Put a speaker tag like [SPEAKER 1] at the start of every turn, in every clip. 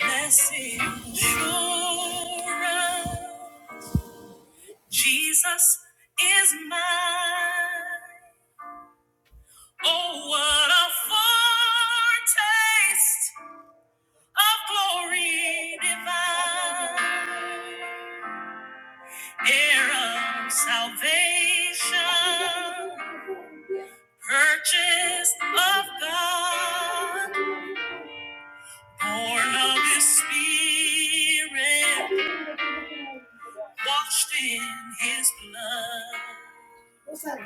[SPEAKER 1] Blessings all around. Jesus is mine. Oh, what a foretaste of glory divine. Heir of salvation, purchased of God. Born of his spirit, washed in his blood. What's that?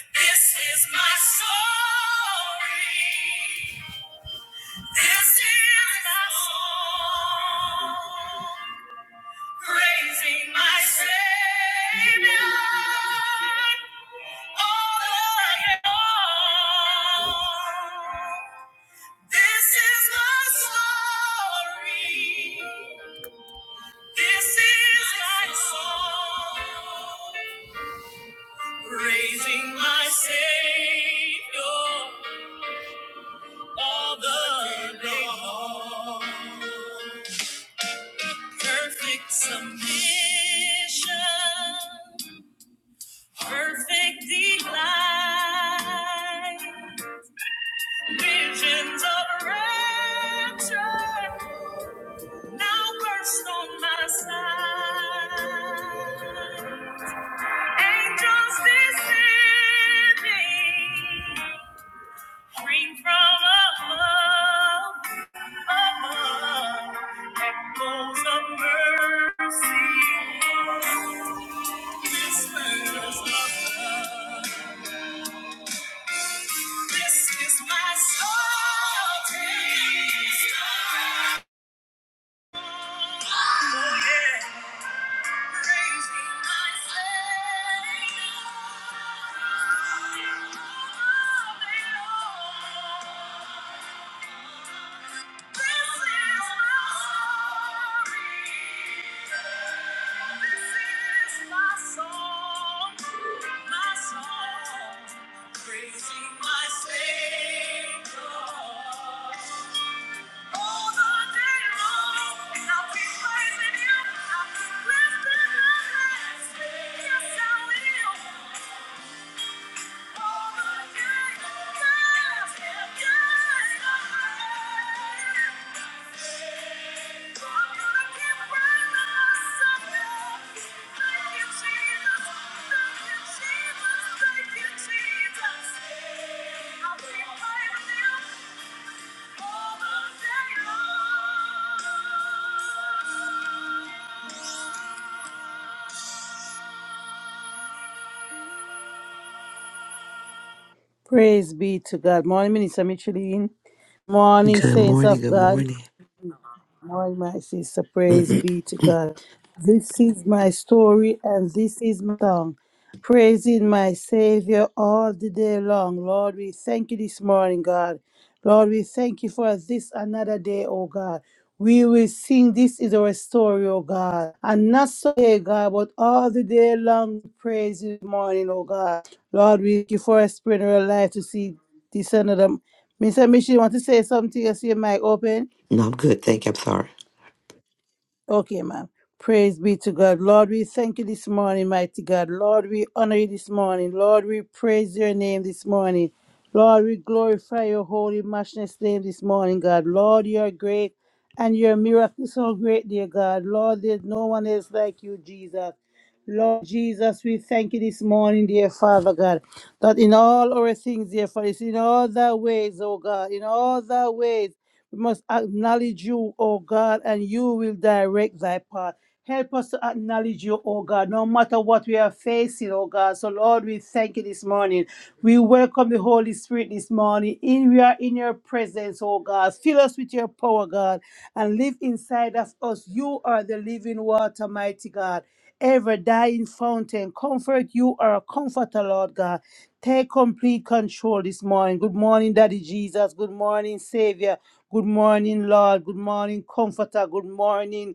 [SPEAKER 1] This is my story. This is my song. Praising my Savior. all the day long. This is my story. This is my song, praising my Savior all the day long. Perfect submission, perfect delight, visions of rapture now burst on my side. Angels descending, ring from above, above, echoes of mercy, whispers of love. This is my soul. Oh yeah. Praising my Savior. Jesus. I'll be right with you all the day long. Praise be to God. Morning, Minister Micheline. Morning,
[SPEAKER 2] Good
[SPEAKER 1] saints
[SPEAKER 2] morning.
[SPEAKER 1] of
[SPEAKER 2] Good
[SPEAKER 1] God
[SPEAKER 2] morning.
[SPEAKER 1] morning, my sister. Praise
[SPEAKER 2] Mhm.
[SPEAKER 1] be to God. This is my story and this is my song. Praising my Savior all the day long. Lord, we thank you this morning, God. Lord, we thank you for this another day, oh God. We will sing this is our story, oh God. And not so day, God, but all the day long praise you this morning, oh God. Lord, we thank you for a spirit of life to see this another. Mr. Michelle, you want to say something? I see your mic open.
[SPEAKER 2] no, I'm good. Thank you. I'm sorry.
[SPEAKER 1] Okay, ma'am. Praise be to God. Lord, we thank you this morning, mighty God. Lord, we honor you this morning. Lord, we praise your name this morning. Lord, we glorify your holy, matchless name this morning, God. Lord, you are great and your miracles so great, dear God. Lord, there's no one else like you, Jesus. Lord Jesus, we thank you this morning, dear Father God, that in all our things, dear Father, it's in all thy ways, oh God, in all thy ways, we must acknowledge you, oh God, and you will direct thy path. Help us to acknowledge you, oh God, no matter what we are facing, oh God. So, Lord, we thank you this morning. We welcome the Holy Spirit this morning. In we are in your presence, oh God. Fill us with your power, God, and live inside of us. You are the living water, mighty God ever dying fountain. Comfort, you are a comforter, Lord God. Take complete control this morning. Good morning, Daddy Jesus. Good morning, Savior. Good morning, Lord. Good morning, Comforter. Good morning.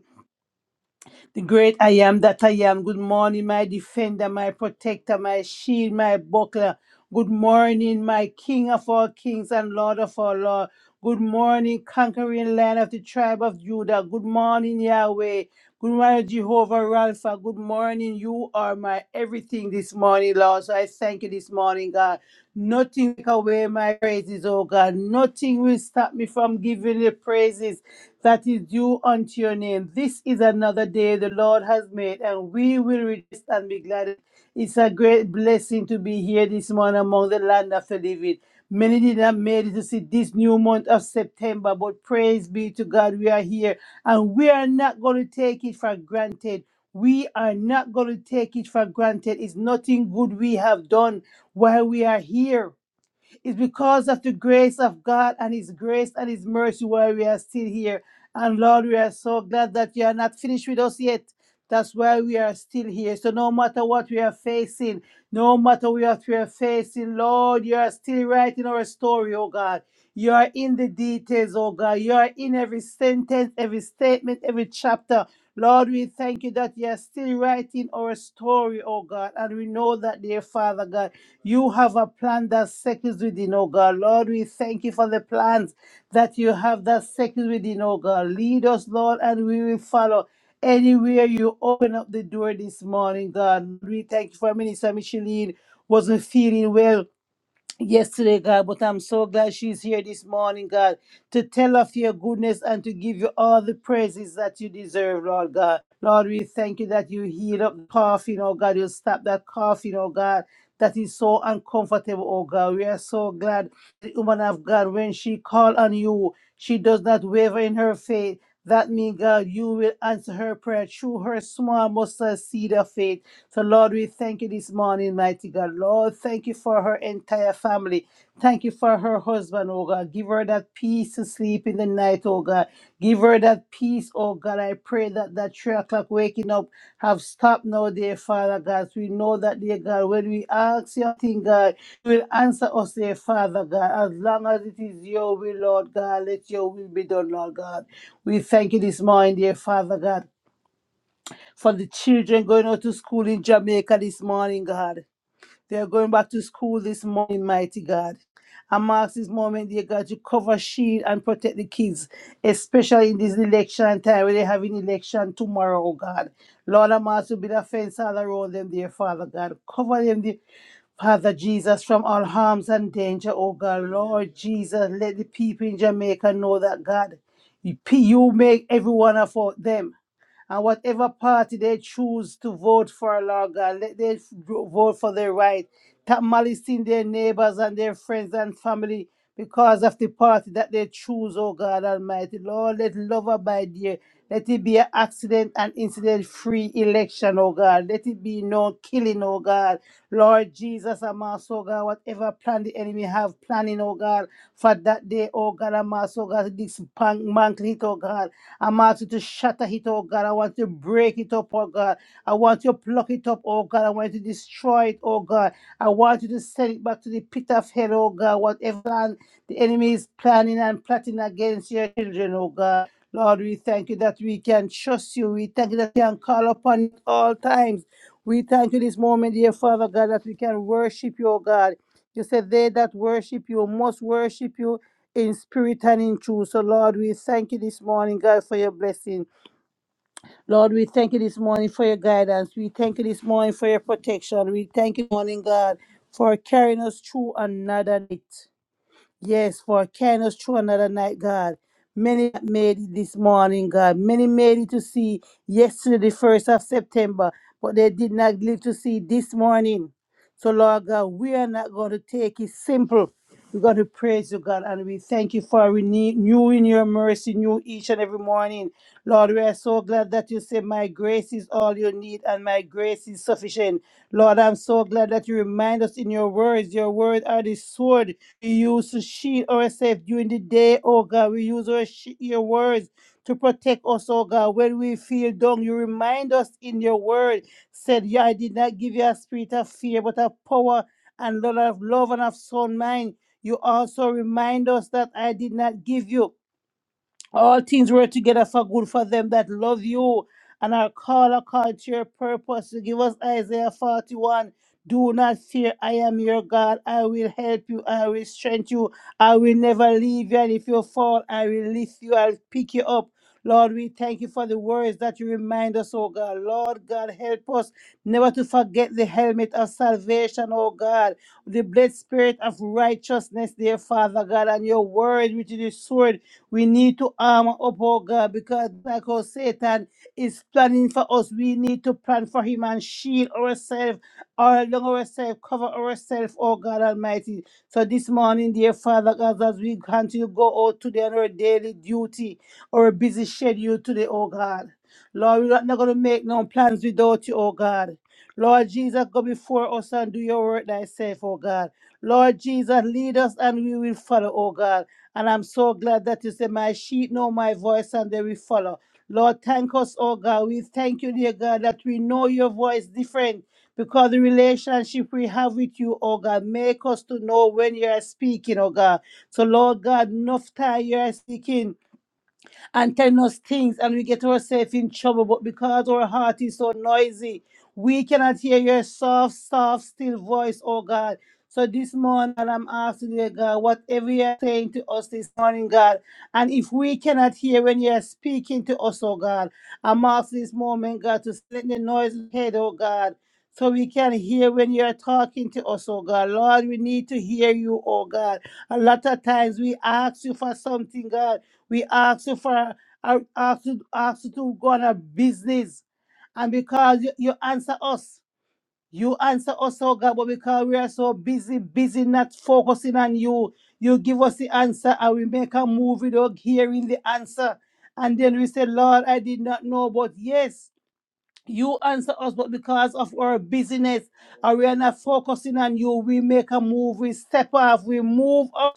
[SPEAKER 1] The great I am that I am. Good morning, my defender, my protector, my shield, my buckler. Good morning, my king of all kings and lord of all lords. Good morning, conquering land of the tribe of Judah. Good morning, Yahweh. Good morning, Jehovah Rapha. Good morning. You are my everything this morning, Lord. So I thank you this morning, God. Nothing take away my praises, oh God. Nothing will stop me from giving the praises that is due unto your name. This is another day the Lord has made, and we will rejoice and be glad. It's a great blessing to be here this morning among the land of the living. Many did not make it to see this new month of September, but praise be to God, we are here, and we are not going to take it for granted. We are not going to take it for granted. It's nothing good we have done while we are here. It's because of the grace of God and His grace and His mercy while we are still here. And Lord, we are so glad that you are not finished with us yet. That's why we are still here. So no matter what we are facing, no matter what we are facing, Lord, you are still writing our story, oh God. You are in the details, oh God. You are in every sentence, every statement, every chapter. Lord, we thank you that you are still writing our story, oh God. And we know that, dear Father God, you have a plan that settles within, oh God. Lord, we thank you for the plans that you have that settles within, oh God. Lead us, Lord, and we will follow. Anywhere you open up the door this morning, God, we thank you for Minister Micheline wasn't feeling well yesterday, God, but I'm so glad she's here this morning, God, to tell of your goodness and to give you all the praises that you deserve, Lord God. Lord, we thank you that you heal up the coughing, oh God. You stop that coughing, oh God. That is so uncomfortable, oh God. We are so glad the woman of God, when she call on you, she does not waver in her faith. That means, God, you will answer her prayer through her small mustard seed of faith. So, Lord, we thank you this morning, mighty God. Lord, thank you for her entire family. Thank you for her husband, oh God. Give her that peace to sleep in the night, oh God. Give her that peace, oh God. I pray that that three o'clock waking up have stopped now, dear Father God. We know that, dear God, when we ask your thing, God, you will answer us, dear Father God. As long as it is your will, Lord God, let your will be done, Lord God. We thank you this morning, dear Father God for the children going out to school in Jamaica this morning, God. They are going back to school this morning, mighty God. And marks this moment, dear God, to cover, shield, and protect the kids, especially in this election time where they have an election tomorrow, oh God. Lord, I'm asked to be the fence all around them, dear Father God. Cover them, dear Father Jesus, from all harms and danger, oh God. Lord Jesus, let the people in Jamaica know that, God, you you make every one of them and whatever party they choose to vote for, Lord God, let them vote for their right. Stop malicing their neighbors and their friends and family because of the party that they choose, oh God Almighty. Lord, let love abide here. Let it be an accident and incident free election, oh God. Let it be no killing, oh God. Lord Jesus, I'm also, oh God, whatever plan the enemy have planning, oh God, for that day, oh God, I'm also, oh God, this man, man, oh God. I'm asking you to shatter it, oh God. I want you to break it up, oh God. I want you to pluck it up, oh God. I want you to destroy it, oh God. I want you to send it back to the pit of hell, oh God. Whatever plan the enemy is planning and plotting against your children, oh God. Lord, we thank you that we can trust you. We thank you that we can call upon you at all times. We thank you this moment, dear Father God, that we can worship you, oh God. You said they that worship you must worship you in spirit and in truth. So, Lord, we thank you this morning, God, for your blessing. Lord, we thank you this morning for your guidance. We thank you this morning for your protection. We thank you, morning, God, for carrying us through another night. Yes, for carrying us through another night, God. Many that made it this morning, God. Many made it to see yesterday, the 1st of September, but they did not live to see this morning. So, Lord God, we are not going to take it simple. We're going to praise you, God, and we thank you for renewing your mercy new each and every morning. Lord, we are so glad that you say, My grace is all you need, and my grace is sufficient. Lord, I'm so glad that you remind us in your words. Your words are the sword we use to shield ourselves during the day, oh God. We use our sh- your words to protect us, oh God. When we feel down, you remind us in your word. Said, Yeah, I did not give you a spirit of fear, but of power and love of love and of sound mind. You also remind us that I did not give you. All things work together for good for them that love you and are called according to your purpose. You give us Isaiah 41. Do not fear, I am your God. I will help you. I will strengthen you. I will never leave you. And if you fall, I will lift you. I'll pick you up. Lord, we thank you for the words that you remind us, oh God. Lord God, help us never to forget the helmet of salvation, oh God. The blessed spirit of righteousness, dear Father God, and your word, which is the sword we need to armor up, oh God, because like how Satan is planning for us, we need to plan for him and shield ourselves, all along ourselves, cover ourselves, oh God Almighty. So this morning, dear Father God, as we continue to go out today on our daily duty, our busy schedule today, oh God. Lord, we're not going to make no plans without you, oh God. Lord Jesus, go before us and do your work thyself, oh God. Lord Jesus, lead us and we will follow, oh God. And I'm so glad that you say, My sheep know my voice and they will follow. Lord, thank us, oh God. We thank you, dear God, that we know your voice different because the relationship we have with you, oh God, make us to know when you are speaking, oh God. So, Lord God, enough time you are speaking and telling us things, and we get ourselves in trouble. But because our heart is so noisy, we cannot hear your soft, soft, still voice, oh God. So this morning, I'm asking you, God, whatever you're saying to us this morning, God, and if we cannot hear when you're speaking to us, oh God, I'm asking this moment, God, to let the noise head, oh God, so we can hear when you're talking to us, oh God. Lord, we need to hear you, oh God. A lot of times we ask you for something, God. We ask you for uh, ask you, ask you to go on a business. And because you, you answer us, you answer us, oh God, but because we are so busy, busy not focusing on you, you give us the answer and we make a move without hearing the answer. And then we say, Lord, I did not know, but yes, you answer us, but because of our busyness, and we are not focusing on you, we make a move, we step off, we move up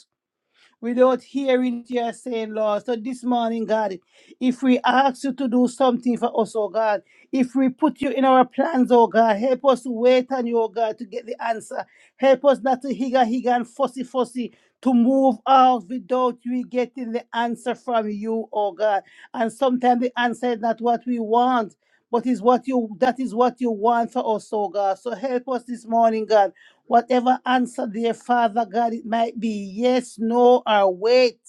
[SPEAKER 1] without hearing your saying, Lord. So this morning, God, if we ask you to do something for us, oh God, if we put you in our plans, oh God, help us to wait on you, oh God, to get the answer. Help us not to higa higa and fussy fussy to move out without we getting the answer from you, oh God. And sometimes the answer is not what we want. But is what you that is what you want for us, oh God. So help us this morning, God. Whatever answer, dear Father God, it might be yes, no, or wait.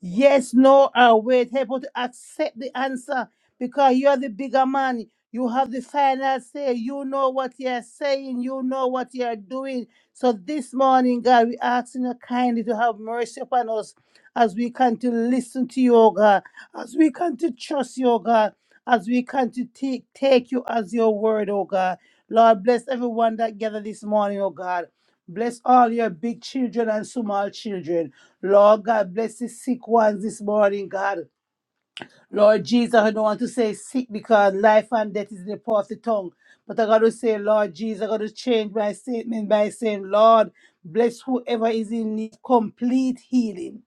[SPEAKER 1] Yes, no, or wait. Help us to accept the answer because you're the bigger man. You have the final say. You know what you're saying. You know what you're doing. So this morning, God, we ask you kindly to have mercy upon us as we can to listen to you, oh God, as we can to trust you, oh God, as we can to take, take you as your word, oh God. Lord, bless everyone that gathered this morning, oh God. Bless all your big children and small children. Lord God, bless the sick ones this morning, God. Lord Jesus, I don't want to say sick because life and death is in the power of the tongue. But I got to say, Lord Jesus, I got to change my statement by saying, Lord, bless whoever is in need of complete healing.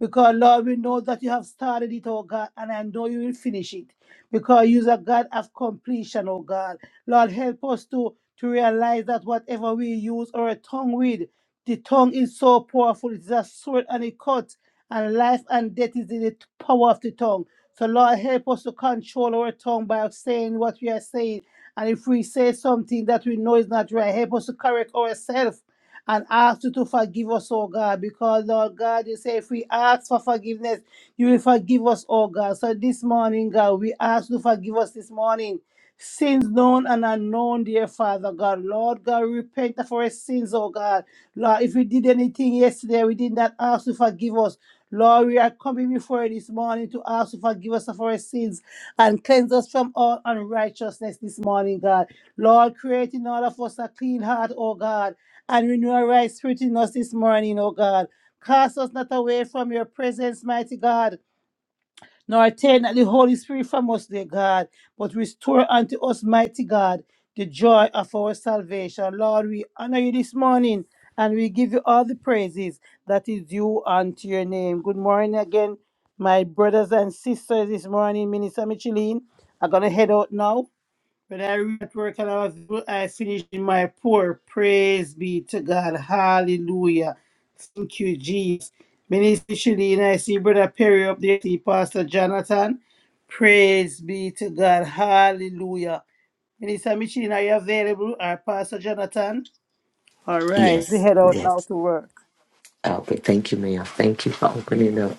[SPEAKER 1] Because, Lord, we know that you have started it, oh God, and I know you will finish it. Because you are God of completion, oh God. Lord, help us to, to realize that whatever we use our tongue with, the tongue is so powerful. It is a sword and it cuts, and life and death is in the t- power of the tongue. So, Lord, help us to control our tongue by saying what we are saying. And if we say something that we know is not right, help us to correct ourselves and ask you to forgive us, oh God. Because, Lord God, you say if we ask for forgiveness, you will forgive us, oh God. So, this morning, God, we ask you to forgive us this morning. Sins known and unknown, dear Father God. Lord God, we repent of our sins, oh God. Lord, if we did anything yesterday, we did not ask you to forgive us. Lord, we are coming before you this morning to ask you to forgive us of our sins and cleanse us from all unrighteousness this morning, God. Lord, create in all of us a clean heart, O God, and renew a right spirit in us this morning, O God. Cast us not away from your presence, mighty God nor take not the Holy Spirit from us, dear God, but restore unto us, mighty God, the joy of our salvation. Lord, we honor you this morning and we give you all the praises that is due unto your name. Good morning again, my brothers and sisters this morning, Minister Micheline. I'm going to head out now. But I read at work and I was I finished in my poor. Praise be to God. Hallelujah. Thank you, Jesus. Minister Shalene, I see Brother Perry up there. I See Pastor Jonathan. Praise be to God. Hallelujah. Minister Michelin, are you available? Or Pastor Jonathan? All right. They
[SPEAKER 2] Yes.
[SPEAKER 1] head out now
[SPEAKER 2] Yes.
[SPEAKER 1] to work.
[SPEAKER 2] Okay. thank you, ma'am. Thank you for opening up.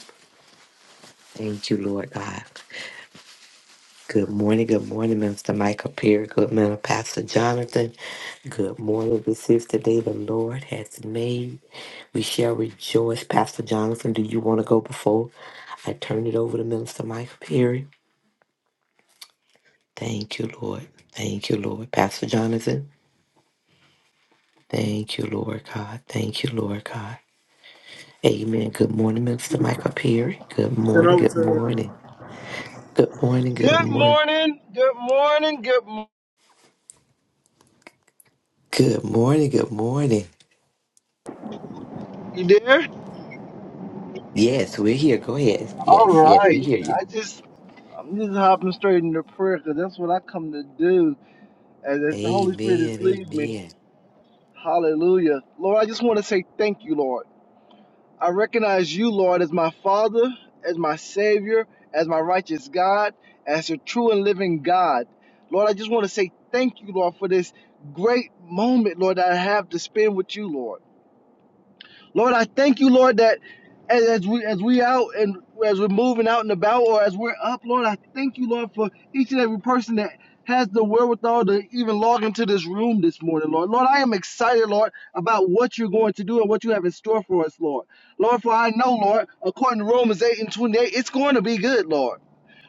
[SPEAKER 2] Thank you, Lord God. Good morning. Good morning, Minister Michael Perry. Good morning, Pastor Jonathan. Good morning. This is the day the Lord has made. We shall rejoice. Pastor Jonathan, do you want to go before I turn it over to Minister Michael Perry? Thank you, Lord. Thank you, Lord. Pastor Jonathan. Thank you, Lord God. Thank you, Lord God. Amen. Good morning, Minister Michael Perry. Good
[SPEAKER 3] Send
[SPEAKER 2] morning.
[SPEAKER 3] over
[SPEAKER 2] Good
[SPEAKER 3] to her.
[SPEAKER 2] morning. Good morning. Good
[SPEAKER 4] Good
[SPEAKER 2] morning.
[SPEAKER 4] morning. Good morning. Good morning.
[SPEAKER 2] Good morning. Good morning.
[SPEAKER 4] You there?
[SPEAKER 2] Yes, we're here. Go ahead.
[SPEAKER 4] All
[SPEAKER 2] Yes, yes,
[SPEAKER 4] right.
[SPEAKER 2] we hear you.
[SPEAKER 4] I just I'm just hopping straight into prayer because that's what I come to do. As, as the Holy Spirit is
[SPEAKER 2] Amen.
[SPEAKER 4] leading me.
[SPEAKER 2] Amen.
[SPEAKER 4] Hallelujah. Lord, I just want to say thank you, Lord. I recognize you, Lord, as my Father, as my Savior, as my righteous God, as your true and living God. Lord, I just want to say thank you, Lord, for this great moment, Lord, that I have to spend with you, Lord. Lord, I thank you, Lord, that as, as we as we out and as we're moving out and about or as we're up, Lord, I thank you, Lord, for each and every person that has the wherewithal to even log into this room this morning, Lord. Lord, I am excited, Lord, about what you're going to do and what you have in store for us, Lord. Lord, for I know, Lord, according to Romans 8 and 28, it's going to be good, Lord.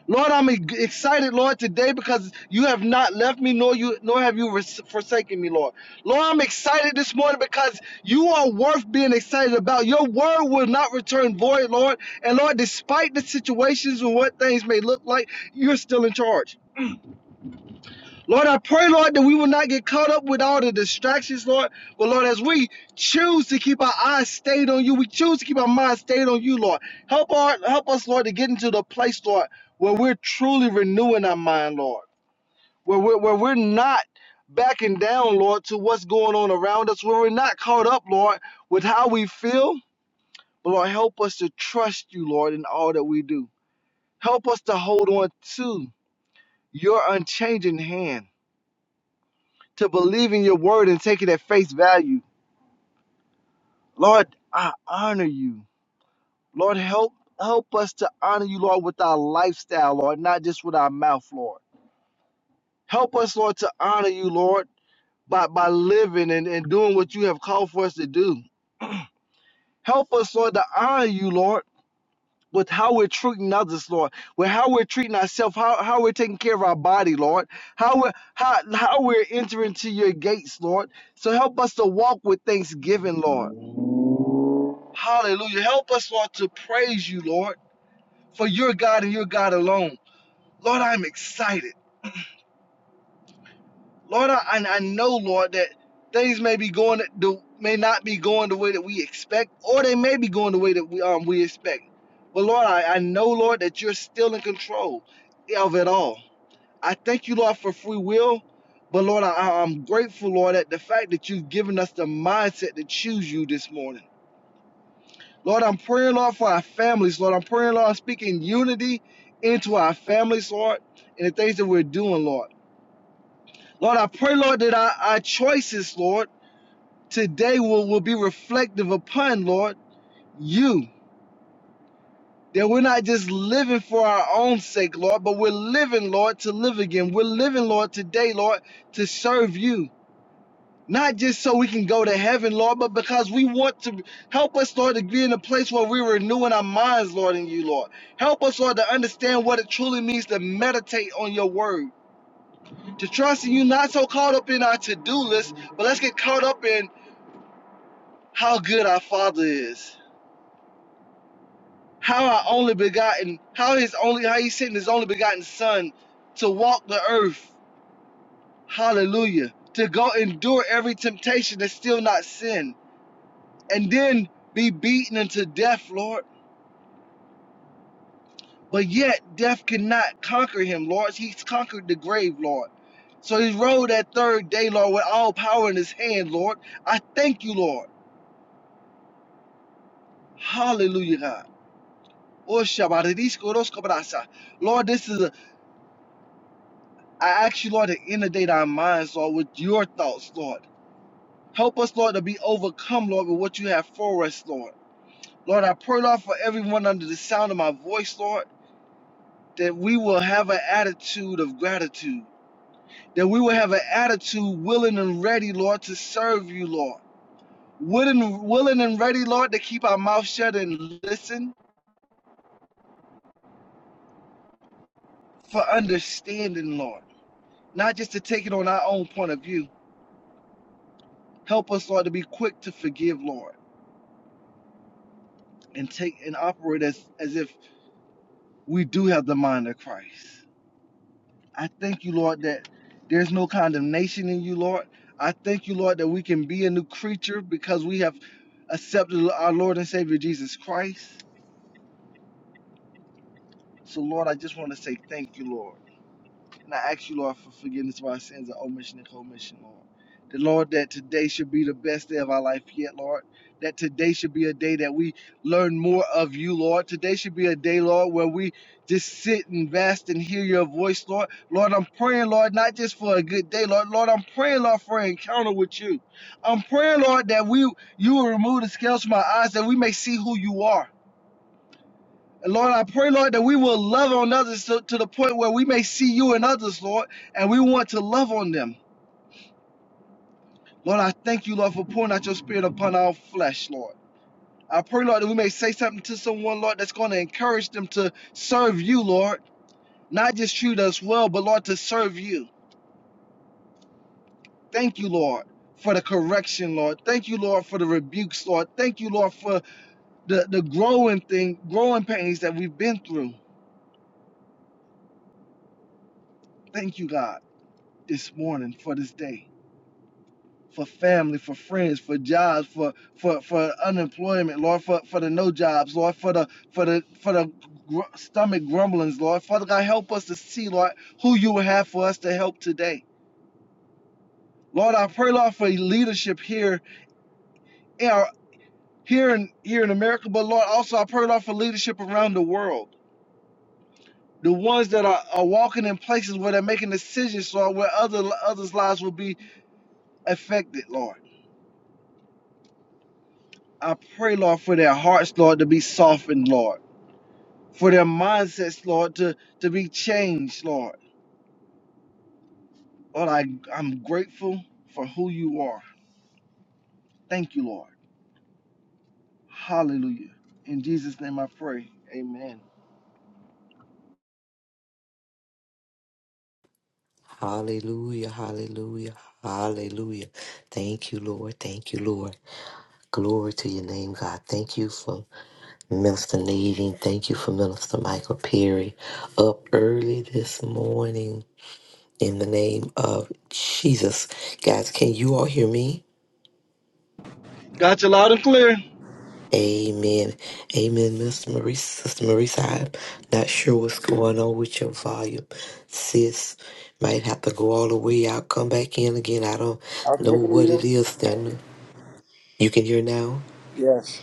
[SPEAKER 4] Lord, I'm e- excited, Lord, today because you have not left me, nor you, nor have you forsaken me, Lord. Lord, I'm excited this morning because you are worth being excited about. Your word will not return void, Lord. And Lord, despite the situations and what things may look like, you're still in charge. Lord, I pray, Lord, that we will not get caught up with all the distractions, Lord. But Lord, as we choose to keep our eyes stayed on you, we choose to keep our minds stayed on you, Lord. Help our help us, Lord, to get into the place, Lord, where we're truly renewing our mind, Lord. Where we're where we're not backing down, Lord, to what's going on around us, where we're not caught up, Lord, with how we feel. But Lord, help us to trust you, Lord, in all that we do. Help us to hold on to your unchanging hand. to believe in your word and take it at face value. Lord, I honor you. Lord, help help us to honor you, Lord, with our lifestyle, Lord, not just with our mouth, Lord. Help us, Lord, to honor you, Lord, by, by living and, and doing what you have called for us to do. Help us, Lord, to honor you, Lord, with how we're treating others, Lord, with how we're treating ourselves, how, how we're taking care of our body, Lord, how we're, how, how we're entering to your gates, Lord. So help us to walk with thanksgiving, Lord. Hallelujah. Help us, Lord, to praise you, Lord, for your God and your God alone. Lord, I'm excited. Lord, I, I know, Lord, that things may be going the, may not be going the way that we expect, or they may be going the way that we um we expect. But Lord, I, I know, Lord, that you're still in control of it all. I thank you, Lord, for free will. But Lord, I, I- I'm grateful, Lord, that the fact that you've given us the mindset to choose you this morning. Lord, I'm praying, Lord, for our families, Lord. I'm praying, Lord, speaking unity into our families, Lord, and the things that we're doing, Lord. Lord, I pray, Lord, that our, our choices, Lord, today will, will be reflective upon, Lord, you. That we're not just living for our own sake, Lord, but we're living, Lord, to live again. We're living, Lord, today, Lord, to serve you. Not just so we can go to heaven, Lord, but because we want to help us, Lord, to be in a place where we're renewing our minds, Lord, in you, Lord. Help us, Lord, to understand what it truly means to meditate on your word, to trust in you, not so caught up in our to do list, but let's get caught up in how good our Father is, how our only begotten, how his only, how he sent his only begotten Son to walk the earth. Hallelujah. To go endure every temptation that's still not sin and then be beaten unto death, Lord. But yet death cannot conquer him, Lord. He's conquered the grave, Lord. So he rode that third day, Lord, with all power in his hand, Lord. I thank you, Lord. Hallelujah, God. Oh, Shabbatadisco, dos Lord, this is a, I ask you, Lord, to inundate our minds, Lord, with your thoughts, Lord. Help us, Lord, to be overcome, Lord, with what you have for us, Lord. Lord, I pray, Lord, for everyone under the sound of my voice, Lord. that we will have an attitude of gratitude, that we will have an attitude willing and ready, Lord, to serve you, Lord. Willing, willing and ready, Lord, to keep our mouth shut and listen for understanding, Lord. Not just to take it on our own point of view. Help us, Lord, to be quick to forgive, Lord, and take and operate as, as if we do have the mind of Christ. I thank you, Lord, that there's no condemnation in you, Lord. I thank you, Lord, that we can be a new creature because we have accepted our Lord and Savior Jesus Christ. So, Lord, I just want to say thank you, Lord. And I ask you, Lord, for forgiveness of our sins and omission and commission, Lord. That, Lord, that today should be the best day of our life yet, Lord. That today should be a day that we learn more of you, Lord. Today should be a day, Lord, where we just sit and vast and hear your voice, Lord. Lord, I'm praying, Lord, not just for a good day, Lord. Lord, I'm praying, Lord, for an encounter with you. I'm praying, Lord, that we you will remove the scales from our eyes, that we may see who you are And Lord, I pray, Lord, that we will love on others to, to the point where we may see you in others, Lord, and we want to love on them. Lord, I thank you, Lord, for pouring out your spirit upon our flesh, Lord. I pray, Lord, that we may say something to someone, Lord, that's going to encourage them to serve you, Lord. Not just treat us well, but, Lord, to serve you. Thank you, Lord, for the correction, Lord. Thank you, Lord, for the rebukes, Lord. Thank you, Lord, for the, the growing thing, growing pains that we've been through. Thank you, God, this morning for this day. for family, for friends, for jobs, for for for unemployment, Lord, for for the no jobs, Lord, for the for the for the gr- stomach grumblings, Lord. Father God, help us to see, Lord, who you have for us to help today. Lord, I pray, Lord, for leadership here, in our- here in here in America, but Lord, also I pray, Lord, for leadership around the world. The ones that are, are walking in places where they're making decisions, Lord, where other others' lives will be affected, Lord. I pray, Lord, for their hearts, Lord, to be softened, Lord. for their mindsets, Lord, to, to be changed, Lord. Lord, I, I'm grateful for who you are. Thank you, Lord. Hallelujah. In Jesus' name I pray. Amen.
[SPEAKER 2] Hallelujah. Hallelujah. Hallelujah. Thank you, Lord. Thank you, Lord. Glory to your name, God. Thank you for Minister Nadine. Thank you for Minister Michael Perry. Up early this morning in the name of Jesus. Guys, can you all hear me?
[SPEAKER 4] Got you loud and clear.
[SPEAKER 2] Amen. Amen, Miss Maurice. Sister Maurice, I'm not sure what's going on with your volume. Sis might have to go all the way out, come back in again. I don't
[SPEAKER 3] I
[SPEAKER 2] know
[SPEAKER 3] can hear
[SPEAKER 2] what it
[SPEAKER 3] you.
[SPEAKER 2] is. Then you can hear now.
[SPEAKER 3] Yes.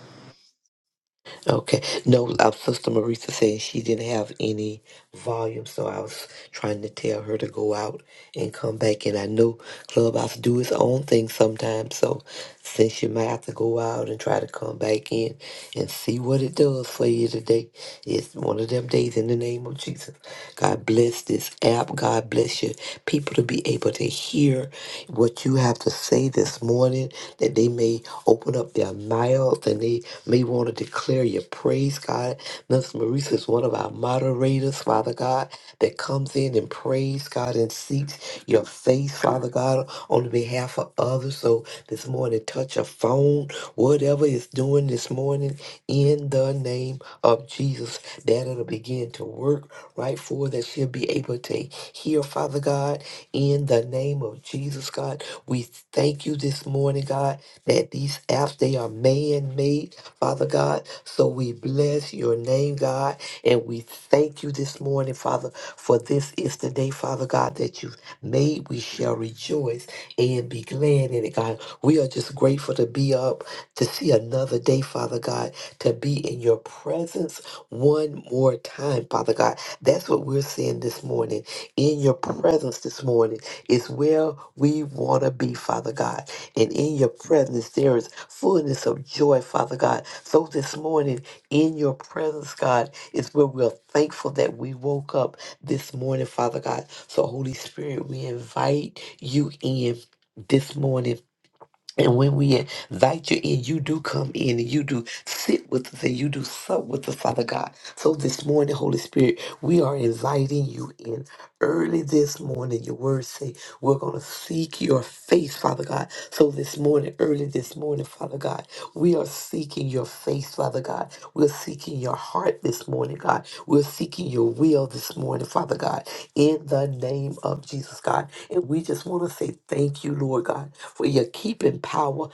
[SPEAKER 2] Okay. No, our sister Marisa saying she didn't have any volume, so I was trying to tell her to go out and come back. And I know Clubhouse do its own thing sometimes, so since you might have to go out and try to come back in and see what it does for you today. It's one of them days in the name of Jesus. God bless this app. God bless you. People to be able to hear what you have to say this morning, that they may open up their mouths and they may want to declare your praise, God. Miss Marisa is one of our moderators, Father God, that comes in and prays, God, and seeks your face, Father God, on behalf of others. So this morning, touch a phone, whatever it's doing this morning, in the name of Jesus, that it'll begin to work right for her, that she'll be able to hear, Father God, in the name of Jesus, God. We thank you this morning, God, that these apps, they are man-made, Father God. So we bless your name, God, and we thank you this morning, Father, for this is the day, Father God, that you've made. We shall rejoice and be glad in it, God. We are just grateful to be up to see another day, Father God, to be in your presence one more time, Father God. That's what we're saying this morning. In your presence this morning is where we want to be, Father God and in your presence there is fullness of joy, Father God. So this morning, in your presence, God, is where we're thankful that we woke up this morning, Father God. So, Holy Spirit, we invite you in this morning. And when we invite you in, you do come in and you do sit with us and you do sup with us, Father God. So this morning, Holy Spirit, we are inviting you in early this morning. Your words say we're going to seek your face, Father God. So this morning, early this morning, Father God, we are seeking your face, Father God. We're seeking your heart this morning, God. We're seeking your will this morning, Father God, in the name of Jesus, God. And we just want to say thank you, Lord God for your keeping power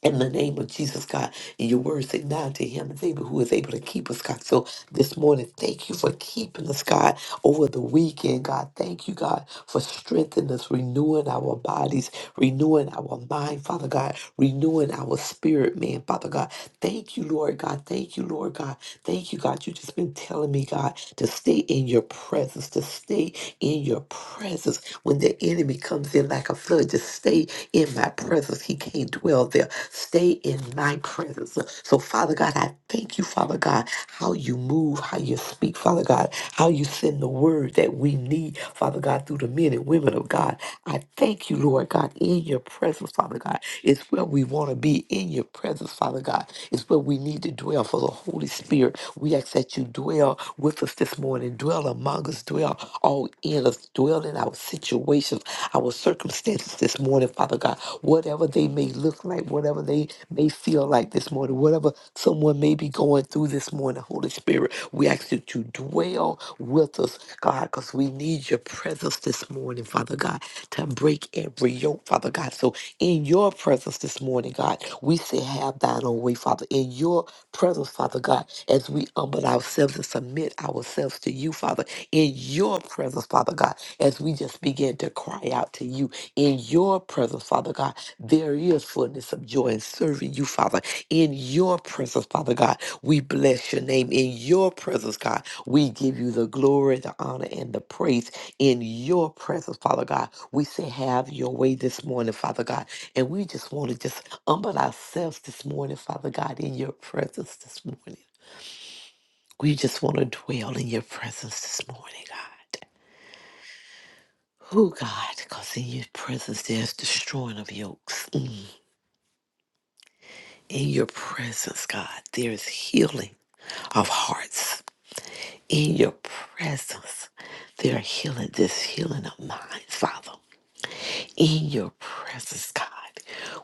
[SPEAKER 2] in the name of Jesus, God. And your word say now to him is able who is able to keep us, God. So this morning, thank you for keeping us, God, over the weekend, God. Thank you, God, for strengthening us, renewing our bodies, renewing our mind, Father God, renewing our spirit, man, Father God. Thank you, Lord God. Thank you, Lord God. Thank you, God. You just been telling me, God, to stay in your presence, to stay in your presence. When the enemy comes in like a flood, just stay in my presence. He can't dwell there. Stay in my presence. So, Father God, I thank you, Father God, how you move, how you speak, Father God, how you send the word that we need, Father God, through the men and women of God. I thank you, Lord God, in your presence, Father God. It's where we want to be in your presence, Father God. It's where we need to dwell for the Holy Spirit. We ask that you dwell with us this morning, dwell among us, dwell all in us, dwell in our situations, our circumstances this morning, Father God. Whatever they may look like, whatever they may feel like this morning, whatever someone may be going through this morning, Holy Spirit, we ask you to dwell with us, God, because we need your presence this morning, Father God, to break every yoke, Father God. So in your presence this morning, God, we say, have thine own way, Father. In your presence, Father God, as we humble ourselves and submit ourselves to you, Father in your presence, Father God, as we just begin to cry out to you in your presence, Father God. There is fullness of joy in serving you, Father. In your presence, Father God, we bless your name. In your presence, God, we give you the glory, the honor, and the praise. In your presence, Father God, we say, Have your way this morning, Father God. And we just want to just humble ourselves this morning, Father God, in your presence this morning. We just want to dwell in your presence this morning, God. Oh God, because in your presence there's destroying of yokes. Mm. In your presence, God, there is healing of hearts. In your presence, there are healing, there's healing of minds, Father. in your presence, God.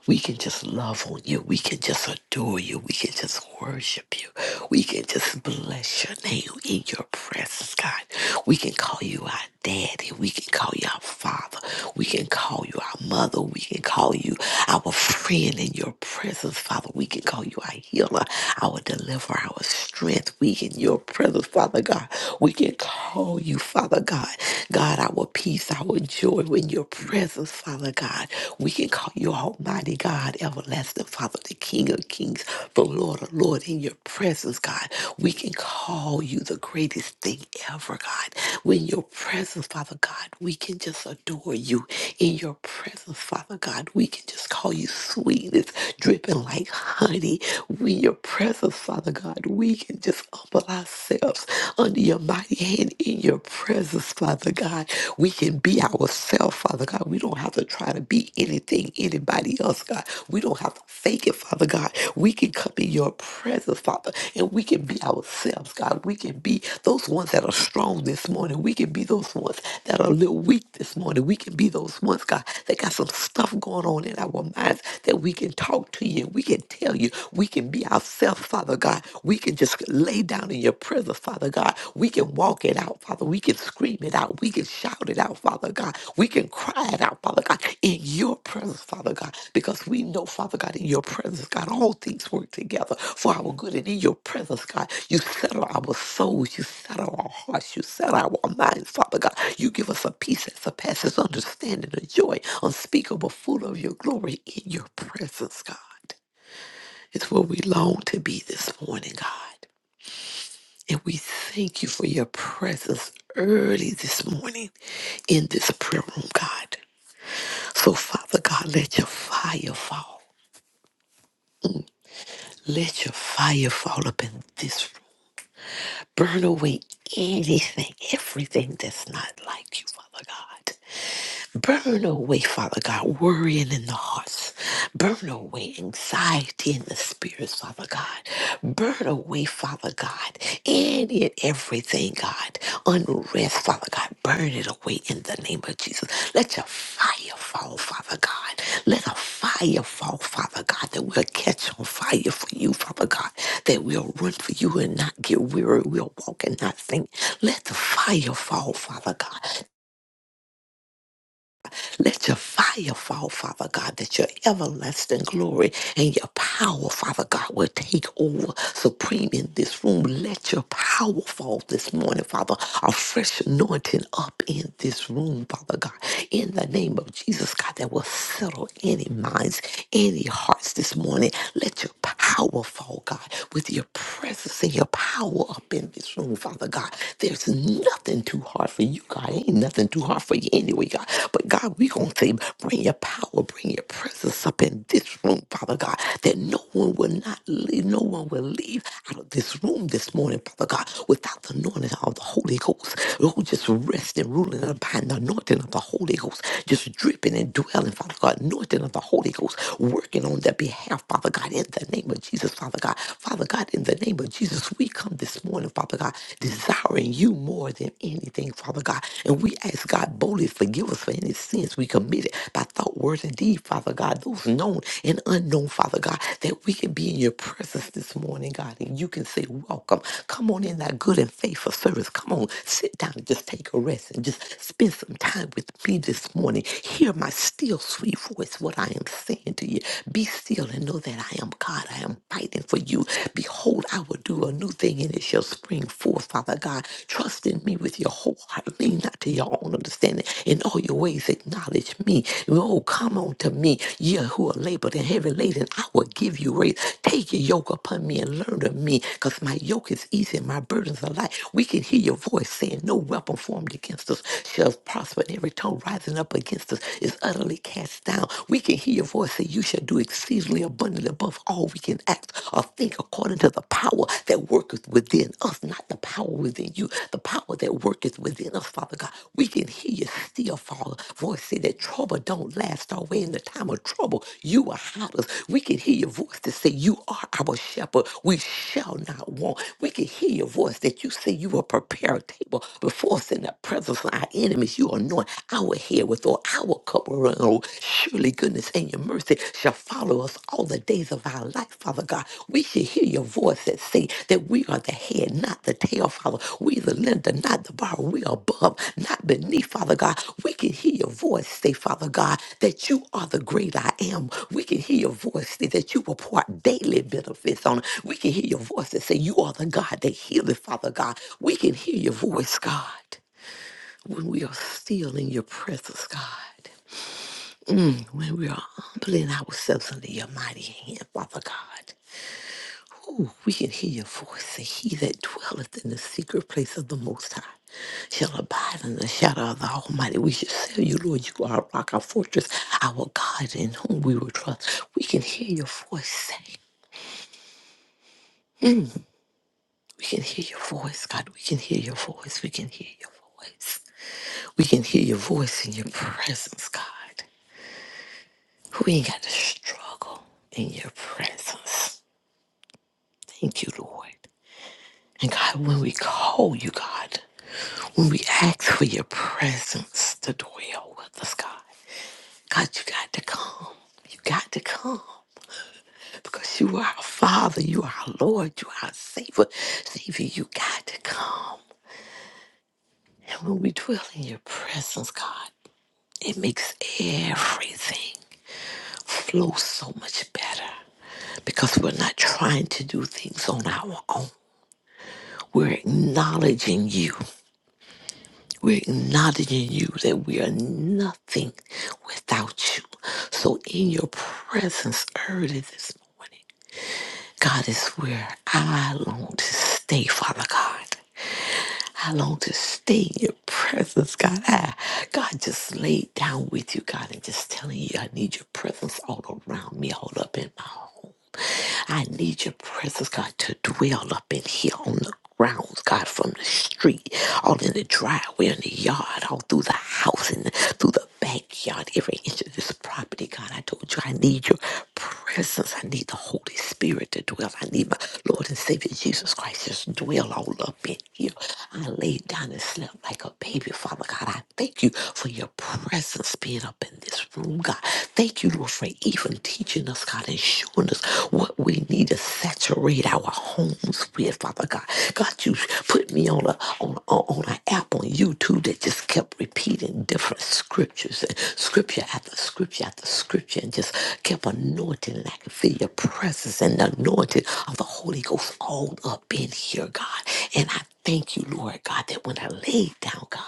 [SPEAKER 2] We can just love on you. We can just adore you. We can just worship you. We can just bless your name in your presence, God. We can call you our daddy. We can call you our father. We can call you our mother. We can call you our friend in your presence, Father. We can call you our healer, our deliverer, our strength as we in your presence, Father God, we can call you, Father God. God, our peace, our joy in your presence, Father God. We can call you Almighty God, everlasting Father, the King of Kings, the Lord of Lord in your presence, God. We can call you the greatest thing ever, God. When your presence, Father God, we can just adore you in your presence, Father God. We can just call you sweetness, dripping like honey. We in your presence, Father God, we can just humble ourselves under your mighty hand in your presence, Father God. We can be ourselves, Father God. We don't have to try to be anything, anybody else, God. We don't have to fake it, Father God. We can come in your presence, Father, and we can be ourselves, God. We can be those ones that are strong this morning. We can be those ones that are a little weak this morning. We can be those ones, God, that got some stuff going on in our minds that we can talk to you. We can tell you. We can be ourselves, Father God. We can just lay down in your presence, Father God. We can walk it out, Father. We can scream it out. We can shout it out, Father God. We can cry it out, Father God, in your presence, Father God, because we know, Father God, in your presence, God, all things work together for our good. And in your presence, God, you settle our souls, you settle our hearts, you settle our minds, Father God. You give us a peace that surpasses understanding, a joy unspeakable, full of your glory in your presence, God. It's where we long to be this morning, God. And we thank you for your presence early this morning in this prayer room, God. So, Father God, let your fire fall. Let your fire fall up in this room. Burn away anything, everything that's not like you, Father God. Burn away, Father God, worrying in the hearts. Burn away anxiety in the spirits, Father God. Burn away, Father God, any and everything, God. Unrest, Father God. Burn it away in the name of Jesus. Let your fire fall, Father God. Let a fire fall, Father God, that we'll catch on fire for you, Father God, that we'll run for you and not get weary. We'll walk and not faint. Let the fire fall, Father God. Let your fire fall, Father God, that your everlasting glory and your power, Father God, will take over supreme in this room. Let your power fall this morning, Father. A fresh anointing up in this room, Father God. In the name of Jesus, God, that will settle any minds, any hearts this morning. Let your power fall, God, with your presence and your power up in this room, Father God. There's nothing too hard for you for you, God. Ain't nothing too hard for you anyway, God. But God, we gonna say, bring your power, bring your presence up in this room, Father God, that no one will not leave, no one will leave out of this room this morning, Father God, without the anointing of the Holy Ghost. Oh, just rest and ruling and abiding, the anointing of the Holy Ghost, just dripping and dwelling, Father God, anointing of the Holy Ghost, working on their behalf, Father God, in the name of Jesus, Father God. Father God, in the name of Jesus, we come this morning morning, Father God, desiring you more than anything, Father God. And we ask God boldly forgive us for any sins we committed by thought, words, and deed, Father God, those known and unknown, Father God, that we can be in your presence this morning, God, and you can say, Welcome. Come on in that good and faithful service. Come on, sit down and just take a rest and just spend some time with me this morning. Hear my still sweet voice, what I am saying to you. Be still and know that I am God. I am mighty waiting for you. Behold, I will do a new thing and it shall spring forth, Father God. Trust in me with your whole heart. Lean not to your own understanding. In all your ways, acknowledge me. Oh, come on to me, ye who are labored and heavy laden. I will give you rest. Take your yoke upon me and learn of me, because my yoke is easy and my burdens are light. We can hear your voice saying, No weapon formed against us shall prosper, and every tongue rising up against us is utterly cast down. We can hear your voice said, You shall do exceedingly abundantly above all we can act or think according to the power that worketh within us, not the power within you, the power that worketh within us, Father God. We can hear you still, Father. Voice say that trouble don't last always. In the time of trouble, you are hide us. We can hear your voice that say, You are our shepherd. We shall not want. We can hear your voice that you say you will prepare a table before us in the presence of our enemies. You anoint our head with oil for our cup will run over. Surely goodness and your mercy shall follow us all the days of our life, Father God. We should hear your voice that say that we are the head, not the tail, Father. We the lender, not the borrower. We are above, not beneath, Father God. We can hear your voice say, Father God, that you are the great I am. We can hear your voice say that you impart daily benefits on. us. We can hear your voice that say you are the God that healeth, Father God. We can hear your voice, God, when we are still in your presence, God. When we are humbling ourselves under your mighty hand, Father God, ooh, we can hear your voice. And he that dwelleth in the secret place of the Most High shall abide in the shadow of the Almighty. We shall say, You, Lord, you are our rock, our fortress, our God in whom we will trust. We can hear your voice say, We can hear your voice, God. We can hear your voice. We can hear your voice. We can hear your voice in your presence, God. We ain't got to struggle in your presence. Thank you, Lord. And God, when we call you, God, when we ask for your presence to dwell with us, God, God, you got to come. You got to come because you are our Father, you are our Lord, you are our Savior. Savior, you got to come. And when we dwell in your presence, God, it makes everything flow so much better because we're not trying to do things on our own. We're acknowledging you. We're acknowledging you that we are nothing without you. So in your presence early this morning, God is where I long to stay, Father God. I long to stay in your presence, God. I, God just laid down with you, God, and just telling you I need your presence all around me, all up in my home. I need your presence, God, to dwell up in here on the grounds, God, from the street, all in the driveway, in the yard, all through the house, and through the backyard, every inch of this property, God. I told you I need your presence. I need the Holy Spirit to dwell. I need my Lord and Savior Jesus Christ just dwell all up in here. I laid down and slept like a baby, Father God. I thank you for your presence being up in this room, God. Thank you, Lord, for even teaching us, God, and showing us what we need to saturate our homes with, Father God. God, you put me on a on on on an app on YouTube that just kept repeating different scriptures and scripture after scripture after scripture and just kept anointing and I could feel your presence and the anointing of the Holy Ghost all up in here, God. And I Thank you, Lord God, that when I laid down, God,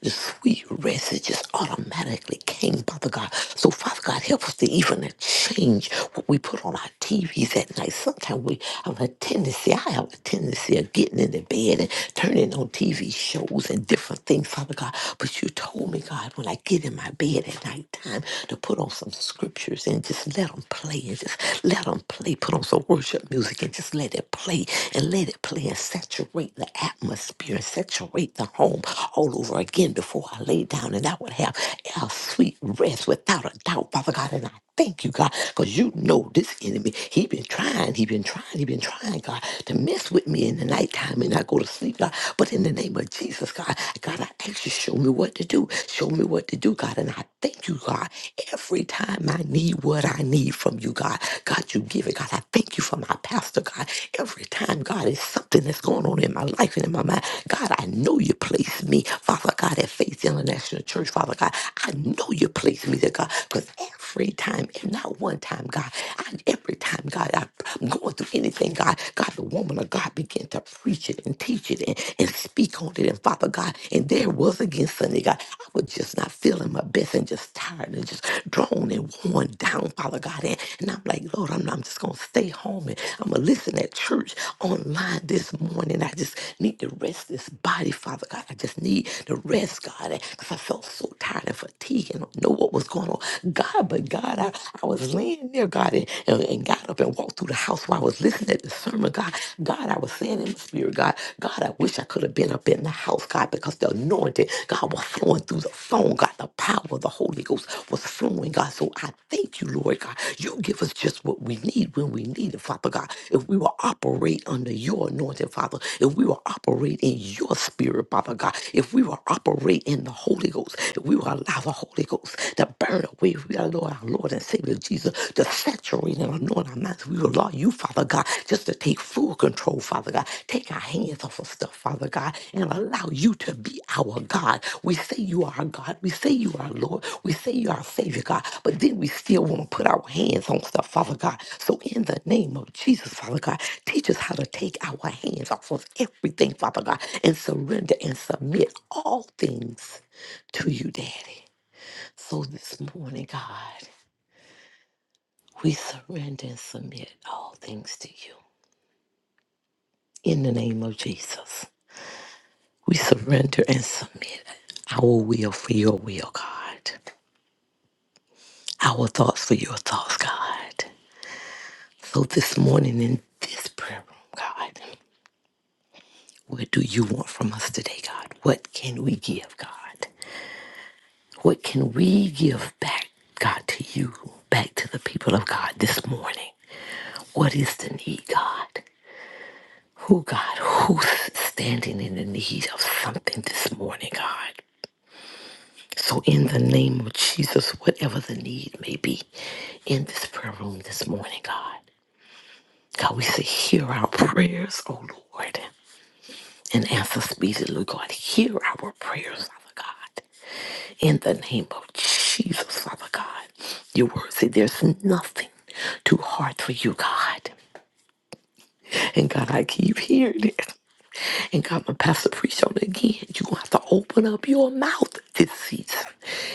[SPEAKER 2] the sweet rest it just automatically came, Father God. So, Father God, help us to even change what we put on our TVs at night. Sometimes we have a tendency, I have a tendency of getting into bed and turning on TV shows and different things, Father God. But you told me, God, when I get in my bed at nighttime, to put on some scriptures and just let them play and just let them play put on some worship music and just let it play and let it play and saturate the atmosphere and saturate the home all over again before I lay down and I would have a sweet rest without a doubt, Father God. And I thank you, God, because you know this enemy. He been trying, he been trying, he been trying, God, to mess with me in the nighttime and I go to sleep, God. But in the name of Jesus, God, God, I ask you, show me what to do. Show me what to do, God. And I thank you, God. God. Every time I need what I need from you, God, God, you give it. God, I thank you for my pastor, God. Every time, God, is something that's going on in my life and in my mind. God, I know you placed me, Father God, at Faith International Church, Father God. I know you placed me there, God, because every time, and not one time, God. I, every time, God, I, am going through anything, God. God, the woman of God began to preach it and teach it and, and speak on it. And Father God, and there was again Sunday, God. I was just not feeling my best and just tired and just drawn and worn down, Father God. And, and I'm like, Lord, I'm, I'm just going to stay home and I'm going to listen at church online this morning. I just need to rest this body, Father God. I just need to rest, God, because I felt so tired and fatigued and no what was going on. God, but God, I, I was laying there, God, and, and, and got up and walked through the house while I was listening to the sermon. God, God, I was saying in the spirit, God, God, I wish I could have been up in the house, God, because the anointing, God, was flowing through the phone, God, the power of the Holy Ghost was flowing, God. So I thank you, Lord God. You give us just what we need when we need it, Father God. If we will operate under your anointing, Father, if we will operate in your spirit, Father God, if we will operate in the Holy Ghost, if we will Allow the Holy Ghost to burn away. We Lord our Lord and Savior Jesus to saturate and anoint our minds. We allow you, Father God, just to take full control, Father God. Take our hands off of stuff, Father God, and allow you to be our God. We say you are our God. We say you are our Lord. We say you are our Savior, God. But then we still want to put our hands on stuff, Father God. So in the name of Jesus, Father God, teach us how to take our hands off of everything, Father God, and surrender and submit all things to you, Daddy. So this morning, God, we surrender and submit all things to you. In the name of Jesus, we surrender and submit our will for your will, God, our thoughts for your thoughts, God. So this morning in this prayer room, God, what do you want from us today, God? What can we give, God? What can we give back, God, to you, back to the people of God this morning? What is the need, God? Who, God, who's standing in the need of something this morning, God? So, in the name of Jesus, whatever the need may be in this prayer room this morning, God, God, we say, hear our prayers, O Lord, and answer speedily, God. Hear our prayers, Father God, in the name of Jesus, Father God. Your word say there's nothing too hard for you, God. And God, I keep hearing it. And God, my pastor preached on it again. You're going to have to open up your mouth this season.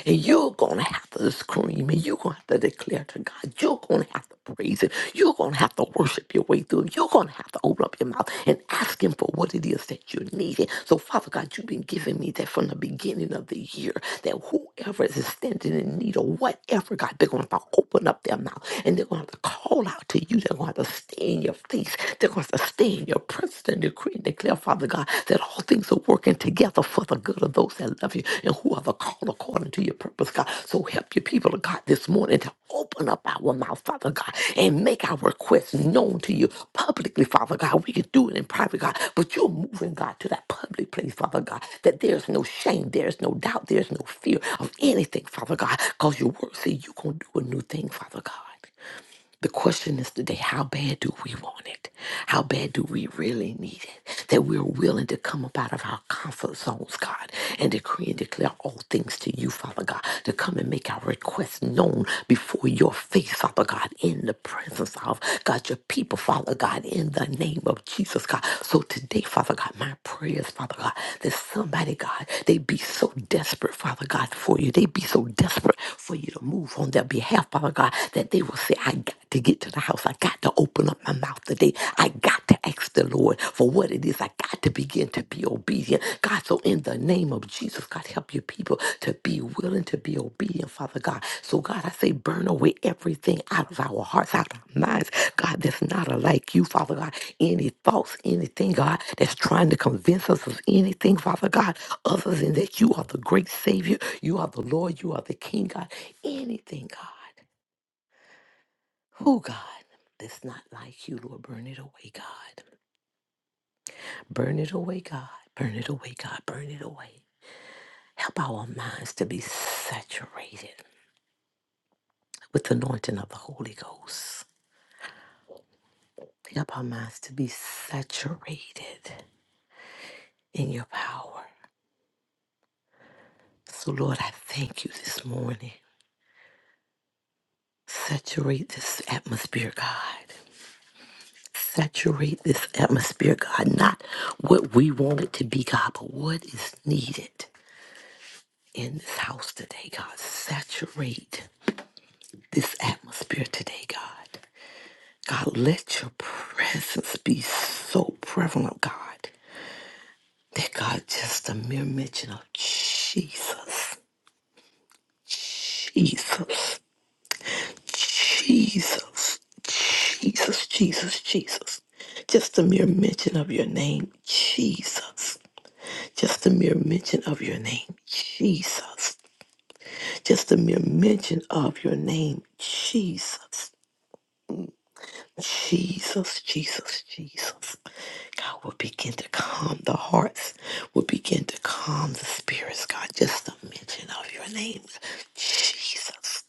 [SPEAKER 2] And you're going to have to scream. And you're going to have to declare to God. You're going to have to praise Him. You're going to have to worship your way through. You're going to have to open up your mouth and ask Him for what it is that you're needing. So, Father God, you've been giving me that from the beginning of the year that whoever is standing in need of whatever, God, they're going to have to open up their mouth and they're going to have to call out to you. They're going to have to stay in your face faith they're going to sustain your presence and decree and declare, Father God, that all things are working together for the good of those that love you and who are the called according to your purpose, God. So help your people, oh God, this morning to open up our mouth, Father God, and make our requests known to you publicly, Father God. We can do it in private, God, but you're moving, God, to that public place, Father God, that there's no shame, there's no doubt, there's no fear of anything, Father God, because your word says you're going to do a new thing, Father God. The question is today how bad do we want it? How bad do we really need it? That we're willing to come up out of our comfort zones, God, and decree and declare all things to you, Father God, to come and make our requests known before your face, Father God, in the presence of God, your people, Father God, in the name of Jesus, God. So today, Father God, my prayers, Father God, that somebody, God, they be so desperate, Father God, for you. They'd be so desperate for you to move on their behalf, Father God, that they will say, I got to get to the house. I got to open up my mouth today. I got to ask the Lord for what it is. I got to begin to be obedient. God, so in the name of Jesus, God, help your people to be willing to be obedient, Father God. So, God, I say, burn away everything out of our hearts, out of our minds, God, that's not alike you, Father God. Any thoughts, anything, God, that's trying to convince us of anything, Father God other than that you are the great Savior, you are the Lord, you are the King, God. Anything, God, who, God, that's not like you, Lord, burn it away, God. Burn it away, God. Burn it away, God. Burn it away. Help our minds to be saturated with the anointing of the Holy Ghost. Help our minds to be saturated in your power. So, Lord, I thank you this morning. Saturate this atmosphere, God. Saturate this atmosphere, God, not what we want it to be, God, but what is needed in this house today, God. Saturate this atmosphere today, God. God, let your presence be so prevalent, God, that God, just a mere mention of Jesus, Jesus, Jesus, Jesus, Jesus, Jesus. Just a mere mention of your name, Jesus. Just the mere mention of your name, Jesus. Just the mere mention of your name, Jesus. Jesus, Jesus, Jesus. God will begin to calm the hearts, will begin to calm the spirits, God. Just the mention of your name, Jesus.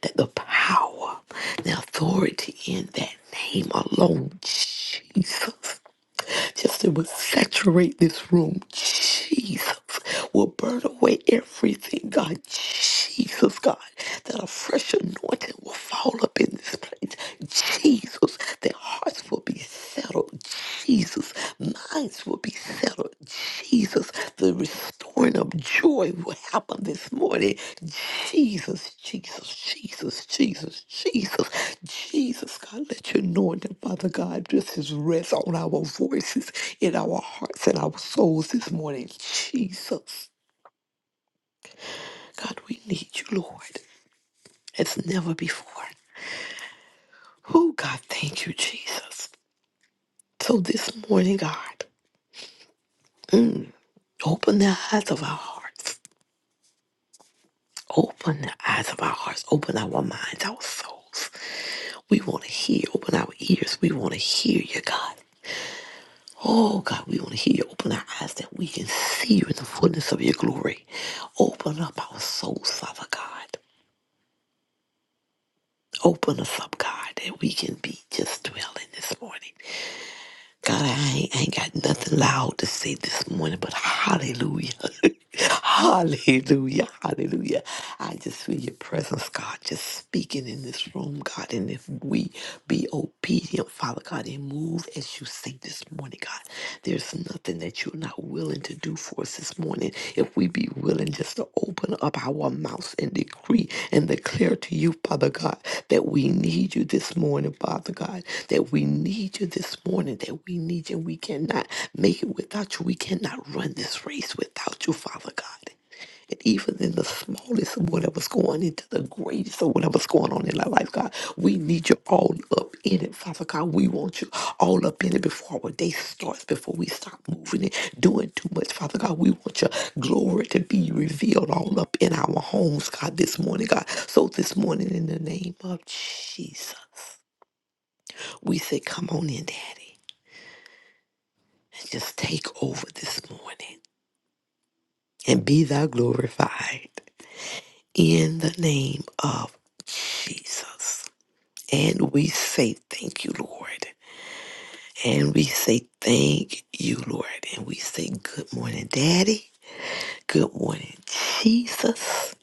[SPEAKER 2] That the power, the authority in that name alone, Jesus just it to saturate this room. Jesus will burn away everything, God. Jesus, God, that a fresh anointing will fall up in this place. Jesus, their hearts will be settled. Jesus, minds will be settled. Jesus, the restoring of joy will happen this morning. Jesus, Jesus, Jesus, Jesus, Jesus, Jesus, God, let your anointing, Father God, this is rest on our voices, in our hearts, and our souls this morning. Jesus, God, we need you, Lord, as never before. Oh, God, thank you, Jesus. So this morning, God, mm, open the eyes of our hearts. Open the eyes of our hearts, open our minds, our souls. We want to hear, open our ears. We want to hear you, God. Oh, God, we want to hear you. Open our eyes that we can see you in the fullness of your glory. Open up our souls, Father God. Open us up, God, that we can be just dwelling this morning. God, I ain't, I ain't got nothing loud to say this morning, but hallelujah. hallelujah. Hallelujah. I just feel your presence, God, just speaking in this room, God. And if we be obedient, Father God, and move as you say this morning, God, there's nothing that you will not willing to do for us this morning, if we be willing just to open up our mouths and decree and declare to you, Father God, that we need you this morning, Father God, that we need you this morning, that we need you. We cannot make it without you. We cannot run this race without you, Father God that even in the smallest of whatever's going into the greatest of whatever's going on in our life, God, we need you all up in it, Father God. We want you all up in it before our day starts, before we stop moving and doing too much, Father God. We want your glory to be revealed all up in our homes, God, this morning, God. So this morning, in the name of Jesus, we say, Come on in, Daddy, and just take over this morning and be thou glorified. in the name of Jesus. And we say thank you, Lord. And we say thank you, Lord. And we say good morning, Daddy. Good morning, Jesus.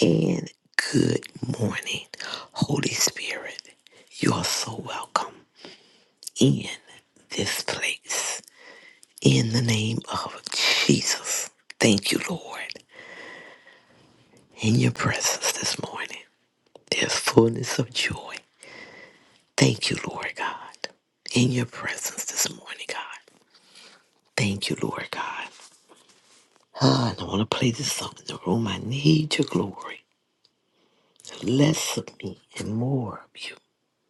[SPEAKER 2] And good morning, Holy Spirit. You are so welcome in this place. In the name of Jesus. Thank you, Lord. In your presence this morning, there's fullness of joy Thank you, Lord God, in your presence this morning, God. Thank you, Lord God. Ah, and I want to play this song in the room. I need your glory. Less of me and more of you.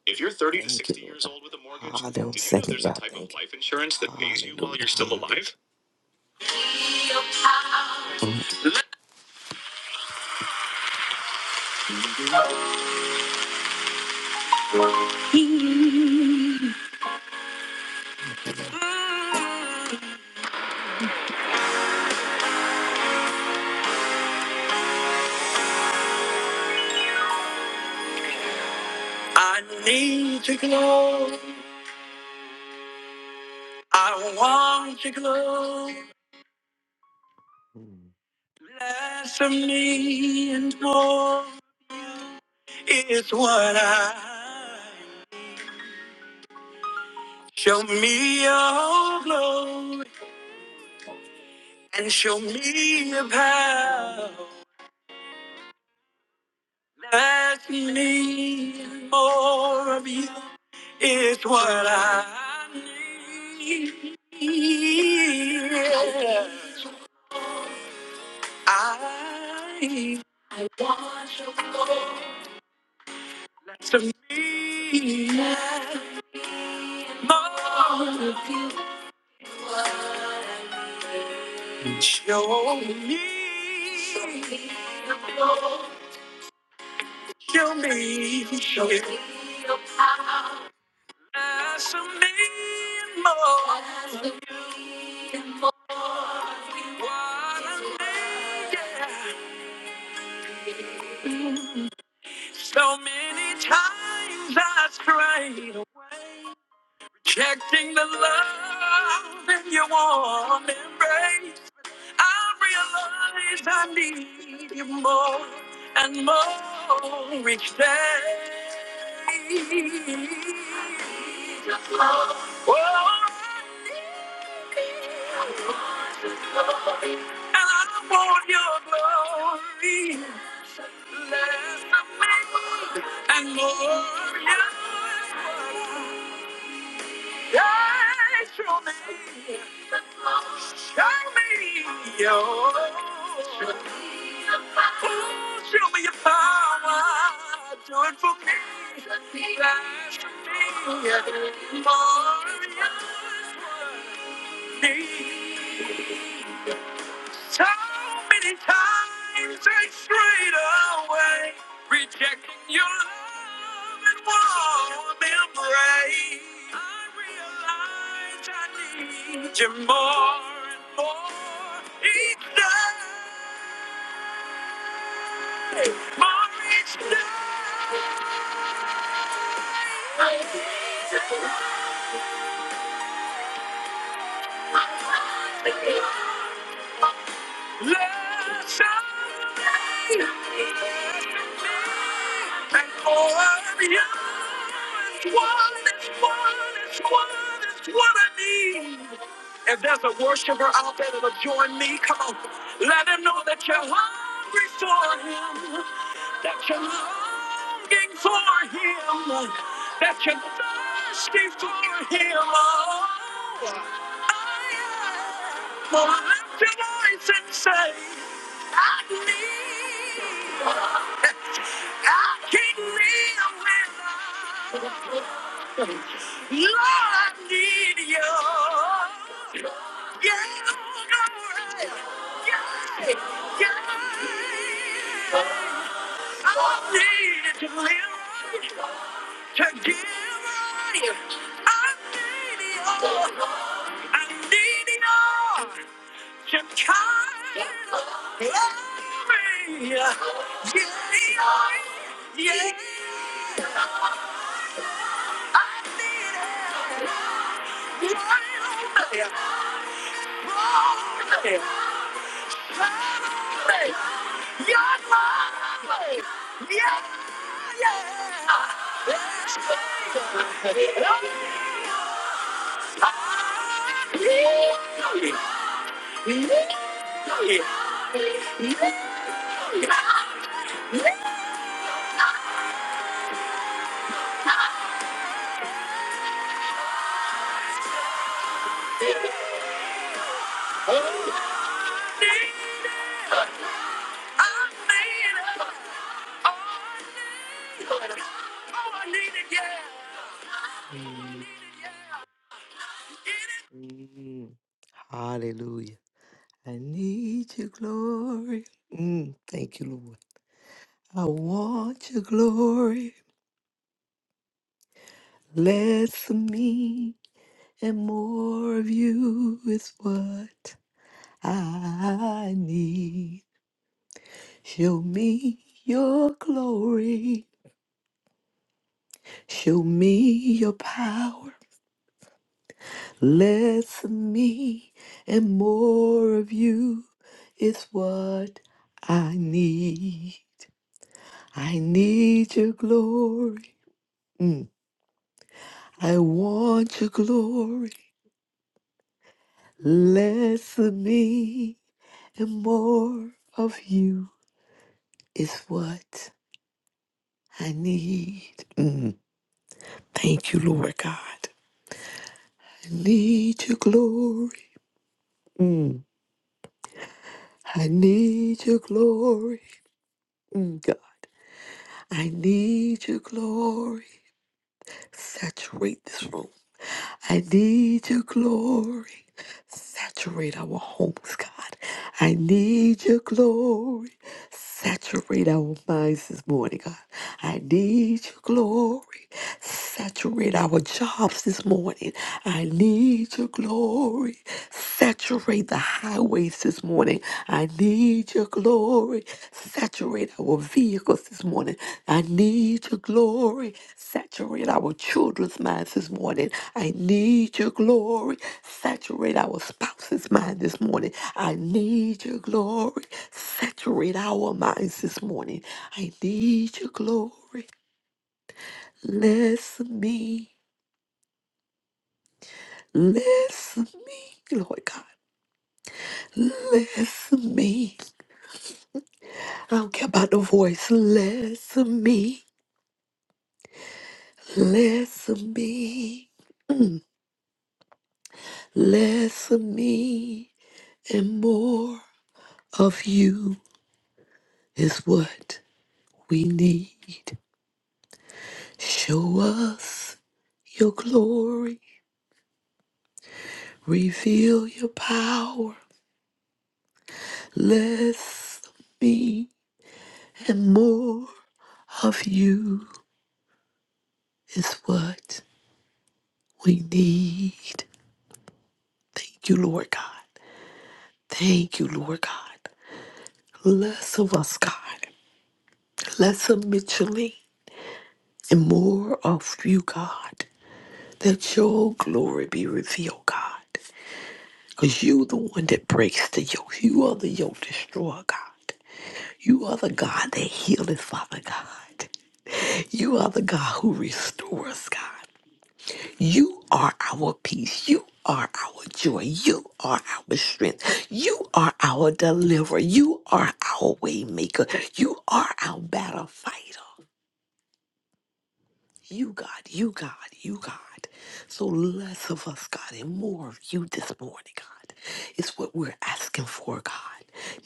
[SPEAKER 2] If you're 30 to Thank 60 Lord years God. old with a mortgage, ah, don't did you know second there's a God. type of Thank you. life insurance that pays you while Hallelujah. you're still alive? I need your glory. I want your glory. Less of me and more is what I Show me your glory and show me your power. Let me more of you is what I need. I want your glory to me more. Show me, show me, show me. Ask of me more. of me What I need, yeah. So many times I strayed away, rejecting the love in your warm embrace. I realize I need you more and more each day. Just love. Oh, I need you. more, And I want your glory. Less of me and more of you. Yeah, show me. Show me your, Ooh, show me your power. Do it for me. That's me. More of what I need. So many times I strayed away, rejecting your love and warm embrace. I realize I need you more and more each day, more each day. Let shine and pour out of you. It's one, it's one, it's one, it's what I need. If there's a worshiper out there that'll join me, come on. Let him know that you're hungry for him, that you're longing for him, that you're thirsty for him. Oh, I am. Well, lift your voice and say, I need. I can't live without. Lord, I need you. Yeah, yeah, yeah. I needed to live right, to give right. I need it all. I need it all to carry me. Yeah, yeah, yeah. I need it. Right on there, right on there. Your love, Yay! Mm, hallelujah. I need your glory. Mm, thank you, Lord. I want your glory. Less of me and more of you is what I need. Show me your glory. Show me your power. Less of me and more of you is what I need. I need your glory. Mm. I want your glory. Less of me and more of you is what I need. Mm. Thank you, Lord God. I need your glory. Mm. I need your glory. Mm, God. I need your glory. Saturate this room. I need your glory. Saturate our homes, God. I need your glory. Saturate our minds this morning, God. I need your glory. Saturate our jobs this morning. I need your glory. Saturate the highways praise this morning. I need your glory. Saturate our vehicles this morning. I need your glory. Saturate our children's minds this morning. I need your glory. Saturate our spouse's mind this morning. I need your glory. Saturate our minds this morning. I need your glory. Bless me. Bless me, Lord God. Bless me. I don't care about the voice. Less of me, less of me, less of me, and more of you is what we need. Show us your glory, reveal your power. Less of me, and more of you is what we need. Thank you, Lord God. Thank you, Lord God. Less of us, God. Bless him Mitchellly and more of you, God, that your glory be revealed, God. Because you the one that breaks the yoke. You are the yoke destroyer, God. You are the God that healeth, Father God. You are the God who restores, God. You are our peace. You are our joy. You are our strength. You are our deliverer. You are our way maker. You are our battle fighter. You, God, you, God, you, God. So less of us, God, and more of you this morning, God, It's what we're asking for, God.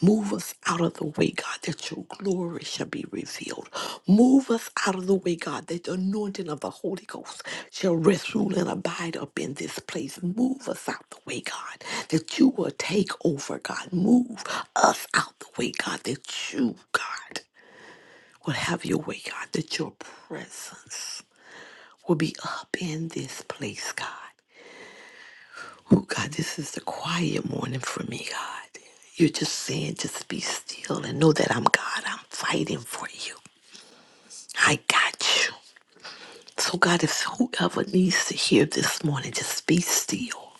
[SPEAKER 2] Move us out of the way, God, that your glory shall be revealed. Move us out of the way, God, that the anointing of the Holy Ghost shall rest, rule, and abide up in this place. Move us out the way, God, that you will take over, God. Move us out the way, God, that you, God, will have your way, God, that your presence will be up in this place, God. Oh, God, this is the quiet morning for me, God. You're just saying, just be still and know that I'm God. I'm fighting for you. I got you. So, God, if whoever needs to hear this morning, just be still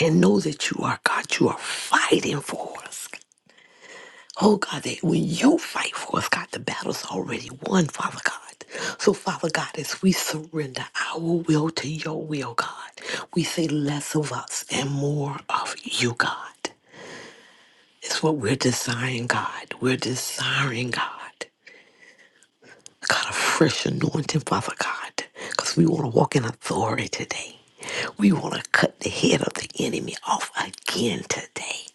[SPEAKER 2] and know that you are God. You are fighting for us. God. Oh God, that when you fight for us, God, the battle's already won, Father God. So, Father God, as we surrender our will to your will, God, we say less of us and more of you, God. It's what we're desiring, God. We're desiring, God. God, a fresh anointing, Father God, because we want to walk in authority today. We want to cut the head of the enemy off again today.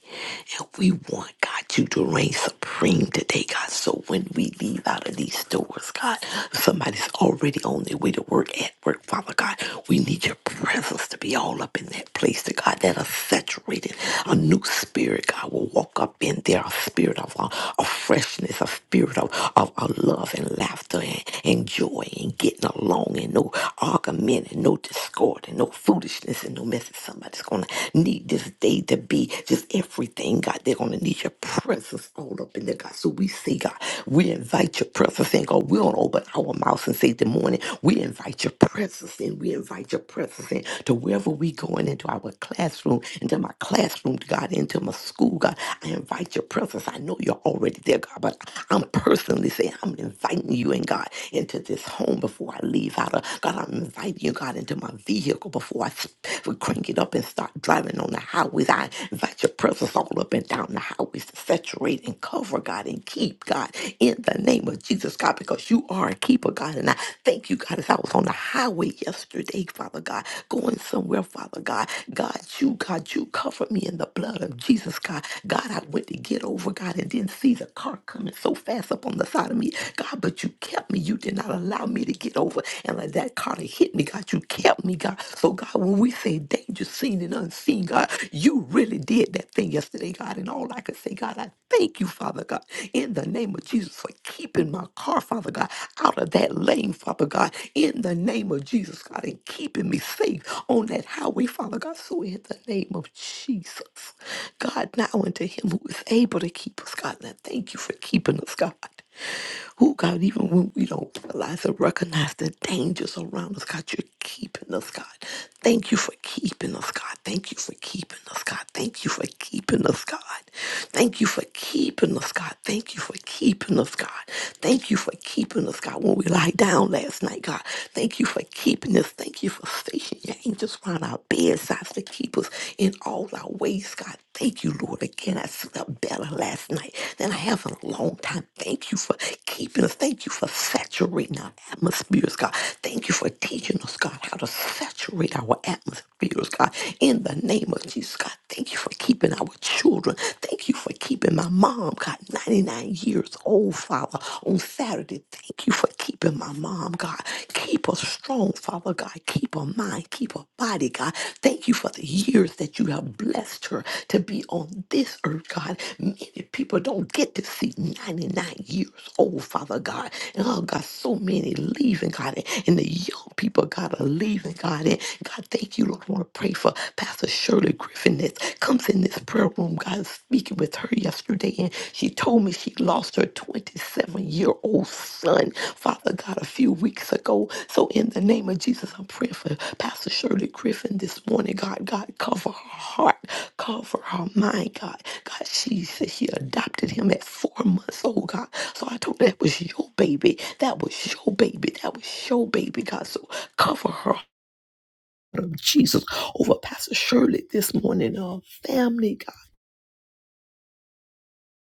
[SPEAKER 2] And We want God you to reign supreme today, God. So when we leave out of these doors, God, somebody's already on their way to work at work, Father God. We need your presence to be all up in that place, to God, that are saturated. A new spirit, God, will walk up in there, a spirit of, uh, of freshness, a spirit of, of, of love and laughter and, and joy and getting along and no argument and no discord and no foolishness and no message. Somebody's going to going to need this day to be just everything, God. They're going to need your presence all up in there, God. So we say, God, we invite your presence in, God. We don't open our mouths and say, Good morning. We invite your presence in. We invite your presence in to wherever we going into our classroom, into my classroom, God, into my school, God. I invite your presence. I know you're already there, God, but I'm personally saying, I'm inviting you in, God, into this home before I leave out of God. I'm inviting you, God, into my in my vehicle before I s- crank it up and start driving on the highways. I invite your presence all up and down the highways to saturate and cover, God, and keep, God, in the name of Jesus, God, because you are a keeper, God. And I thank you, God, as I was on the highway yesterday, Father God, going somewhere, Father God. God, you, God, you covered me in the blood of Jesus, God. God, I went to get over, God, and didn't see the car coming so fast up on the side of me, God, but you kept me. You did not allow me me to get over. And like that kind of hit me, God. You kept me, God. So, God, when we say danger seen and unseen, God, you really did that thing yesterday, God. And all I could say, God, I thank you, Father God, in the name of Jesus for keeping my car, Father God, out of that lane, Father God, in the name of Jesus, God, and keeping me safe on that highway, Father God. So, in the name of Jesus, God, now unto him who is able to keep us, God. And I thank you for keeping us, God. Who God, even when we don't realize or recognize the dangers around us, God, you're keeping us, God. Thank you for keeping us, God. Thank you for keeping us, God. Thank you for keeping us, God. Thank you for keeping us, God. Thank you for keeping us, God. Thank you for keeping us, God. When we lie down last night, God, thank you for keeping us. Thank you for stationing your angels around our bedsides to keep us in all of our ways, God. Thank you, Lord. Again, I slept better last night than I have in a long time. Thank you for keeping us. Thank you for saturating our atmospheres, God. Thank you for teaching us, God, how to saturate our atmospheres, God. In the name of Jesus, God, thank you for keeping our children. Thank you for keeping my mom, God, 99 years old, Father, on Saturday. Thank you for keeping my mom arm, God. Keep her strong, Father God. Keep her mind, keep her body, God. Thank you for the years that you have blessed her to be on this earth, God. Many people don't get to see 99 years old, Father God. And oh, God, so many leaving, God. And the young people, God, are leaving, God. And God, thank you, Lord. I want to pray for Pastor Shirley Griffin that comes in this prayer room, God, speaking with her yesterday and she told me she lost her 27 year old son, Father God, a few weeks ago. So, in the name of Jesus, I'm praying for Pastor Shirley Griffin this morning. God, God, cover her heart, cover her mind, God. God, she said she adopted him at four months old, God. So, I told her that was your baby. That was your baby. That was your baby, God. So, cover her. Jesus over Pastor Shirley this morning, uh, family, God.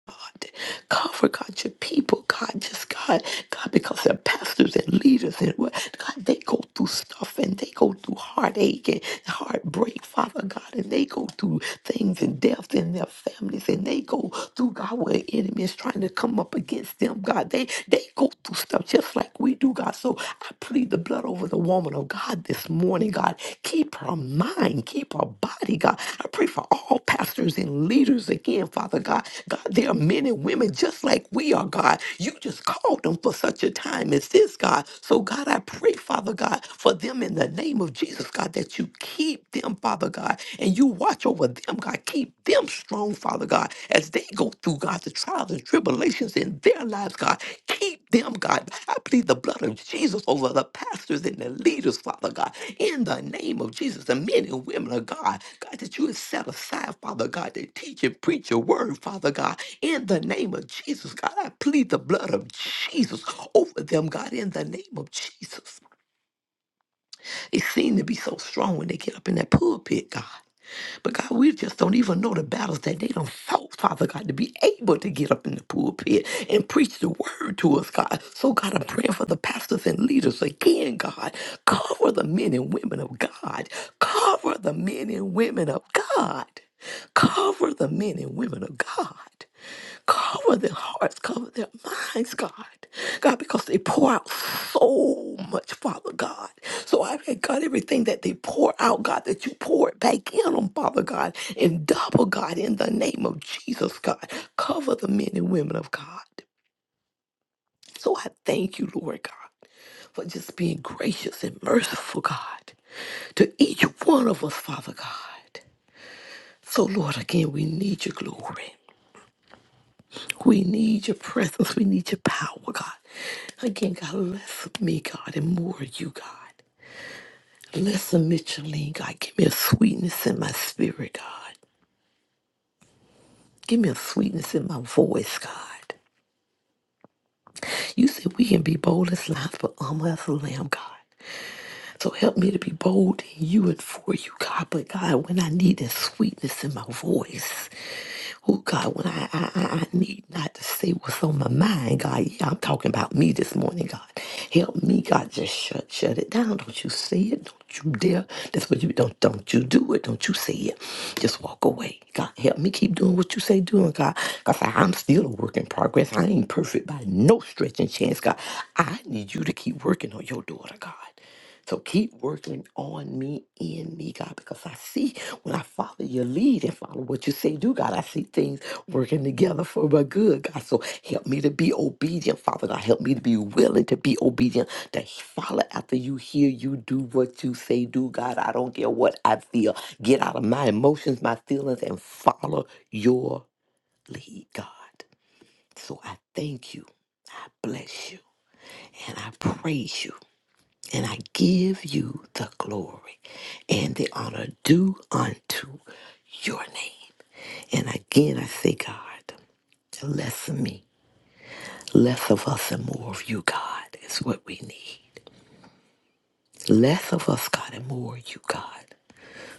[SPEAKER 2] God. Cover, God, your people, God, just God, God, because they're pastors and leaders and what, God, they go through stuff and they go through heartache and heartbreak, Father God, and they go through things and death in their families and they go through, God, where enemies trying to come up against them, God, they, they go through stuff just like we do, God. So I plead the blood over the woman of God this morning, God. Keep her mind, keep her body, God. I pray for all pastors and leaders again, Father God. God, there are men and women just like we are, God. You just called them for such a time as this, God. So, God, I pray, Father God, for them in the name of Jesus, God, that you keep them, Father God, and you watch over them, God. Keep them strong, Father God, as they go through, God, the trials and tribulations in their lives, God. Keep them, God. I plead the blood of Jesus over the pastors and the leaders, Father God, in the name of Jesus, the men and women of God, God, that you have set aside, Father God, to teach and preach your word, Father God, in the name of Jesus, God. I plead the blood of Jesus over them, God, in the name of Jesus. They seem to be so strong when they get up in that pulpit, God. But God, we just don't even know the battles that they don't fought, Father God, to be able to get up in the pulpit and preach the word to us, God. So, God, I'm praying for the pastors and leaders again, God. Cover the men and women of God. Cover the men and women of God. Cover the men and women of God. Cover their hearts, cover their minds, God. God, because they pour out so much, Father God. So I pray, God, everything that they pour out, God, that you pour it back in on Father God, and double, God, in the name of Jesus, God. Cover the men and women of God. So I thank you, Lord God, for just being gracious and merciful, God, to each one of us, Father God. So, Lord, again, we need your glory. We need your presence. We need your power, God. Again, God, less of me, God, and more of you, God. Less of Micheline, God. Give me a sweetness in my spirit, God. Give me a sweetness in my voice, God. You said we can be bold as lions, but humble as a lamb, God. So help me to be bold in you and for you, God. But God, when I need that sweetness in my voice, oh God, when I, I, I I need not to say what's on my mind, God, yeah, I'm talking about me this morning, God. Help me, God, just shut shut it down. Don't you say it. Don't you dare. That's what you don't don't you do it. Don't you say it. Just walk away. God help me keep doing what you say doing, God. Because I'm still a work in progress. I ain't perfect by no stretch and chance, God. I need you to keep working on your daughter, God. So keep working on me, in me, God, because I see when I follow your lead and follow what you say do, God, I see things working together for my good, God. So help me to be obedient, Father God. Help me to be willing to be obedient, to follow after you, hear you, do what you say do, God. I don't care what I feel. Get out of my emotions, my feelings, and follow your lead, God. So I thank you, bless you, and I praise you. And I give you the glory and the honor due unto your name. And again, I say, God, less of me, less of us, and more of you, God, is what we need. Less of us, God, and more of you, God.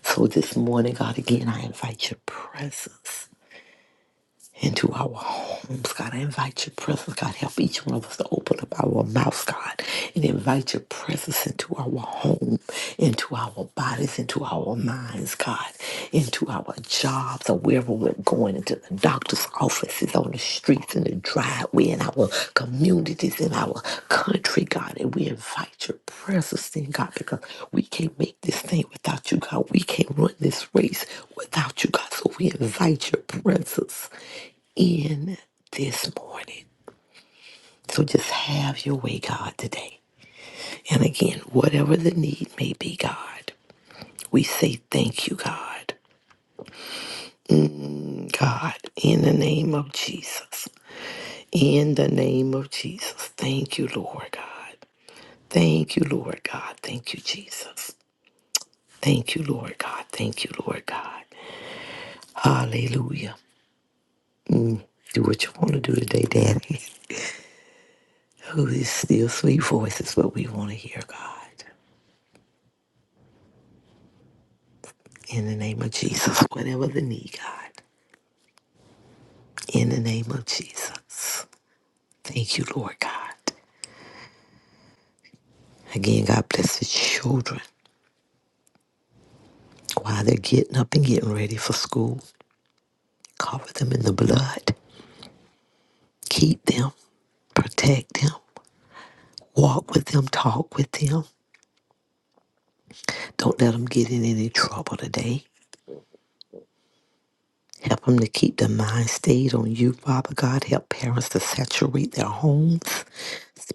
[SPEAKER 2] So this morning, God, again, I invite your presence. into our homes, God. I invite your presence, God. Help each one of us to open up our mouths, God, and invite your presence into our home, into our bodies, into our minds, God, into our jobs, or wherever we're going, into the doctor's offices, on the street streets and the driveway in our communities in our country, God. And we invite your presence in, God, because we can't make this thing without you, God. We can't run this race without you, God. So we invite your presence in this morning. So just have your way, God, today. And again, whatever the need may be, God, we say thank you, God. God, in the name of Jesus. In the name of Jesus. Thank you, Lord God. Thank you, Lord God. Thank you, Jesus. Thank you, Lord God. Thank you, Lord God. Hallelujah. Do what you want to do today, Daddy. Oh, these still sweet voice is what we want to hear, God. In the name of Jesus, whatever the need, God. In the name of Jesus. Thank you, Lord God. Again, God bless the children while they're getting up and getting ready for school. Cover them in the blood. Keep them. Protect them. Walk with them. Talk with them. Don't let them get in any trouble today. Help them to keep their mind stayed on you, Father God. Help parents to saturate their homes.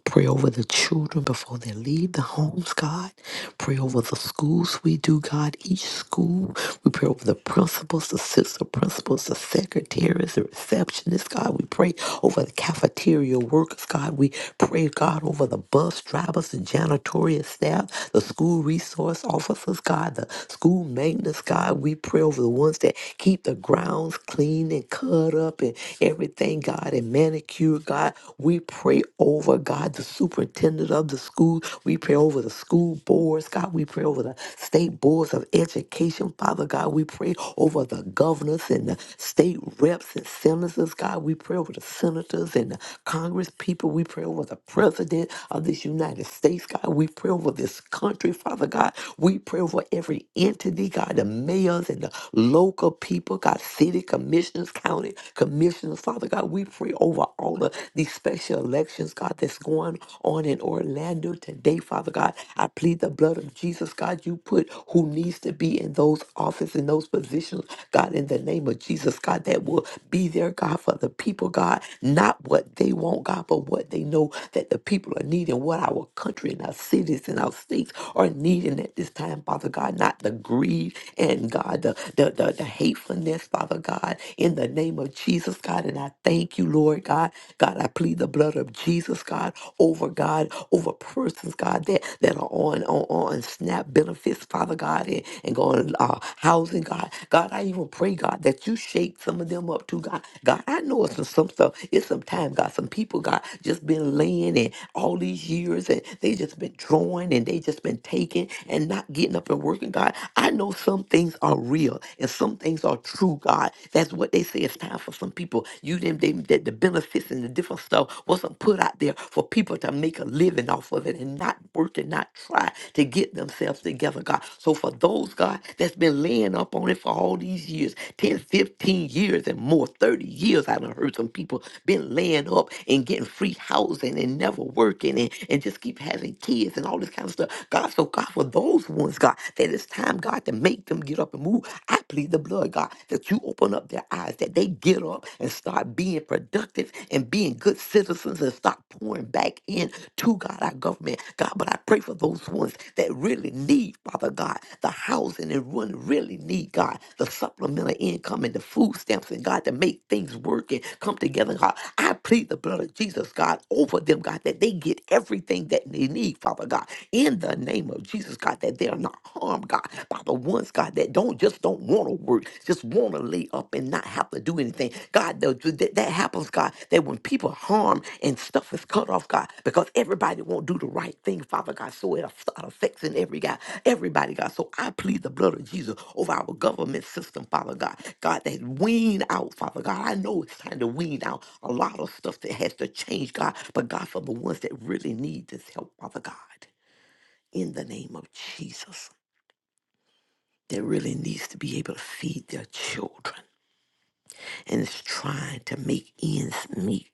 [SPEAKER 2] Pray over the children before they leave the homes, God. Pray over the schools we do, God. Each school, we pray over the principals, the assistant principals, the secretaries, the receptionists, God. We pray over the cafeteria workers, God. We pray, God, over the bus drivers, the janitorial staff, the school resource officers, God, the school maintenance, God. We pray over the ones that Keep the grounds clean and cut up and everything, God, and manicure, God. We pray over, God, the superintendent of the school. We pray over the school boards, God. We pray over the state boards of education, Father God. We pray over the governors and the state reps and senators, God. We pray over the senators and the Congress people. We pray over the president of this United States, God. We pray over this country, Father God. We pray over every entity, God, the mayors and and the local people, God, city commissioners, county commissioners. Father God, we pray over all of these special elections, God, that's going on in Orlando today, Father God. I plead the blood of Jesus, God. You put who needs to be in those offices, in those positions, God, in the name of Jesus, God, that will be there, God, for the people, God, not what they want, God, but what they know that the people are needing, what our country and our cities and our states are needing at this time, Father God, not the greed hatred and God, the, the, the, the hatefulness, Father God, in the name of Jesus, God. And I thank you, Lord God. God, I plead the blood of Jesus, God, over God, over persons, God, that, that are on, on, on SNAP benefits, Father God, and, and going uh, housing, God. God, I even pray, God, that you shake some of them up too, God. God, I know it's some, some stuff. It's some time, God. Some people, God, just been laying and all these years and they just been drawing and they just been taking and not getting up and working broken, God. I know some things are real and some things are true, God. That's what they say. It's time for some people. You them they, that the benefits and the different stuff wasn't put out there for people to make a living off of it and not work and not try to get themselves together, God. So for those, God, that's been laying up on it for all these years, 10, 15 years and more, 30 years, I've heard some people been laying up and getting free housing and never working and, and just keep having kids and all this kind of stuff. God, so God, for those those ones, God, that it's time, God, to make them get up and move. I plead the blood, God, that you open up their eyes, that they get up and start being productive and being good citizens and start pouring back in to God, our government. God, but I pray for those ones that really need, Father God, the housing and really, really need, God, the supplemental income and the food stamps and God, to make things work and come together, God. I plead the blood of Jesus, God, over them, God, that they get everything that they need, Father God, in the name name of Jesus, God, that they are not harmed, God, by the ones, God, that don't just don't want to work, just want to lay up and not have to do anything. God, the- the- that, that happens, God, that when people harm and stuff is cut off, God, because everybody won't do the right thing, Father God, so it start in every guy, everybody, God. So I plead the blood of Jesus over our government system, Father God. God, that wean out, Father God. I know it's time to wean out a lot of stuff that has to change, God, but God, for the ones that really need this help, Father God in the name of Jesus that really needs to be able to feed their children and is trying to make ends meet.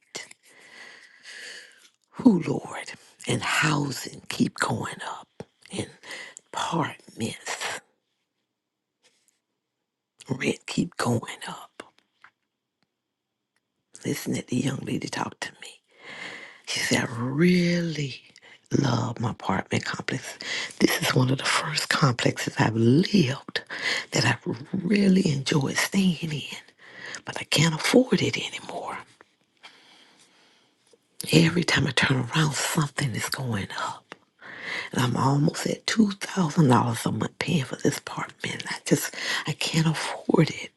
[SPEAKER 2] Who, Lord? And housing keep going up and apartments, rent keep going up. Listen to the young lady talk to me. She said, I really love my apartment complex. This is one of the first complexes I've lived that I've really enjoyed staying in, but I can't afford it anymore. Every time I turn around, something is going up. And I'm almost at $2,000 a month paying for this apartment. I just, I can't afford it.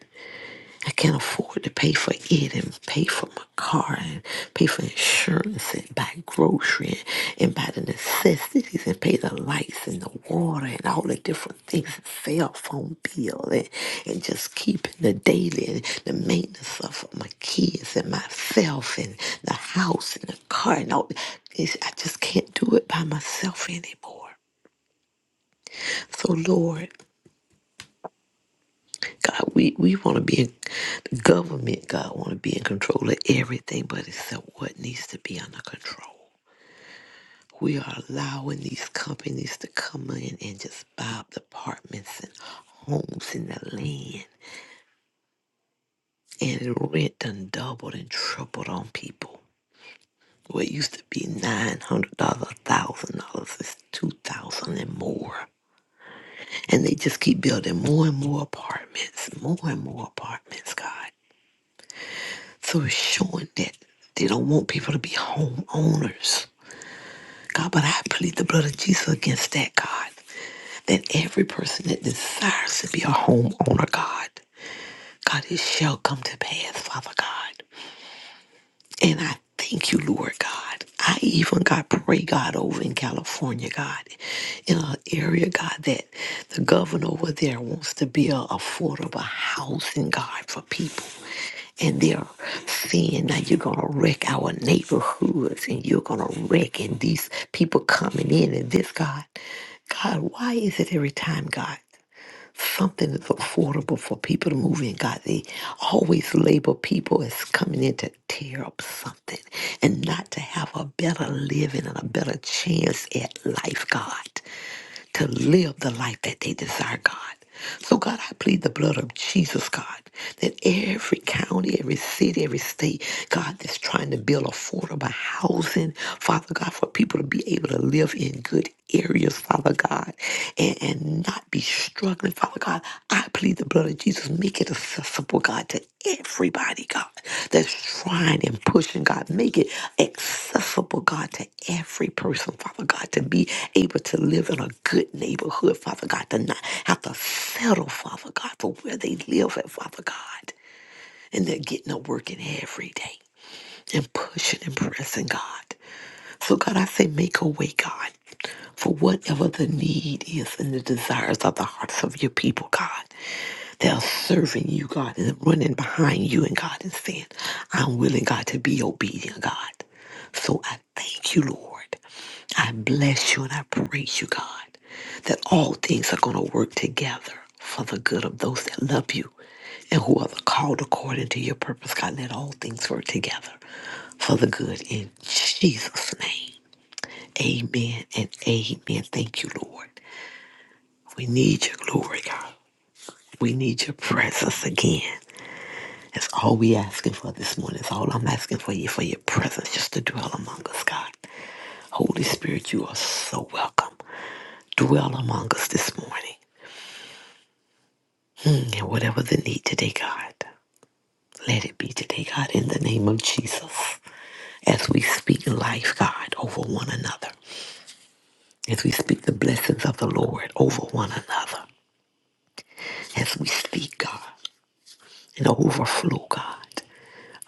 [SPEAKER 2] I can't afford to pay for it and pay for my car and pay for insurance and buy grocery and, and buy the necessities and pay the lights and the water and all the different things, cell phone bill and, and just keeping the daily and the maintenance of my kids and myself and the house and the car and all. It's, I just can't do it by myself anymore. So, Lord. God, we, we want to be in the government. God want to be in control of everything, but except what needs to be under control. We are allowing these companies to come in and just buy up departments and homes and the land, and the rent done doubled and tripled on people. What used to be nine hundred dollars, thousand dollars is two thousand and more, and they just keep building more and more apartments, more and more apartments. God, So it's showing that they don't want people to be homeowners. God, but I plead the blood of Jesus against that, God. That every person that desires to be a homeowner, God, God, it shall come to pass, Father God. And I thank you, Lord God. I even God, pray, God, over in California, God, in an area, God, that the governor over there wants to build affordable housing, God, for people. and they're saying that you're going to wreck our neighborhoods and you're going to wreck and these people coming in and this god god why is it every time god something is affordable for people to move in god they always label people as coming in to tear up something and not to have a better living and a better chance at life god to live the life that they desire, God. So, God, I plead the blood of Jesus, God, that every county, every city, every state, God, that's trying to build affordable housing, Father God, for people to be able to live in good areas, Father God, and, and not be struggling, Father God. I plead the blood of Jesus. Make it accessible, God, to everybody, God, that's trying and pushing, God. Make it accessible, God, to every person, Father God, to be able to live in a good neighborhood, Father God, to not have to settle, Father God, for where they live at, Father God. And they're getting to working every day and pushing and pressing, God. So, God, I say, make a way, God, for whatever the need is and the desires of the hearts of your people, God. They're serving you, God, and running behind you, and God is saying, I'm willing, God, to be obedient, God. So I thank you, Lord. I bless you and I praise you, God, that all things are going to work together for the good of those that love you and who are the called according to your purpose, God. Let all things work together for the good in Jesus' name. Amen and amen. Thank you, Lord. We need your glory, God. We need your presence again. That's all we asking for this morning. That's all I'm asking for you, for your presence just to dwell among us, God. Holy Spirit, you are so welcome. Dwell among us this morning. Mm, And whatever the need today, God, let it be today, God, in the name of Jesus. As we speak life, God, over one another. As we speak the blessings of the Lord over one another. As we speak, God, an overflow, God.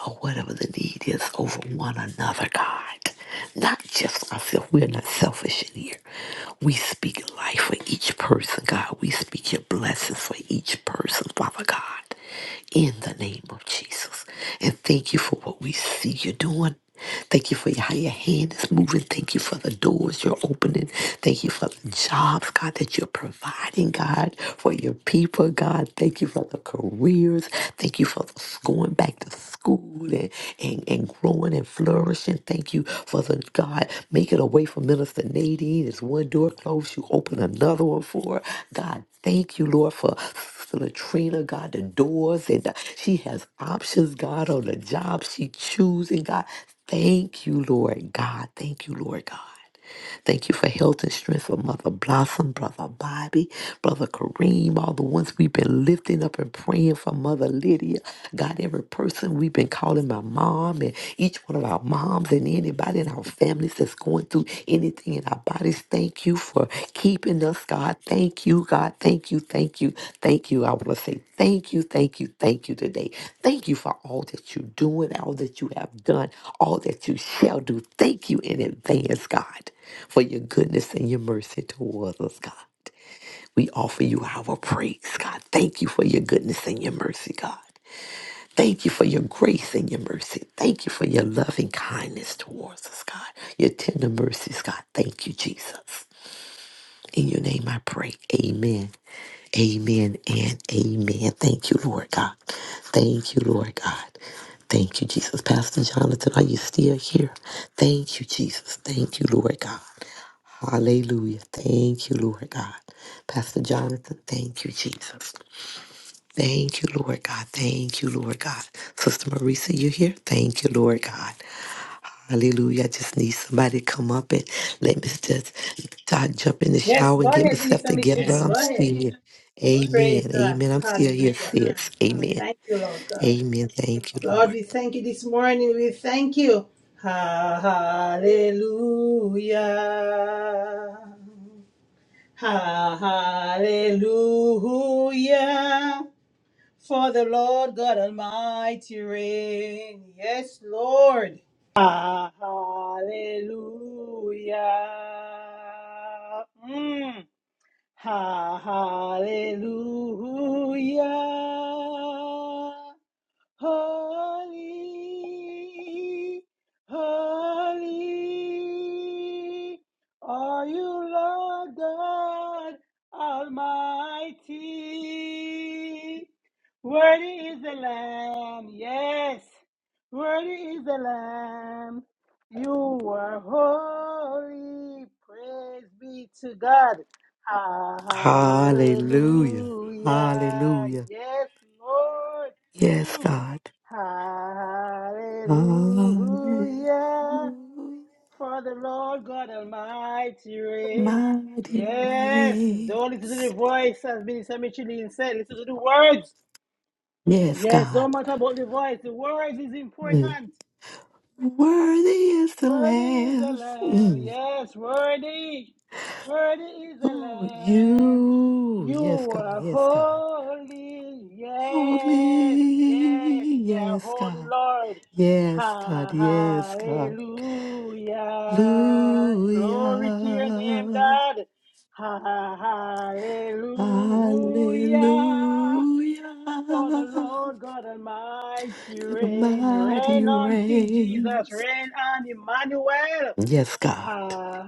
[SPEAKER 2] or whatever the need is over one another, God. Not just ourselves. We're not selfish in here. We speak life for each person, God. We speak your blessings for each person, Father God, in the name of Jesus. And thank you for what we see you doing. Thank you for your- how your hand is moving. Thank you for the doors you're opening. Thank you for the jobs, God, that you're providing, God, for your people, God. Thank you for the careers. Thank you for the s- going back to school and, and, and growing and flourishing. Thank you for the, God, making a way for Minister Nadine. As one door closed, you open another one for her. God, thank you, Lord, for to Latrina, God, the doors, and the- she has options, God, on the job she choosing, God. Thank you, Lord God. Thank you, Lord God. Thank you for health and strength for Mother Blossom, Brother Bobby, Brother Kareem, all the ones we've been lifting up and praying for Mother Lydia. God, every person we've been calling my mom and each one of our moms and anybody in our families that's going through anything in our bodies. Thank you for keeping us, God. Thank you, God. Thank you, thank you, thank you. I want to say Thank you, thank you, thank you today. Thank you for all that you're doing, all that you have done, all that you shall do. Thank you in advance, God, for your goodness and your mercy towards us, God. We offer you our praise, God. Thank you for your goodness and your mercy, God. Thank you for your grace and your mercy. Thank you for your loving kindness towards us, God. Your tender mercies, God. Thank you, Jesus. In your name I pray. Amen. Amen and amen. Thank you, Lord God. Thank you, Lord God. Thank you, Jesus. Pastor Jonathan, are you still here? Thank you, Jesus. Thank you, Lord God. Hallelujah. Thank you, Lord God. Pastor Jonathan, thank you, Jesus. Thank you, Lord God. Thank you, Lord God. Sister Marisa, you here? Thank you, Lord God. Hallelujah. I just need somebody to come up and let me just start jump in the
[SPEAKER 1] Yes,
[SPEAKER 2] shower
[SPEAKER 1] go
[SPEAKER 2] and get
[SPEAKER 1] ahead,
[SPEAKER 2] myself
[SPEAKER 1] Minister
[SPEAKER 2] together.
[SPEAKER 1] Micheline.
[SPEAKER 2] I'm
[SPEAKER 1] Go
[SPEAKER 2] still
[SPEAKER 1] ahead.
[SPEAKER 2] here.
[SPEAKER 1] Praise
[SPEAKER 2] Amen.
[SPEAKER 1] God.
[SPEAKER 2] Amen. I'm still here,
[SPEAKER 1] Hallelujah.
[SPEAKER 2] sis. Amen.
[SPEAKER 1] Thank you, Lord God.
[SPEAKER 2] Amen. Thank you,
[SPEAKER 1] Lord,
[SPEAKER 2] Lord.
[SPEAKER 1] we thank you this morning. We thank you. Hallelujah. Hallelujah. For the Lord God Almighty reign. Yes, Lord. Hallelujah. Mm. Hallelujah. Holy, holy are you, Lord God Almighty. Worthy is the Lamb, yes, worthy is the Lamb. You are holy, praise be to God. Hallelujah,
[SPEAKER 2] Hallelujah. Hallelujah.
[SPEAKER 1] yes, Lord.
[SPEAKER 2] Yes,
[SPEAKER 1] Mm.
[SPEAKER 2] God. Hallelujah.
[SPEAKER 1] Hallelujah. For the Lord God Almighty reign.
[SPEAKER 2] Mighty
[SPEAKER 1] Yes,
[SPEAKER 2] rain.
[SPEAKER 1] don't listen to the voice, as Minister Michelin said. Listen to the words.
[SPEAKER 2] Yes,
[SPEAKER 1] Yes,
[SPEAKER 2] God.
[SPEAKER 1] don't matter about the voice. The words is
[SPEAKER 2] Mm.
[SPEAKER 1] important.
[SPEAKER 2] Worthy is the
[SPEAKER 1] Worthy is the
[SPEAKER 2] Lamb.
[SPEAKER 1] Lamb.
[SPEAKER 2] Mm.
[SPEAKER 1] Yes, worthy. Worthy is the
[SPEAKER 2] Ooh,
[SPEAKER 1] Lamb.
[SPEAKER 2] you. Yes,
[SPEAKER 1] You
[SPEAKER 2] God.
[SPEAKER 1] are
[SPEAKER 2] Yes, God.
[SPEAKER 1] holy.
[SPEAKER 2] Holy.
[SPEAKER 1] Yes, yes, you are
[SPEAKER 2] Yes,
[SPEAKER 1] holy,
[SPEAKER 2] God.
[SPEAKER 1] Lord.
[SPEAKER 2] Yes, God. Yes, God.
[SPEAKER 1] Hallelujah. Glory to your name,
[SPEAKER 2] Hallelujah.
[SPEAKER 1] God. Hallelujah.
[SPEAKER 2] Hallelujah.
[SPEAKER 1] For the Lord God Almighty
[SPEAKER 2] God
[SPEAKER 1] reign,
[SPEAKER 2] Almighty
[SPEAKER 1] reign on King Jesus,
[SPEAKER 2] reigns.
[SPEAKER 1] reign on Emmanuel.
[SPEAKER 2] Yes, God.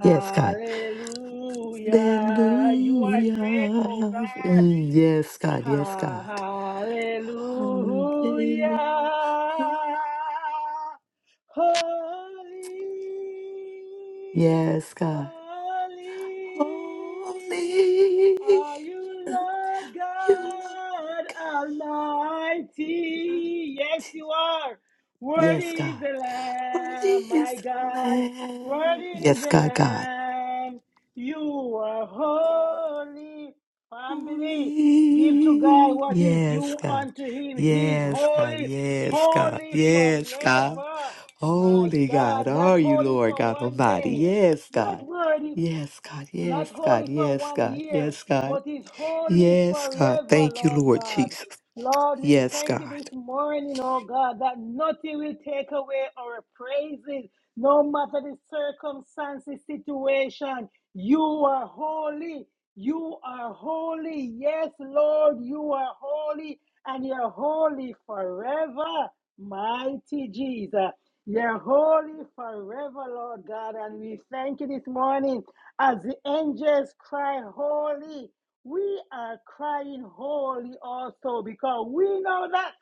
[SPEAKER 2] Yes, God.
[SPEAKER 1] You are
[SPEAKER 2] Hallelujah.
[SPEAKER 1] great, oh
[SPEAKER 2] Mm, Yes, God. Yes, God.
[SPEAKER 1] God. Hallelujah.
[SPEAKER 2] Hallelujah.
[SPEAKER 1] Holy,
[SPEAKER 2] Yes, God.
[SPEAKER 1] holy
[SPEAKER 2] Holy,
[SPEAKER 1] are you, Lord
[SPEAKER 2] you Lord
[SPEAKER 1] God
[SPEAKER 2] God.
[SPEAKER 1] Almighty. Yes, you are. Worthy
[SPEAKER 2] Yes,
[SPEAKER 1] is
[SPEAKER 2] God.
[SPEAKER 1] the
[SPEAKER 2] Worthy
[SPEAKER 1] Lamb,
[SPEAKER 2] is
[SPEAKER 1] my
[SPEAKER 2] the
[SPEAKER 1] God.
[SPEAKER 2] Lamb.
[SPEAKER 1] Worthy is
[SPEAKER 2] Yes,
[SPEAKER 1] the
[SPEAKER 2] God, God.
[SPEAKER 1] Lamb. You are holy. Family, give to God
[SPEAKER 2] Holy.
[SPEAKER 1] what is
[SPEAKER 2] Yes,
[SPEAKER 1] due
[SPEAKER 2] God.
[SPEAKER 1] unto him. He is
[SPEAKER 2] Yes, God.
[SPEAKER 1] holy,
[SPEAKER 2] Yes, God.
[SPEAKER 1] holy
[SPEAKER 2] Yes, God.
[SPEAKER 1] forever. My
[SPEAKER 2] Holy God.
[SPEAKER 1] God, not
[SPEAKER 2] Are you
[SPEAKER 1] holy
[SPEAKER 2] Lord
[SPEAKER 1] for
[SPEAKER 2] God
[SPEAKER 1] one
[SPEAKER 2] Almighty?
[SPEAKER 1] day,
[SPEAKER 2] Yes,
[SPEAKER 1] not
[SPEAKER 2] God.
[SPEAKER 1] worthy,
[SPEAKER 2] Yes, God.
[SPEAKER 1] not
[SPEAKER 2] Yes, God.
[SPEAKER 1] holy for
[SPEAKER 2] Yes,
[SPEAKER 1] one
[SPEAKER 2] God.
[SPEAKER 1] year,
[SPEAKER 2] Yes, God.
[SPEAKER 1] but is holy
[SPEAKER 2] Yes, God.
[SPEAKER 1] forever,
[SPEAKER 2] Thank you,
[SPEAKER 1] Lord
[SPEAKER 2] Lord
[SPEAKER 1] God.
[SPEAKER 2] Jesus.
[SPEAKER 1] Lord, we
[SPEAKER 2] Yes,
[SPEAKER 1] thank you
[SPEAKER 2] God.
[SPEAKER 1] this morning, oh God, that nothing will take away our praises, no matter the circumstances, situation. You are holy. You are holy. Yes, Lord, you are holy, and you're holy forever, mighty Jesus. You're holy forever, Lord God, and we thank you this morning as the angels cry, Holy we are crying holy also because we know that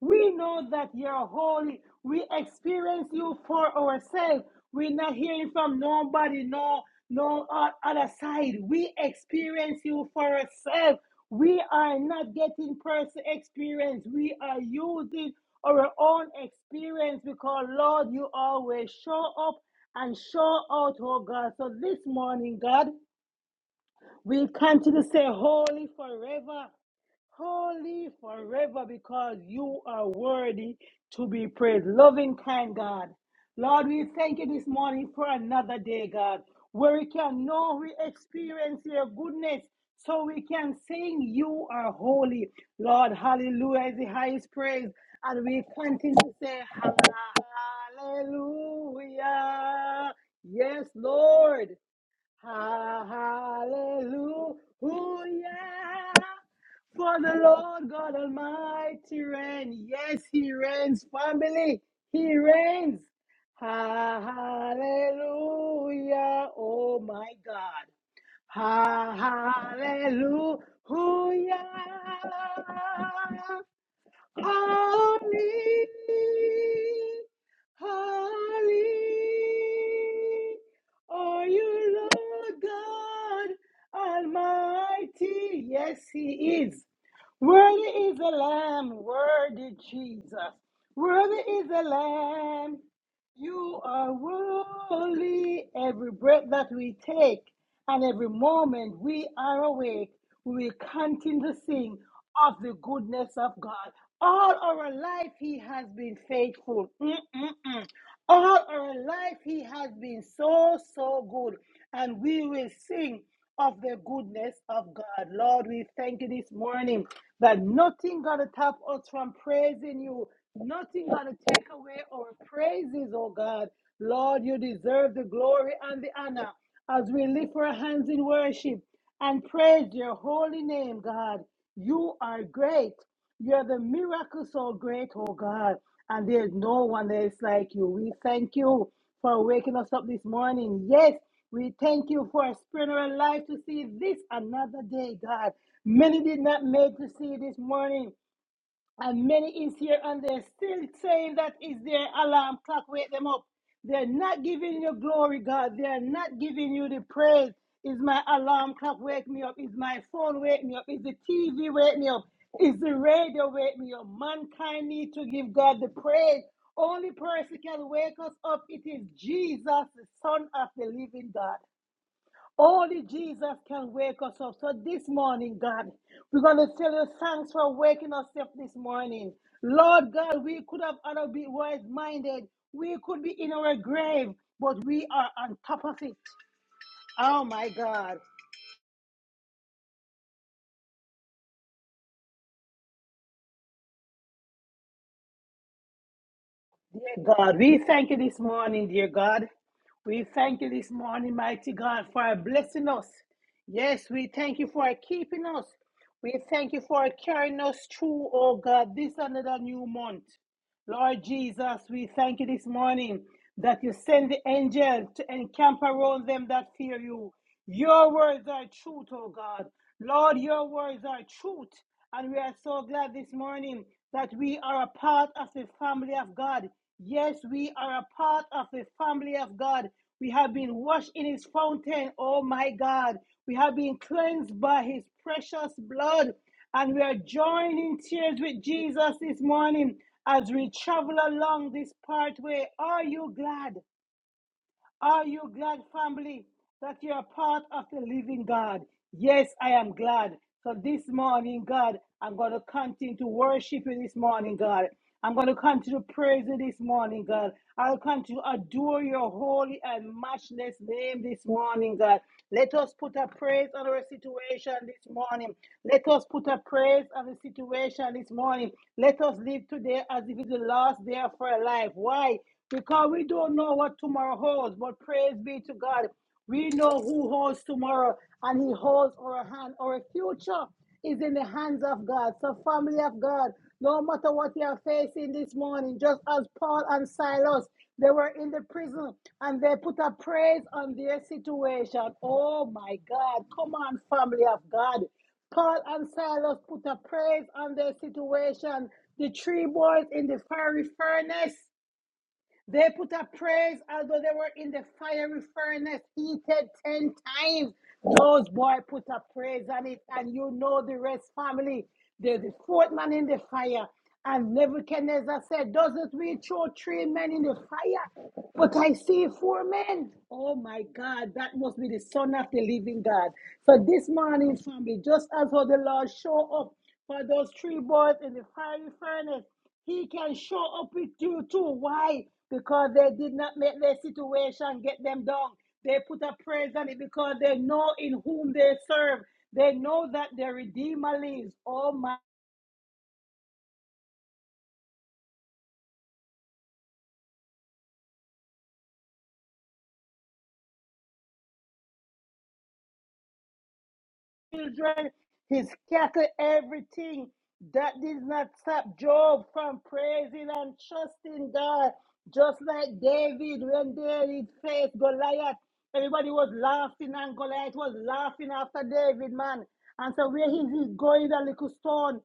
[SPEAKER 1] we know that you're holy. We experience you for ourselves. We're not hearing from nobody, no, no o- other side. We experience you for ourselves. We are not getting personal experience. We are using our own experience because Lord, you always show up and show out, oh God. So this morning, God. We continue to say, Holy forever, holy forever, because you are worthy to be praised. Loving, kind God. Lord, we thank you this morning for another day, God, where we can know we experience your goodness so we can sing you are holy. Lord, hallelujah is the highest praise. And we continue to say, Hallelujah. Yes, Lord. Ha- Hallelujah. For the Lord God Almighty reigns. Yes, He reigns, family. He reigns. Ha- Hallelujah. Oh my God. Ha- Hallelujah. Only Holy are you, Lord God Almighty. Yes, He is. Worthy is the Lamb, worthy Jesus. Worthy is the Lamb. You are worthy. Every breath that we take and every moment we are awake, we will continue to sing of the goodness of God. All our life, He has been faithful. Mm-mm-mm. All our life, He has been so, so good. And we will sing of the goodness of God. Lord, we thank you this morning that nothing gonna stop us from praising you. Nothing gonna take away our praises, oh God. Lord, you deserve the glory and the honor as we lift our hands in worship and praise your holy name, God. You are great you are the miracle so great, oh God. And there's no one else like you. We thank you for waking us up this morning. Yes, we thank you for a spirit of our life to see this another day, God. Many did not make to see this morning. And many is here and they're still saying that is their alarm clock. Wake them up. They're not giving you glory, God. They're not giving you the praise. Is my alarm clock wake me up? Is my phone wake me up? Is the TV wake me up? Is the radio wake me up? Mankind need to give God the praise. Only person can wake us up. It is Jesus, the Son of the Living God. Only Jesus can wake us up. So this morning, God, we're going to tell you thanks for waking us up this morning. Lord God, we could have other be wise minded. We could be in our grave, but we are on top of it. Oh my God. Dear God, we thank you this morning, dear God. We thank you this morning, mighty God, for blessing us. Yes, we thank you for keeping us. We thank you for carrying us through, oh God, this another new month. Lord Jesus, we thank you this morning that you send the angel to encamp around them that fear you. Your words are truth, oh God. Lord, your words are truth. And we are so glad this morning that we are a part of the family of God. Yes, we are a part of the family of God. We have been washed in his fountain, oh my God. We have been cleansed by his precious blood. And we are joining tears with Jesus this morning as we travel along this pathway, are you glad? Are you glad, family, that you are part of the living God? Yes, I am glad. So this morning, God, I'm going to continue to worship you this morning, God. I'm going to continue to praise you this morning, God. I'll continue to adore your holy and matchless name this morning, God. Let us put a praise on our situation this morning. Let us put a praise on the situation this morning. Let us live today as if it's the last day of our life. Why? because we don't know what tomorrow holds. But praise be to God, we know who holds tomorrow, and He holds our hand. Our future is in the hands of God. So, family of God, no matter what you are facing this morning, just as Paul and Silas, they were in the prison and they put a praise on their situation. Oh my God, come on, family of God. Paul and Silas put a praise on their situation. The three boys in the fiery furnace. They put up praise, as though they were in the fiery furnace, heated 10 times. Those boys put up praise on it, and you know the rest family. They're the fourth man in the fire. And Nebuchadnezzar said, Doesn't we throw three men in the fire? But I see four men. Oh my God, that must be the son of the living God. So this morning, family, just as how the Lord show up for those three boys in the fiery furnace, he can show up with you too. Why? Because they did not make their situation get them down. They put a praise on it because they know in whom they serve. They know that their Redeemer lives. Oh my. children, his cattle, everything. That did not stop Job from praising and trusting God. Just like David, when David faced Goliath, everybody was laughing, and Goliath was laughing after David, man. And so, where is he is going, the little stone?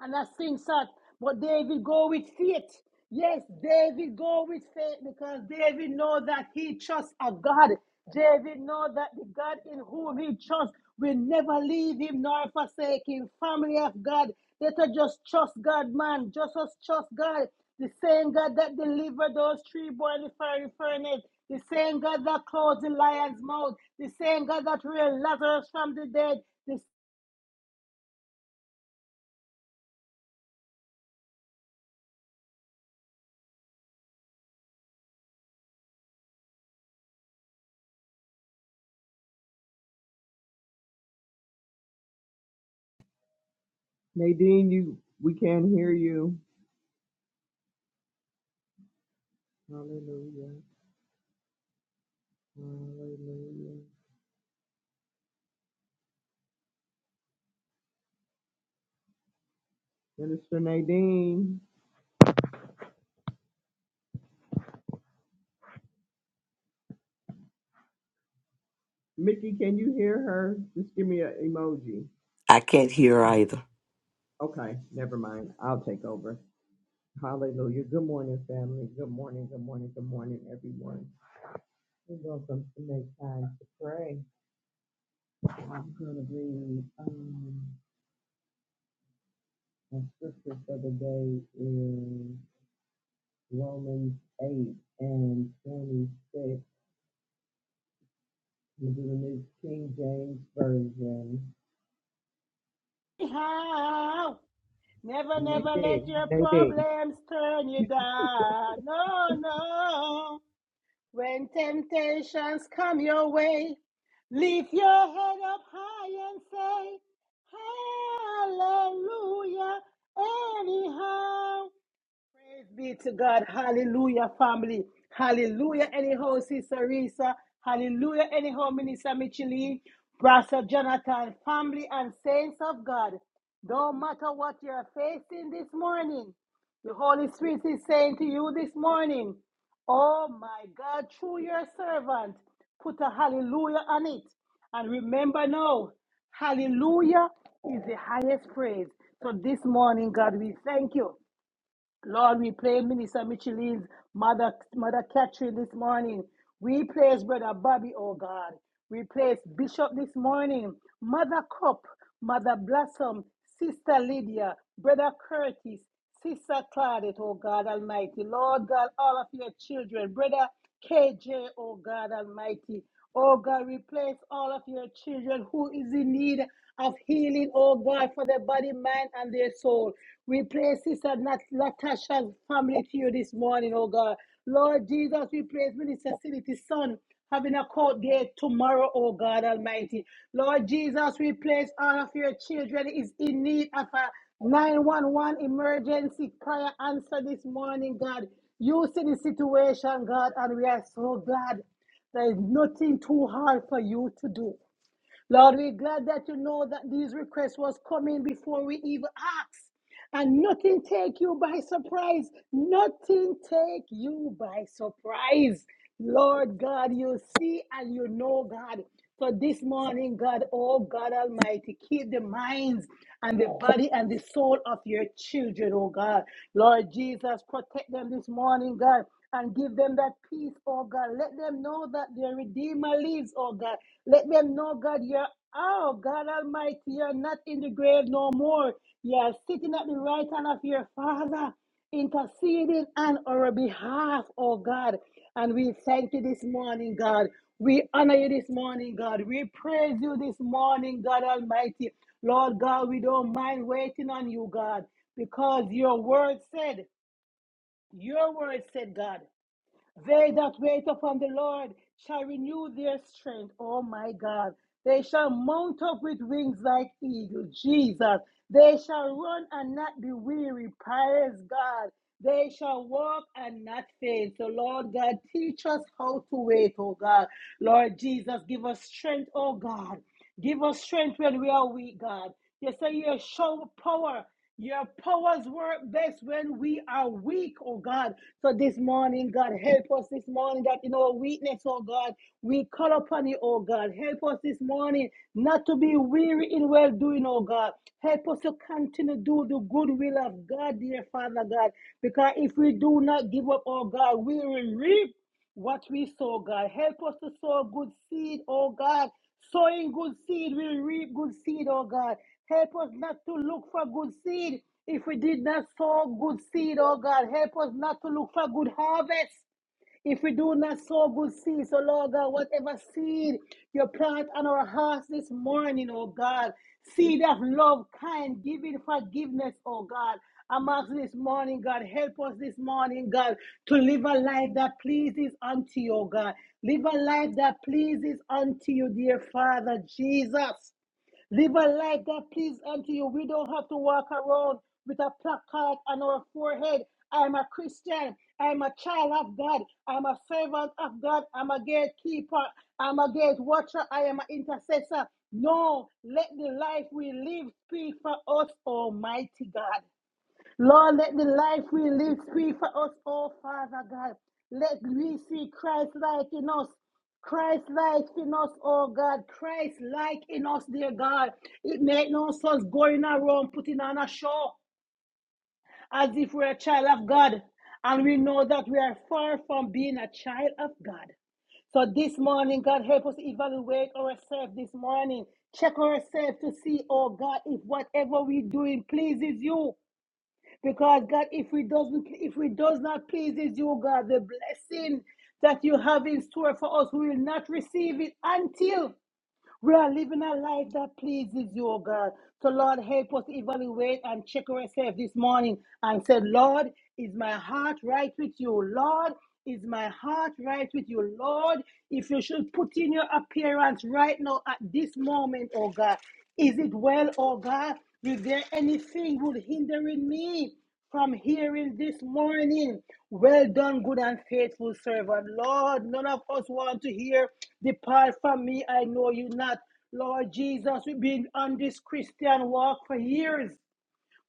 [SPEAKER 1] And I things that, but David go with faith. Yes, David go with faith because David know that he trusts a God. David know that the God in whom he trusts will never leave him nor forsake him. Family of God, let us just trust God, man. Just us trust God. The same God that delivered those three boys in the fiery furnace. The same God that closed the lion's mouth. The same God that raised Lazarus from the dead. The
[SPEAKER 5] Nadine, you we can't hear you. Hallelujah. Hallelujah. Minister Nadine. Mickey, can you hear her? Just give me an emoji.
[SPEAKER 2] I can't hear either.
[SPEAKER 5] Okay, never mind. I'll take over. Hallelujah. Good morning, family. Good morning, good morning, good morning, everyone. And welcome to Make Time to Pray. I'm going to read um, my scripture for the day in Romans 8 and 26. This is the New King James Version.
[SPEAKER 1] same God Never, never let
[SPEAKER 5] Nadine,
[SPEAKER 1] your
[SPEAKER 5] Nadine,
[SPEAKER 1] problems turn you down. No, no. When temptations come your way, lift your head up high and say, Hallelujah, anyhow. Praise be to God. Hallelujah, family. Hallelujah, anyhow, Sister Risa. Hallelujah, anyhow, Minister Micheline. Pastor Jonathan, family and saints of God. No matter what you're facing this morning, the Holy Spirit is saying to you this morning, Oh my God, through your servant, put a hallelujah on it. And remember now, hallelujah is the highest praise. So this morning, God, we thank you. Lord, we pray Minister Micheline's mother, Mother Catherine this morning. We praise Brother Bobby, oh God. We praise Bishop this morning. Mother Cup, Mother Blossom, Sister Lydia, Brother Curtis, Sister Claudette, oh God Almighty. Lord God, all of your children, Brother KJ, oh God Almighty. Oh God, replace all of your children who is in need of healing, oh God, for their body, mind, and their soul. Replace Sister Nat- Latasha's family to you this morning, oh God. Lord Jesus, replace Minister Sinity's son having a court day tomorrow, oh God Almighty. Lord Jesus, we place all of your children is in need of a 911 emergency prayer answer this morning, God. You see the situation, God, and we are so glad there is nothing too hard for you to do. Lord, we're glad that you know that these requests was coming before we even asked. And nothing take you by surprise. Nothing take you by surprise. Lord God, you see and you know, God. So this morning, God, oh God Almighty, keep the minds and the body and the soul of your children, oh God. Lord Jesus, protect them this morning, God and give them that peace, oh God. Let them know that their Redeemer lives, oh God. Let them know, God, you're, oh God Almighty, you're not in the grave no more. You're sitting at the right hand of your Father, interceding on our behalf, oh God. And we thank you this morning, God. We honor you this morning, God. We praise you this morning, God Almighty. Lord God, we don't mind waiting on you, God, because your word said, your word said, God. They that wait upon the Lord shall renew their strength. Oh my God. They shall mount up with wings like eagles. Jesus. They shall run and not be weary. Praise God. They shall walk and not faint. So, Lord God, teach us how to wait, oh God. Lord Jesus, give us strength, oh God. Give us strength when we are weak, God. You say your show power. Your powers work best when we are weak, oh God. So this morning, God, help us this morning that in our weakness, oh God, we call upon you, oh God. Help us this morning not to be weary in well doing, oh God. Help us to continue to do the good will of God, dear Father God. Because if we do not give up, oh God, we will reap what we sow, God, help us to sow good seed, oh God. Sowing good seed will reap good seed, oh God. Help us not to look for good seed if we did not sow good seed, oh God. Help us not to look for good harvest. If we do not sow good seed, so Lord God, whatever seed you plant on our hearts this morning, oh God, seed of love, kind, giving, forgiveness, oh God. I'm asking this morning, God, help us this morning, God, to live a life that pleases unto you, oh God. Live a life that pleases unto you, dear Father Jesus. Live a life that pleases unto you. We don't have to walk around with a placard on our forehead. I'm a Christian. I'm a child of God. I'm a servant of God. I'm a gatekeeper. I'm a gate watcher. I am an intercessor. No, let the life we live speak for us, Almighty God. Lord, let the life we live speak for us, oh Father God. Let we see Christ like in us. Christ like in us, oh God. Christ like in us, dear God. It make no sense going around putting on a show as if we're a child of God. And we know that we are far from being a child of God. So this morning, God help us evaluate ourselves this morning. Check ourselves to see, oh God, if whatever we're doing pleases you. Because God, if we doesn't, if we does not pleases you, God, the blessing that you have in store for us, we will not receive it until we are living a life that pleases you, oh God. So Lord, help us evaluate and check ourselves this morning and say, Lord, is my heart right with you? Lord, is my heart right with you, Lord? If you should put in your appearance right now at this moment, oh God, is it well, oh God? Is there anything would hindering me? from hearing this morning. Well done, good and faithful servant. Lord, none of us want to hear, Depart from me, I know you not. Lord Jesus, we've been on this Christian walk for years.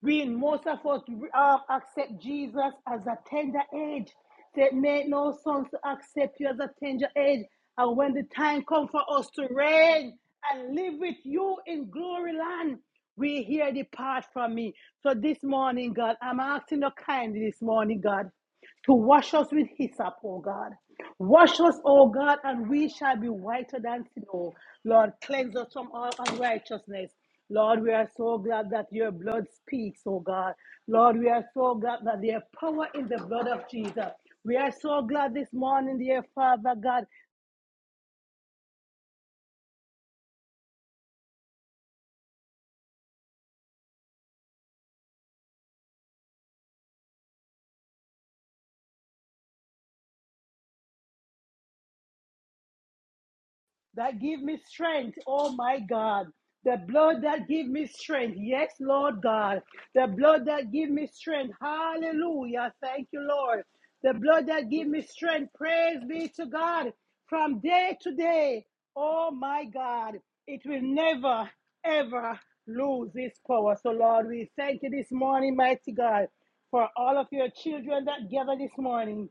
[SPEAKER 1] We most of us uh, accept Jesus as a tender age. Say, made no sense to accept you as a tender age. And when the time comes for us to reign and live with you in glory land, we hear depart from me. So this morning, God, I'm asking you kindly this morning, God, to wash us with hyssop, oh God. Wash us, O God, and we shall be whiter than snow. Lord, cleanse us from all unrighteousness. Lord, we are so glad that your blood speaks, O God. Lord, we are so glad that there is power in the blood of Jesus. We are so glad this morning, dear Father God, that give me strength. Oh my God. The blood that give me strength. Yes, Lord God. The blood that give me strength. Hallelujah. Thank you, Lord. The blood that give me strength. Praise be to God. From day to day. Oh my God. It will never, ever lose its power. So, Lord, we thank you this morning, mighty God, for all of your children that gather this morning.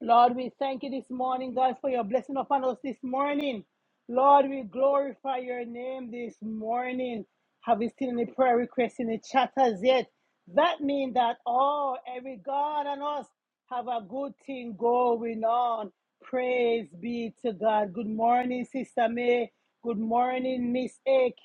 [SPEAKER 1] Lord, we thank you this morning, God, for your blessing upon us this morning. Lord, we glorify your name this morning. Have you seen any prayer requests in the chat as yet? That means that all, every God and us have a good thing going on. Praise be to God. Good morning, Sister May. Good morning, Miss AK.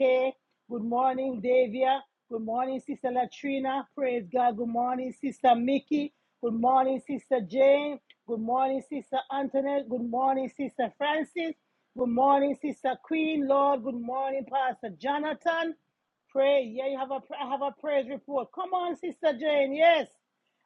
[SPEAKER 1] Good morning, Davia. Good morning, Sister Latrina. Praise God. Good morning, Sister Mickey. Good morning, Sister Jane. Good morning, Sister Antoinette. Good morning, Sister Francis. Good morning, Sister Queen. Lord, good morning, Pastor Jonathan. Pray. Yeah, you have a I have a praise report. Come on, Sister Jane. Yes.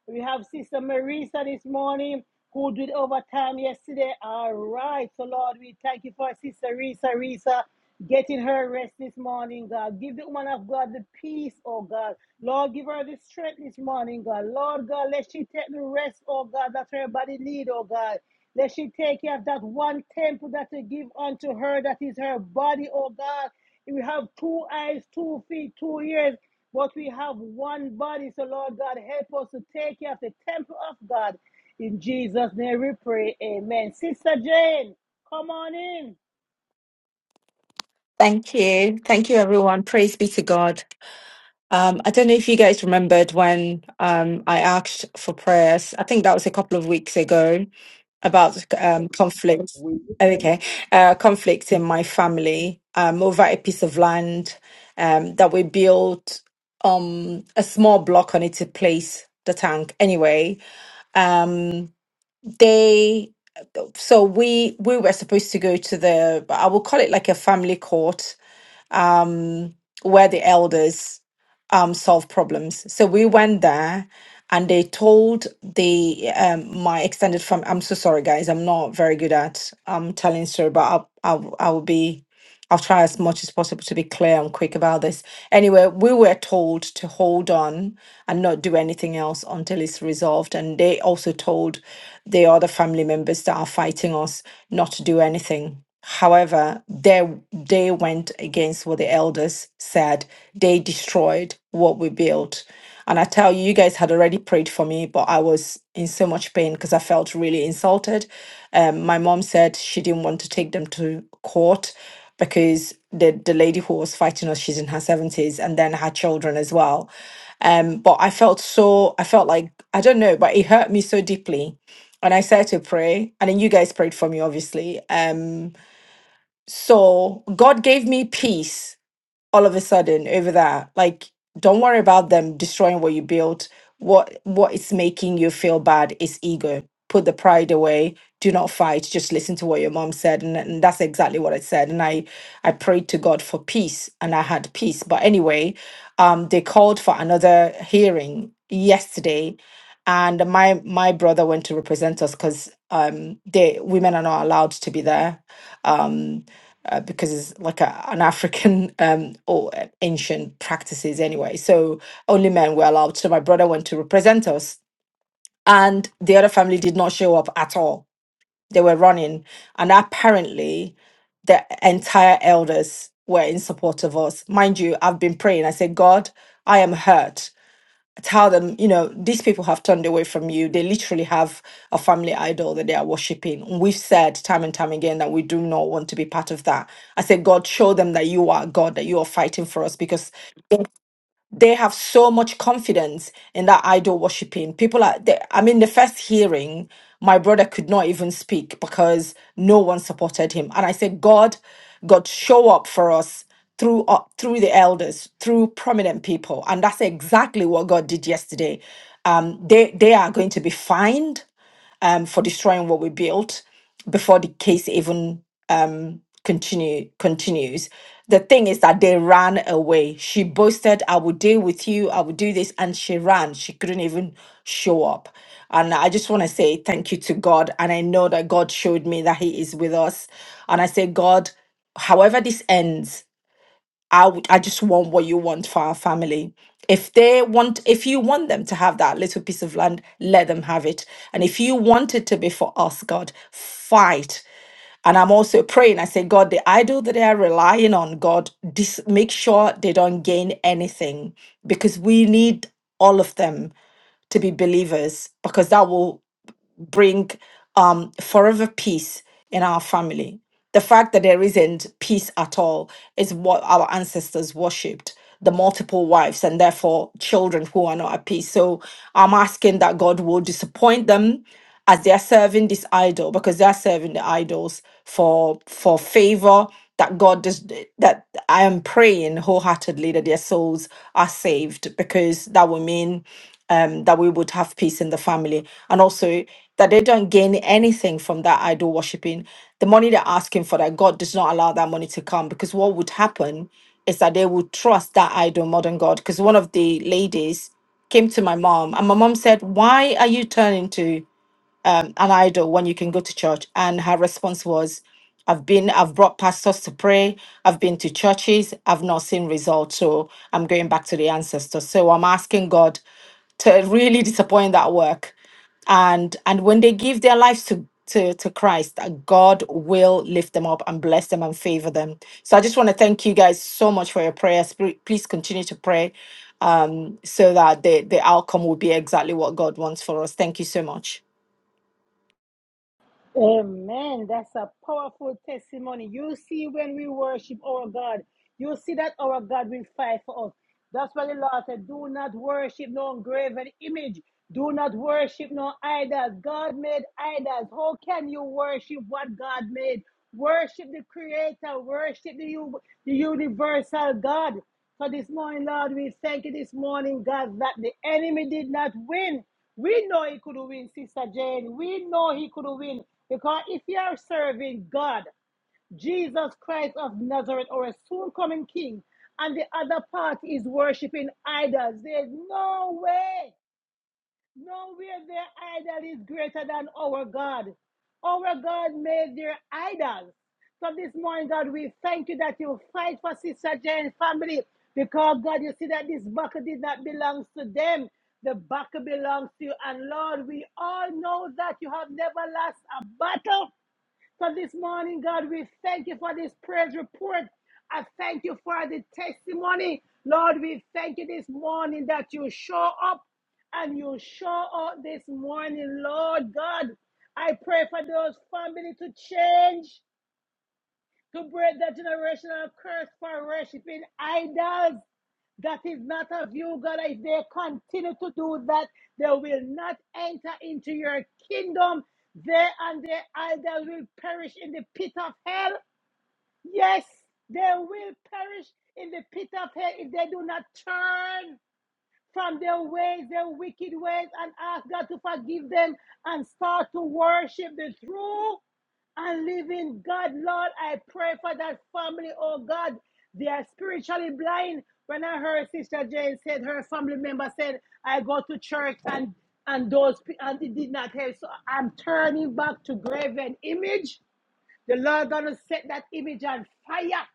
[SPEAKER 1] We have Sister Marisa this morning who did overtime yesterday. All right. So, Lord, we thank you for Sister Risa, Risa getting her rest this morning, God. Give the woman of God the peace, oh God. Lord, give her the strength this morning, God. Lord God, let she take the rest, oh God, that her body need, oh God. Let she take care of that one temple that you give unto her, that is her body, oh God. We have two eyes, two feet, two ears. But we have one body, so Lord God, help us to take care of the temple of God. In Jesus' name we pray. Amen. Sister Jane, come on in.
[SPEAKER 6] Thank you. Thank you, everyone. Praise be to God. Um, I don't know if you guys remembered when um, I asked for prayers. I think that was a couple of weeks ago about um, conflict.
[SPEAKER 5] we can,
[SPEAKER 6] Okay, uh, conflict in my family um, over a piece of land um, that we built um, a small block on it to place the tank. Anyway, um, they so we we were supposed to go to the I will call it like a family court where the elders um solve problems. So we went there and they told the um my extended family I'm so sorry guys, I'm not very good at um telling story, but I'll I'll I will be I'll try as much as possible to be clear and quick about this. Anyway, we were told to hold on and not do anything else until it's resolved. And they also told the other family members that are fighting us not to do anything. However, they, they went against what the elders said. They destroyed what we built. And I tell you, you guys had already prayed for me, but I was in so much pain because I felt really insulted. Um, my mom said she didn't want to take them to court because the the lady who was fighting us, she's in her seventies, and then her children as well. Um, but I felt so I felt like I don't know, but it hurt me so deeply. And I started to pray, and then you guys prayed for me, obviously. Um, so God gave me peace all of a sudden over that like don't worry about them destroying what you built what what is making you feel bad is ego put the pride away do not fight just listen to what your mom said and, and that's exactly what i said and i i prayed to god for peace and i had peace but anyway um they called for another hearing yesterday and my my brother went to represent us because um they women are not allowed to be there uh, because it's like a, an African um, or uh, ancient practices anyway. So only men were allowed. So my brother went to represent us, and the other family did not show up at all. They were running, and apparently, the entire elders were in support of us. Mind you, I've been praying. I said, God, I am hurt tell them, you know, these people have turned away from you. They literally have a family idol that they are worshiping. We've said time and time again that we do not want to be part of that. I said, God, show them that you are God, that you are fighting for us because they have so much confidence in that idol worshiping. People are, they, I mean, the first hearing, my brother could not even speak because no one supported him. And I said, God, God, show up for us through uh, through the elders, through prominent people, and that's exactly what God did yesterday. Um, they they are going to be fined um, for destroying what we built before the case even continue continues the thing is that they ran away she boasted i will deal with you i will do this and she ran she couldn't even show up and i just want to say thank you to god and i know that god showed me that he is with us and i say god however this ends I would I just want what you want for our family. If they want if you want them to have that little piece of land, let them have it. And if you want it to be for us, God, fight. And I'm also praying. I say, God, the idol that they are relying on, God, dis- make sure they don't gain anything because we need all of them to be believers because that will bring um, forever peace in our family. The fact that there isn't peace at all is what our ancestors worshipped the multiple wives and therefore children who are not at peace. So I'm asking that God will disappoint them as they are serving this idol because they are serving the idols for for favor that God does that I am praying wholeheartedly that their souls are saved because that will mean um, that we would have peace in the family. And also that they don't gain anything from that idol worshiping. The money they're asking for, that God does not allow that money to come because what would happen is that they would trust that idol more than God. Because one of the ladies came to my mom and my mom said, Why are you turning to? an idol when you can go to church. And her response was, I've been, I've brought pastors to pray, I've been to churches, I've not seen results. So I'm going back to the ancestors. So I'm asking God to really disappoint that work. And and when they give their lives to to, to Christ, uh, God will lift them up and bless them and favor them. So I just want to thank you guys so much for your prayers. Pre- Please continue to pray um, so that the, the outcome will be exactly what God wants for us. Thank you so much.
[SPEAKER 1] Amen. That's a powerful testimony. You see, when we worship our God, you see that our God will fight for us. That's why the Lord said, Do not worship no graven image. Do not worship no idols. God made idols. How can you worship what God made? Worship the Creator. Worship the, u- the universal God. So this morning, Lord, we thank you this morning, God, that the enemy did not win. We know he could win, Sister Jane. We know he could win. Because if you are serving God, Jesus Christ of Nazareth, or a soon coming King, and the other part is worshiping idols, there's no way. Nowhere their idol is greater than our God. Our God made their idols. So this morning, God, we thank you that you fight for Sister Jane's family because, God, you see that this buckle did not belong to them. The buckle belongs to you. And Lord, we all know that you have never lost a battle. So this morning, God, we thank you for this praise report. I thank you for the testimony. Lord, we thank you this morning that you show up and you show up this morning, Lord God. I pray for those family to change to break that generational curse for worshiping idols. That is not of you, God. If they continue to do that, they will not enter into your kingdom. They and their idols will perish in the pit of hell. Yes, they will perish in the pit of hell if they do not turn from their ways, their wicked ways, and ask God to forgive them and start to worship the true and living God. Lord, I pray for that family, oh God. They are spiritually blind. When I heard Sister Jane said her family member said, I go to church and and those and it did not help. So I'm turning back to graven image. The Lord gonna set that image on fire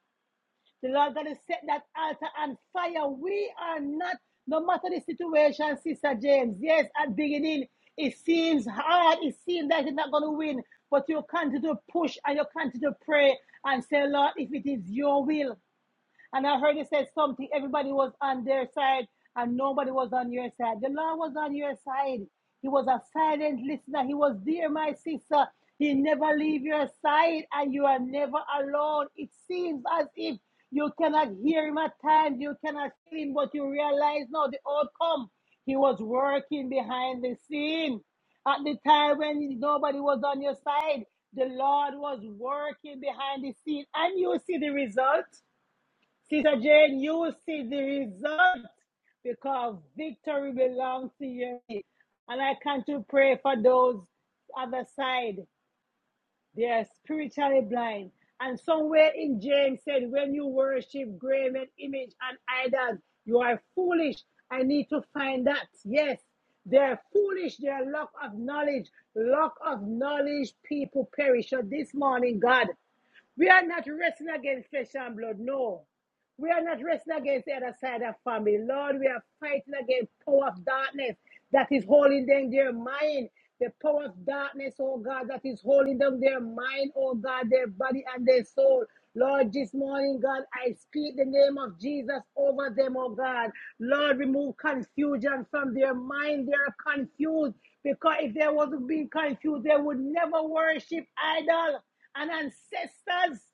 [SPEAKER 1] the Lord God has set that altar on fire. We are not, no matter the situation, Sister James. Yes, at the beginning, it seems hard. It seems that it's not going to win. But you continue to push and you continue to pray and say, Lord, if it is your will, and I heard you said something. Everybody was on their side and nobody was on your side. The Lord was on your side. He was a silent listener. He was there, my sister. He never leave your side and you are never alone. It seems as if you cannot hear him at times, you cannot see him, but you realize now the outcome. He was working behind the scene. At the time when nobody was on your side, the Lord was working behind the scene, and you see the result. Sister Jane, you will see the result because victory belongs to you. And I come to pray for those other side. They are spiritually blind. And somewhere in James said, when you worship graven image and idols, you are foolish. I need to find that. Yes, they are foolish. They are lack of knowledge. Lack of knowledge, people perish. So this morning, God, we are not wrestling against flesh and blood. No. We are not wrestling against the other side of family. Lord, we are fighting against power of darkness that is holding them their mind. The power of darkness, oh God, that is holding them their mind, oh God, their body and their soul. Lord, this morning, God, I speak the name of Jesus over them, oh God. Lord, remove confusion from their mind. They're confused because if they wasn't being confused, they would never worship idol and ancestors.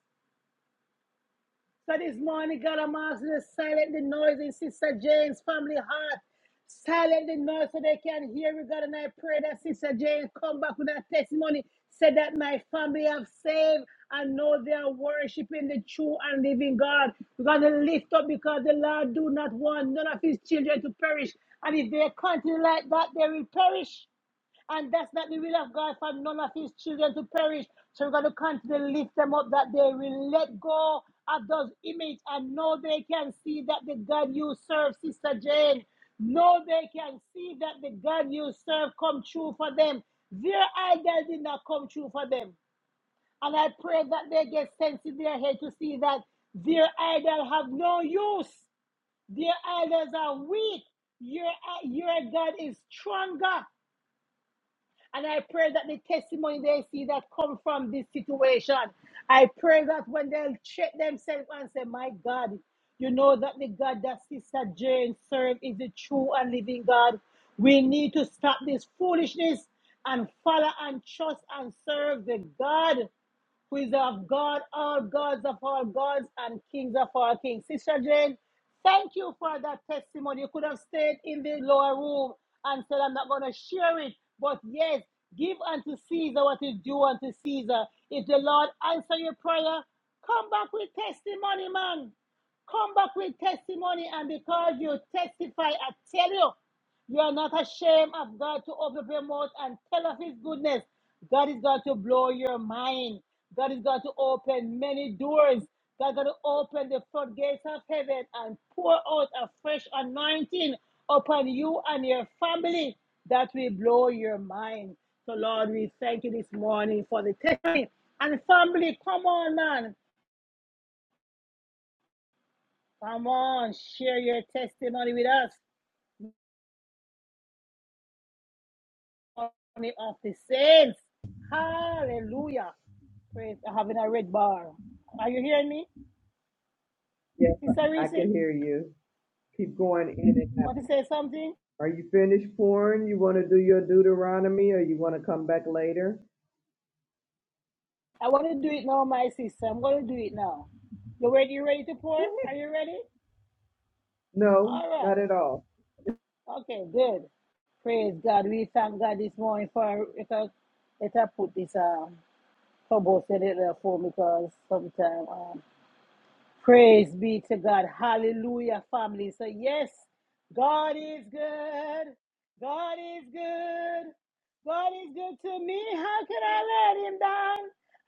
[SPEAKER 1] So this morning, God I'm Almighty, to silent the noise in Sister Jane's family heart. Silent the noise so they can hear you, God. And I pray that Sister Jane come back with that testimony. Say that my family have saved and know they are worshiping the true and living God. We're going to lift up because the Lord do not want none of his children to perish. And if they continue like that, they will perish. And that's not the will of God for none of his children to perish. So we're going to continue to lift them up that they will let go of those images and know they can see that the God you serve, Sister Jane. Know they can see that the God you serve come true for them. Their idol did not come true for them. And I pray that they get sense in their head to see that their idol have no use. Their idols are weak. Your, your God is stronger. And I pray that the testimony they see that come from this situation, I pray that when they'll check themselves and say, My God, you know that the God that Sister Jane served is the true and living God. We need to stop this foolishness and follow and trust and serve the God who is of God, all gods of all gods, and kings of all kings. Sister Jane, thank you for that testimony. You could have stayed in the lower room and said, I'm not going to share it. But yes, give unto Caesar what is due unto Caesar. If the Lord answer your prayer, come back with testimony, man. Come back with testimony, and because you testify, I tell you. You are not ashamed of God to open up your mouth and tell of His goodness. God is going to blow your mind. God is going to open many doors. God is going to open the floodgates of heaven and pour out a fresh anointing upon you and your family that will blow your mind. So, Lord, we thank you this morning for the testimony. And family, come on, man. Come on, share your testimony with us, army of the saints. Hallelujah. Praise. I'm having a red bar. Are you hearing me?
[SPEAKER 5] yes,
[SPEAKER 1] Sister
[SPEAKER 5] I
[SPEAKER 1] Reese, you
[SPEAKER 5] can hear you. Keep going in and
[SPEAKER 1] want to
[SPEAKER 5] out.
[SPEAKER 1] say something?
[SPEAKER 5] Are you finished pouring? You want to do your Deuteronomy or you want to come back later?
[SPEAKER 1] I want to do it now, my sister. I'm going to do it now. You ready? You ready to pour?
[SPEAKER 5] Go
[SPEAKER 1] Are
[SPEAKER 5] ahead.
[SPEAKER 1] you ready?
[SPEAKER 5] No,
[SPEAKER 1] All
[SPEAKER 5] not at
[SPEAKER 1] right.
[SPEAKER 5] all.
[SPEAKER 1] Okay, good. Praise God. We thank God this morning for let us, let put this um cobalt in it for because sometimes. um. Praise be to God. Hallelujah, family. So, yes, God is good. God is good. God is good to me. How can I let him down?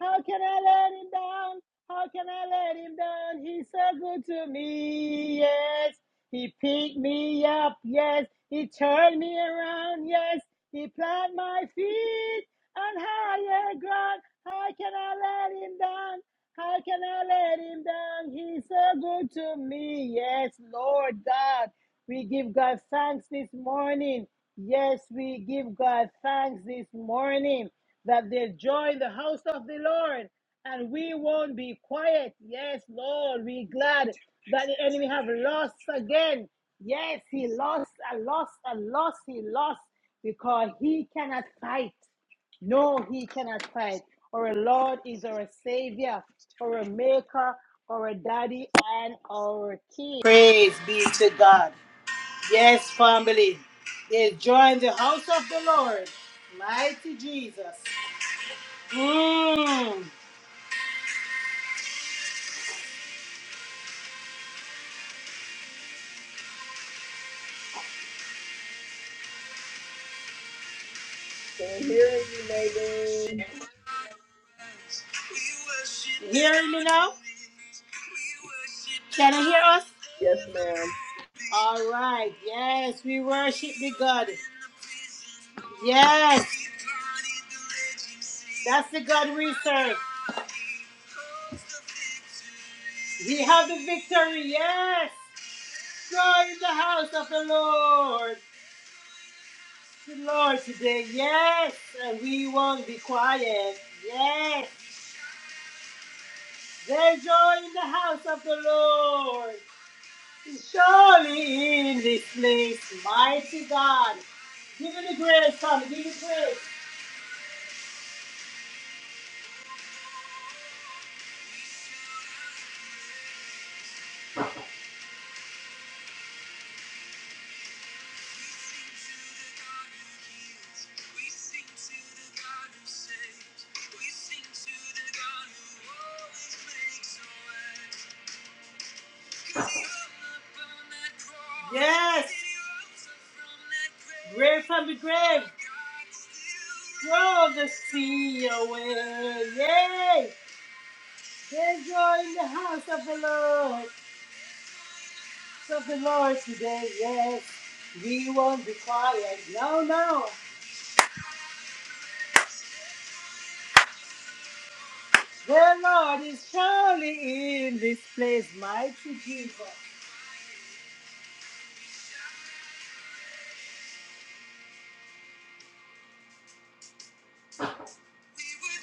[SPEAKER 1] How can I let him down? How can I let him down? He's so good to me. Yes, he picked me up. Yes, he turned me around. Yes, he planted my feet on higher ground. How can I let him down? How can I let him down? He's so good to me. Yes, Lord God. We give God thanks this morning. Yes, we give God thanks this morning that they join the house of the Lord and we won't be quiet. Yes, Lord, we are glad that the enemy have lost again. Yes, he lost and lost and lost. He lost because he cannot fight. No, he cannot fight. Our Lord is our Savior, our Maker, our Daddy, and our King. Praise be to God. Yes, family. They join the house of the Lord. Mighty Jesus. Mm.
[SPEAKER 5] Can't hear you, Nadine.
[SPEAKER 1] You Hearing me now? Can you hear us?
[SPEAKER 5] Yes, ma'am.
[SPEAKER 1] All right. Yes, we worship the God. Yes, that's the God we serve. We have the victory. Yes. Join the house of the Lord. The Lord, today. Yes, and we won't be quiet. Yes, there's joy in the house of the Lord. Surely in this place, mighty God. Give it the grace, Father. Give it grace. Yes. Grave from the grave. Throw the sea away. Yay. There's joy in the house of the Lord. Of the Lord today. Yes. We won't be quiet. No, no. The Lord is shouting. We were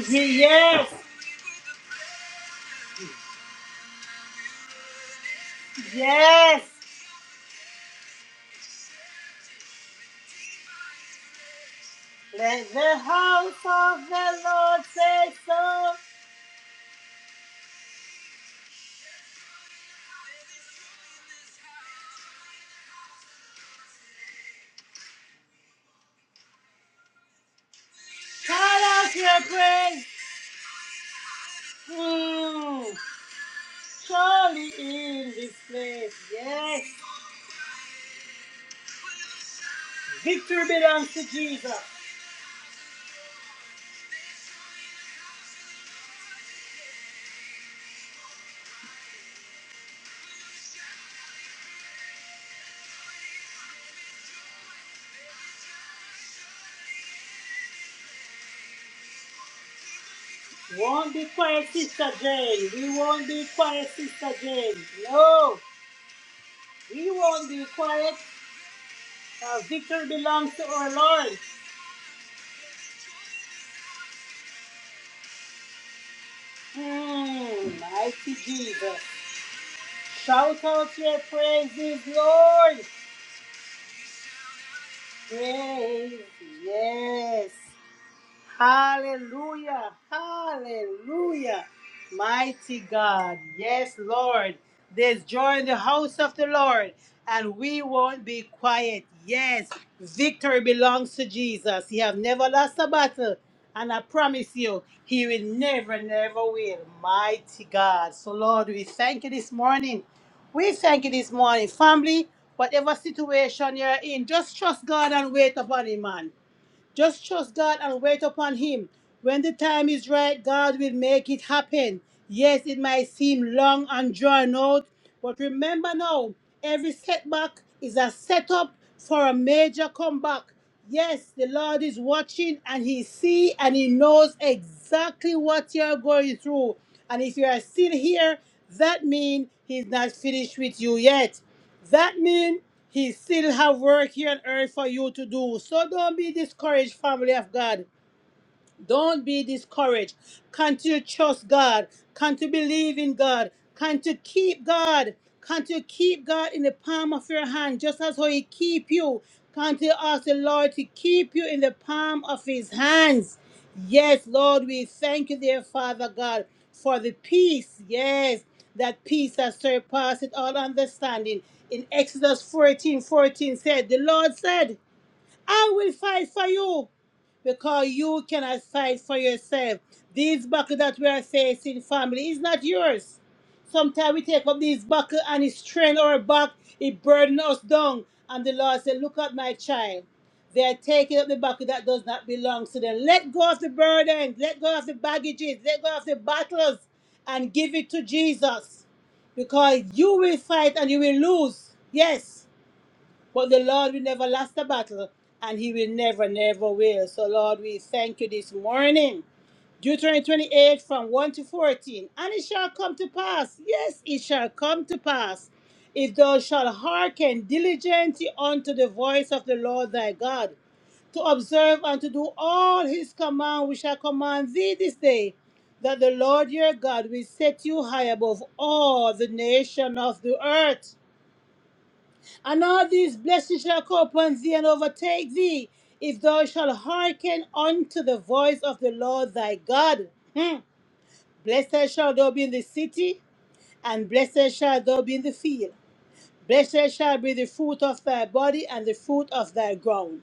[SPEAKER 1] Easy, yes, yes. Let the house of the Lord say so. Shout out your praise. Mm, surely in this place. Yes. Victory belongs to Jesus. Won't be quiet, Sister Jane. We won't be quiet, Sister Jane. No, we won't be quiet. Our victory belongs to our Lord. Mm, mighty Jesus. Shout out your praises, Lord. Praise, yes. Hallelujah. Hallelujah. Mighty God. Yes, Lord. There's joy in the house of the Lord, and we won't be quiet. Yes, victory belongs to Jesus. He have never lost a battle, and I promise you, he will never, never will. Mighty God. So, Lord, we thank you this morning. We thank you this morning, family. Whatever situation you're in, just trust God and wait upon Him, man. Just trust God and wait upon Him. When the time is right, God will make it happen. Yes, it might seem long and drawn out, but remember now, every setback is a setup for a major comeback. Yes, the Lord is watching and He sees and He knows exactly what you're going through. And if you are still here, that means He's not finished with you yet. That means he still have work here on earth for you to do. So don't be discouraged, family of God. Don't be discouraged. Continue to trust God. Continue to believe in God. Continue to keep God. Continue to keep God in the palm of your hand, just as how He keep you. Continue to ask the Lord to keep you in the palm of His hands. Yes, Lord, we thank you, dear Father God, for the peace. Yes, that peace that surpasses all understanding. In Exodus 14 14, said, The Lord said, I will fight for you because you cannot fight for yourself. These battles that we are facing, family, is not yours. Sometimes we take up these buckle and it strain our back, it burden us down. And the Lord said, Look at my child. They are taking up the buckle that does not belong to them. Let go of the burden, let go of the baggages, let go of the battles, and give it to Jesus. Because you will fight and you will lose. Yes. But the Lord will never last the battle, and He will never, never will. So, Lord, we thank you this morning. Deuteronomy 28 from 1 to 14. And it shall come to pass, yes, it shall come to pass, if thou shalt hearken diligently unto the voice of the Lord thy God, to observe and to do all his command which I command thee this day, that the Lord your God will set you high above all the nation of the earth. And all these blessings shall come upon thee and overtake thee, if thou shalt hearken unto the voice of the Lord thy God. Hmm. Blessed shall thou be in the city, and blessed shall thou be in the field. Blessed shall be the fruit of thy body and the fruit of thy ground,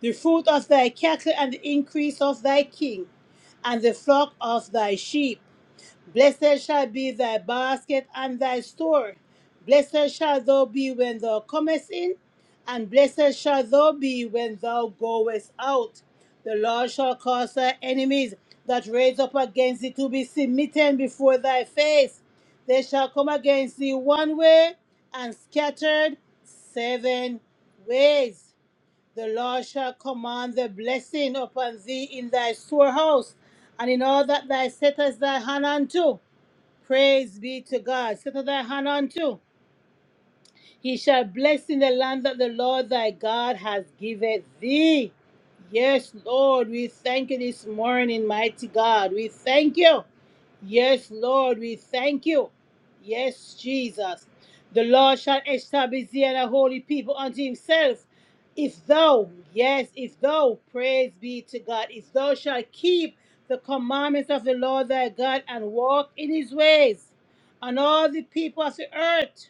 [SPEAKER 1] the fruit of thy cattle and the increase of thy king, and the flock of thy sheep. Blessed shall be thy basket and thy store. Blessed shall thou be when thou comest in, and blessed shall thou be when thou goest out. The Lord shall cause thy enemies that raise up against thee to be smitten before thy face. They shall come against thee one way and scattered seven ways. The Lord shall command the blessing upon thee in thy storehouse and in all that thou settest thy hand unto. Praise be to God. Sit on that hand on too. He shall bless in the land that the Lord thy God has given thee. Yes, Lord, we thank you this morning, mighty God. We thank you. Yes, Lord, we thank you. Yes, Jesus. The Lord shall establish thee and a holy people unto himself. If thou, yes, if thou, praise be to God, if thou shalt keep the commandments of the Lord thy God and walk in his ways, and all the people of the earth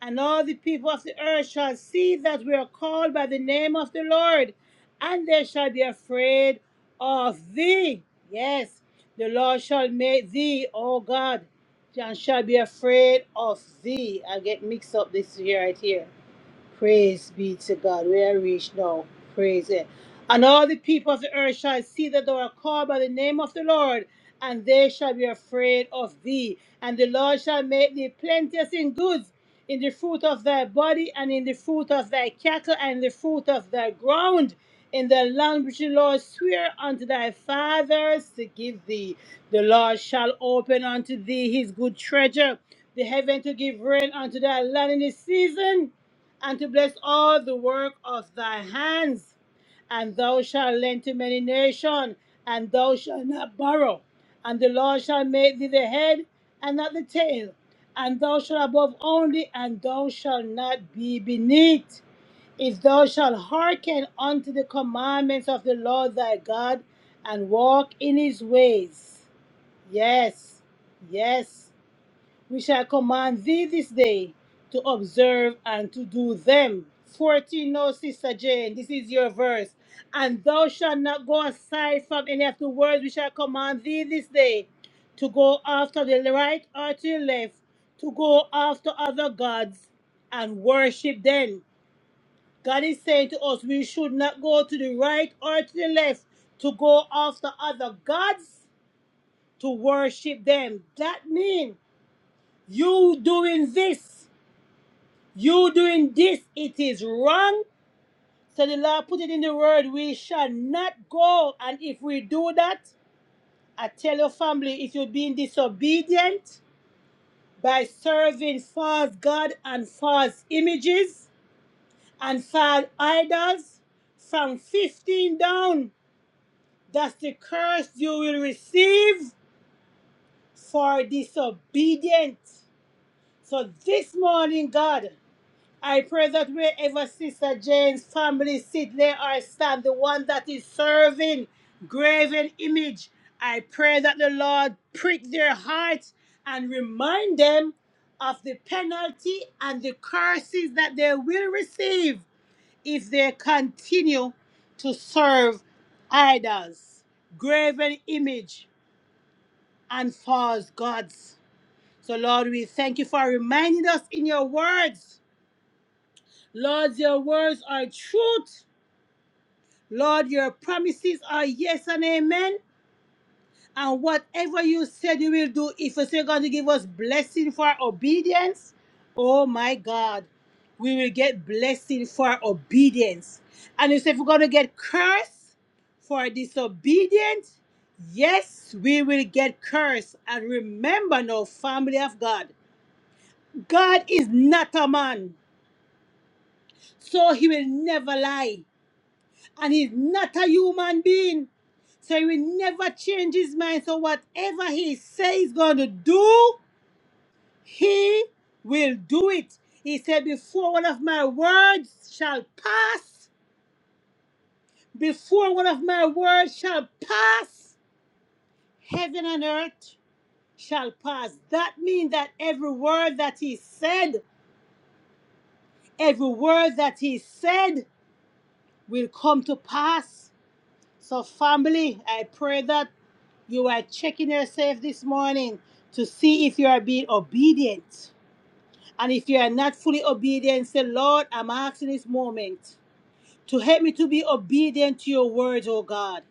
[SPEAKER 1] and all the people of the earth shall see that we are called by the name of the Lord, and they shall be afraid of thee. Yes, the Lord shall make thee, O God, and shall be afraid of thee. I get mixed up this here right here. Praise be to God. We are reached now. Praise it. And all the people of the earth shall see that thou art called by the name of the Lord, and they shall be afraid of thee. And the Lord shall make thee plenteous in goods, in the fruit of thy body, and in the fruit of thy cattle, and in the fruit of thy ground, in the land which the Lord swear unto thy fathers to give thee. The Lord shall open unto thee his good treasure, the heaven to give rain unto thy land in the season and to bless all the work of thy hands. And thou shalt lend to many nations, and thou shalt not borrow. And the Lord shall make thee the head and not the tail. And thou shalt above only, and thou shalt not be beneath. If thou shalt hearken unto the commandments of the Lord thy God, and walk in his ways. Yes, yes. We shall command thee this day to observe and to do them. 14, no, Sister Jane, this is your verse. And thou shalt not go aside from any of the words we shall command thee this day to go after the right or to the left, to go after other gods and worship them. God is saying to us, we should not go to the right or to the left to go after other gods to worship them. That means you doing this you doing this, it is wrong. So the Lord put it in the word, we shall not go. And if we do that, I tell your family, if you're being disobedient by serving false God and false images and false idols, from 15 down, that's the curse you will receive for disobedience. So this morning, God. I pray that wherever Sister Jane's family sit, lay or stand, the one that is serving graven image, I pray that the Lord prick their hearts and remind them of the penalty and the curses that they will receive if they continue to serve idols, graven image, and false gods. So, Lord, we thank you for reminding us in your words Lord, your words are truth. Lord, your promises are yes and amen. And whatever you said you will do, if you say you're going to give us blessing for our obedience, oh my God, we will get blessing for our obedience. And you say if we're going to get curse for disobedience, yes, we will get curse. And remember now, family of God, God is not a man, so he will never lie. and he's not a human being. So he will never change his mind. So whatever he says he's going to do, he will do it. He said, Before one of my words shall pass, before one of my words shall pass, heaven and earth shall pass. That means that every word that he said, every word that he said will come to pass. So, family, I pray that. You are checking yourself this morning to see if you are being obedient. And if you are not fully obedient, say, Lord, I'm asking this moment to help me to be obedient to your words, oh God.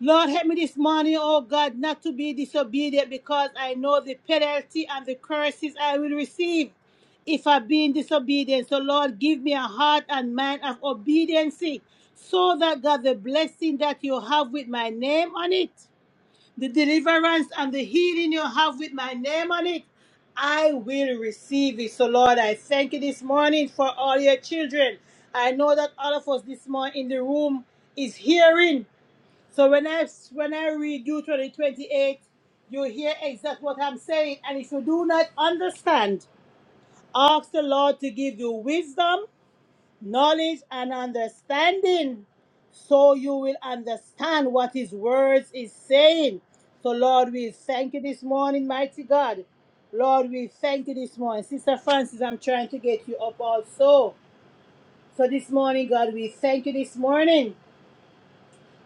[SPEAKER 1] Lord, help me this morning, oh God, not to be disobedient because I know the penalty and the curses I will receive if I be in disobedience. So, Lord, give me a heart and mind of obedience so that, God, the blessing that you have with my name on it the deliverance and the healing you have with my name on it, I will receive it. So, Lord, I thank you this morning for all your children. I know that all of us this morning in the room is hearing. So when I when I read Deuteronomy 28, you hear exactly what I'm saying. And if you do not understand, ask the Lord to give you wisdom knowledge and understanding so you will understand what his words is saying so lord we thank you this morning mighty god lord we thank you this morning sister francis i'm trying to get you up also so this morning god we thank you this morning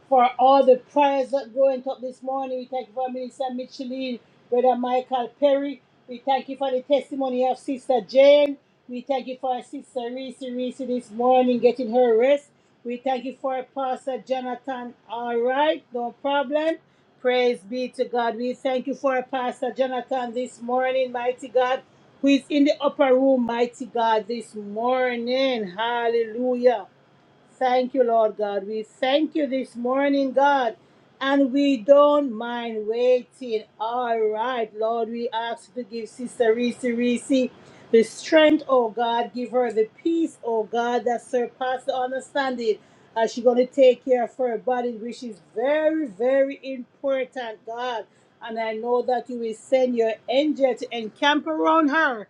[SPEAKER 1] for all the prayers that going up this morning. We thank you for Minister Micheline, Brother Michael Perry. We thank you for the testimony of Sister Jane. We thank you for Sister Reese Reese this morning getting her rest. We thank you for Pastor Jonathan. All right, no problem. Praise be to God. We thank you for Pastor Jonathan this morning, mighty God, who is in the upper room, mighty God, this morning. Hallelujah. Thank you, Lord God. We thank you this morning, God, and we don't mind waiting. All right, Lord, we ask you to give Sister Reese Reese the strength, oh God. Give her the peace, oh God, that surpasses understanding. As she's going to take care of her body, which is very, very important, God. And I know that you will send your angel to encamp around her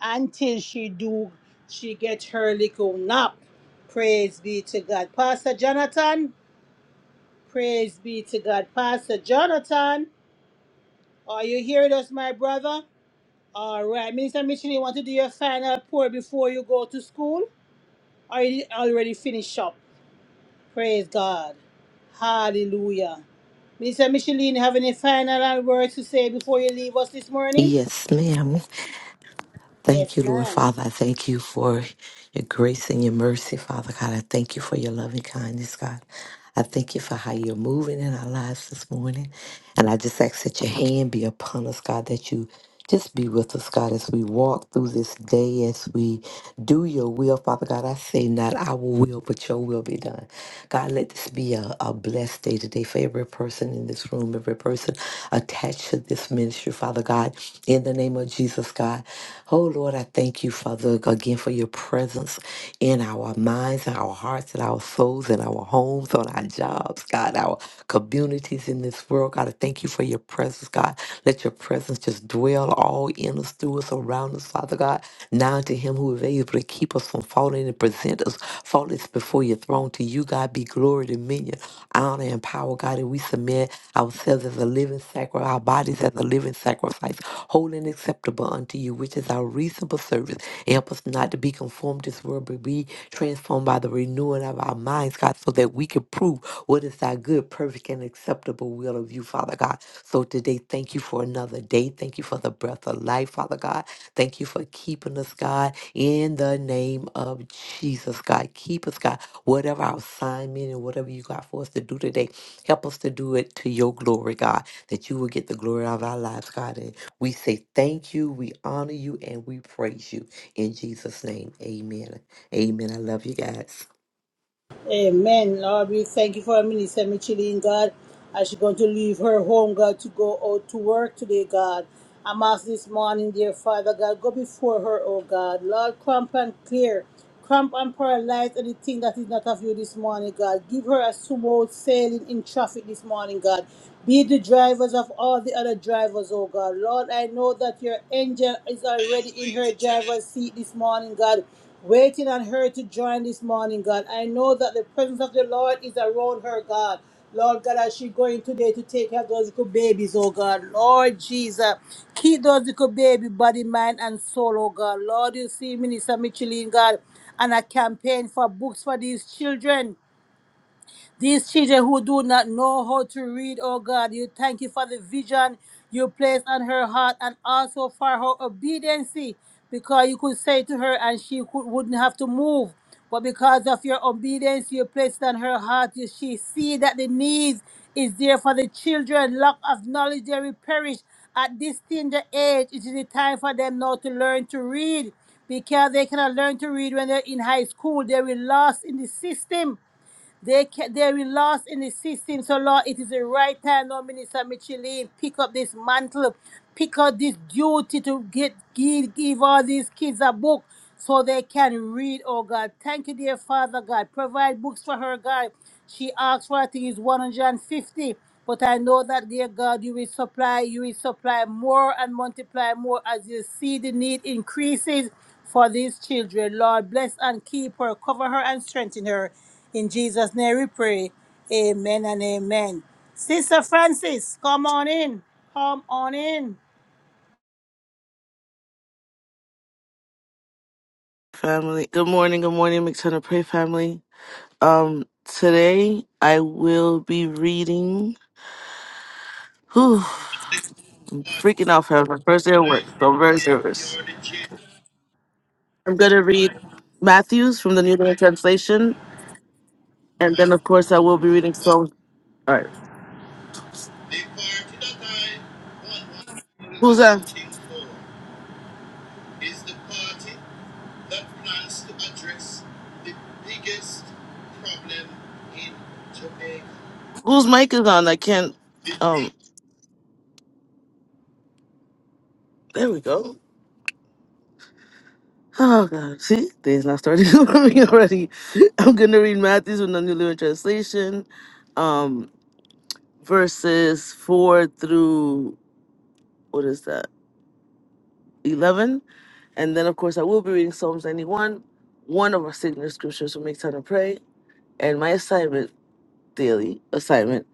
[SPEAKER 1] until she do she get her little nap. Praise be to God. Pastor Jonathan, praise be to God. Pastor Jonathan, are you hearing us, my brother? All right. Minister Mitchell, you want to do your final pour before you go to school? Or you already finished up? Praise God. Hallelujah. Minister Micheline, have any final words to say before you leave us this morning?
[SPEAKER 2] Yes, ma'am.
[SPEAKER 1] Yes,
[SPEAKER 2] Thank you, Lord
[SPEAKER 1] ma'am.
[SPEAKER 2] Father. I thank you for your grace and your mercy, Father God. I thank you for your loving kindness, God. I thank you for how you're moving in our lives this morning. And I just ask that your hand be upon us, God, that you just be with us, God, as we walk through this day, as we do your will, Father God. I say not our will, but your will be done. God, let this be a, a blessed day today for everyone every person in this room, every person attached to this ministry, Father God, in the name of Jesus, God. Oh, Lord, I thank you, Father, again for your presence in our minds, and our hearts, and our souls, and our homes, on our jobs, God, our communities in this world. God, I thank you for your presence, God. Let your presence just dwell all in us, through us, around us, Father God. Now to him who is able you able to keep us from falling and present us faultless before your throne. To you, God, be glory, dominion, honor, and power, God. And we submit ourselves as a living sacrifice, our bodies as a living sacrifice, holy and acceptable unto you, which is our reasonable service. And help us not to be conformed to this world, but be transformed by the renewing of our minds, God, so that we can prove what is thy good, perfect, and acceptable will of you, Father God. So today, thank you for another day. Thank you for the breath of life, Father God. Thank you for keeping us, God, in the name of Jesus, God. Keep us, God. Whatever our assignment and whatever you got for us to do today, help us to do it to your glory, God, that you will get the glory out of our lives, God. And we say thank you, we honor you, and we praise you. In Jesus' name, amen. Amen. I love you guys.
[SPEAKER 1] Amen. Lord, we thank you for Minister Michelin, God, as she's going to leave her home, God, to go out to work today, God. I'm asked this morning, dear Father, God, go before her, oh God. Lord, cramp and clear, cramp and paralyze anything that is not of you this morning, God. Give her a smooth sailing in traffic this morning, God. Be the drivers of all the other drivers, oh God. Lord, I know that your angel is already in her driver's seat this morning, God waiting on her to join this morning, God. I know that the presence of the Lord is around her, God. Lord God, as she going today to take care of those little babies, oh God. Lord Jesus, keep those little baby body, mind, and soul, oh God. Lord, you see Minister Michelin, God, and a campaign for books for these children. These children who do not know how to read, oh God, you thank you for the vision you placed on her heart and also for her obedience because you could say to her and she could, wouldn't have to move. But because of your obedience you placed on her heart, you, she see that the needs is there for the children. Lack of knowledge, they will perish. At this tender age, it is the time for them now to learn to read because they cannot learn to read when they're in high school. They will lost in the system. They can, they will lost in the system. So Lord, it is the right time now, Minister Michelin, pick up this mantle, pick up this duty to get give, give all these kids a book so they can read, oh God. Thank you, dear Father God. Provide books for her, God. She asked for I think it's 150. But I know that, dear God, you will supply, you will supply more and multiply more as you see the need increases for these children. Lord, bless and keep her, cover her and strengthen her. In Jesus' name we pray. Amen and amen. Sister Francis, come on in. Come on in.
[SPEAKER 7] family. Good morning, good morning, Mix Hunter Pray family. Um, today I will be reading. Whew, I'm freaking out for my first day of work, so I'm very nervous. I'm gonna read Matthews from the New Living Translation, and then of course I will be reading Psalms. All right, who's that? Whose mic is on? I can't. Um, there we go. Oh god, see, day's not starting for me already. I'm gonna read Matthews from the New Living Translation, um, verses four through what is that? 11. And then, of course, I will be reading Psalms 91, one of our signature scriptures from Make Time to Pray. And my assignment, daily assignment,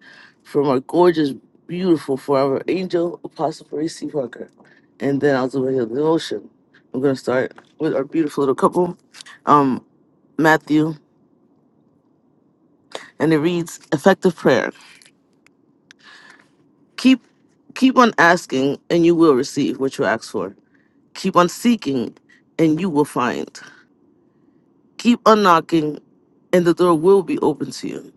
[SPEAKER 7] from our gorgeous, beautiful, forever angel, Apostle Parisi Parker. And then I'll do my daily devotion. I'm going to start with our beautiful little couple, um, Matthew. And it reads Effective prayer. Keep Keep on asking, and you will receive what you ask for. Keep on seeking, and you will find. Keep on knocking, and the door will be open to you.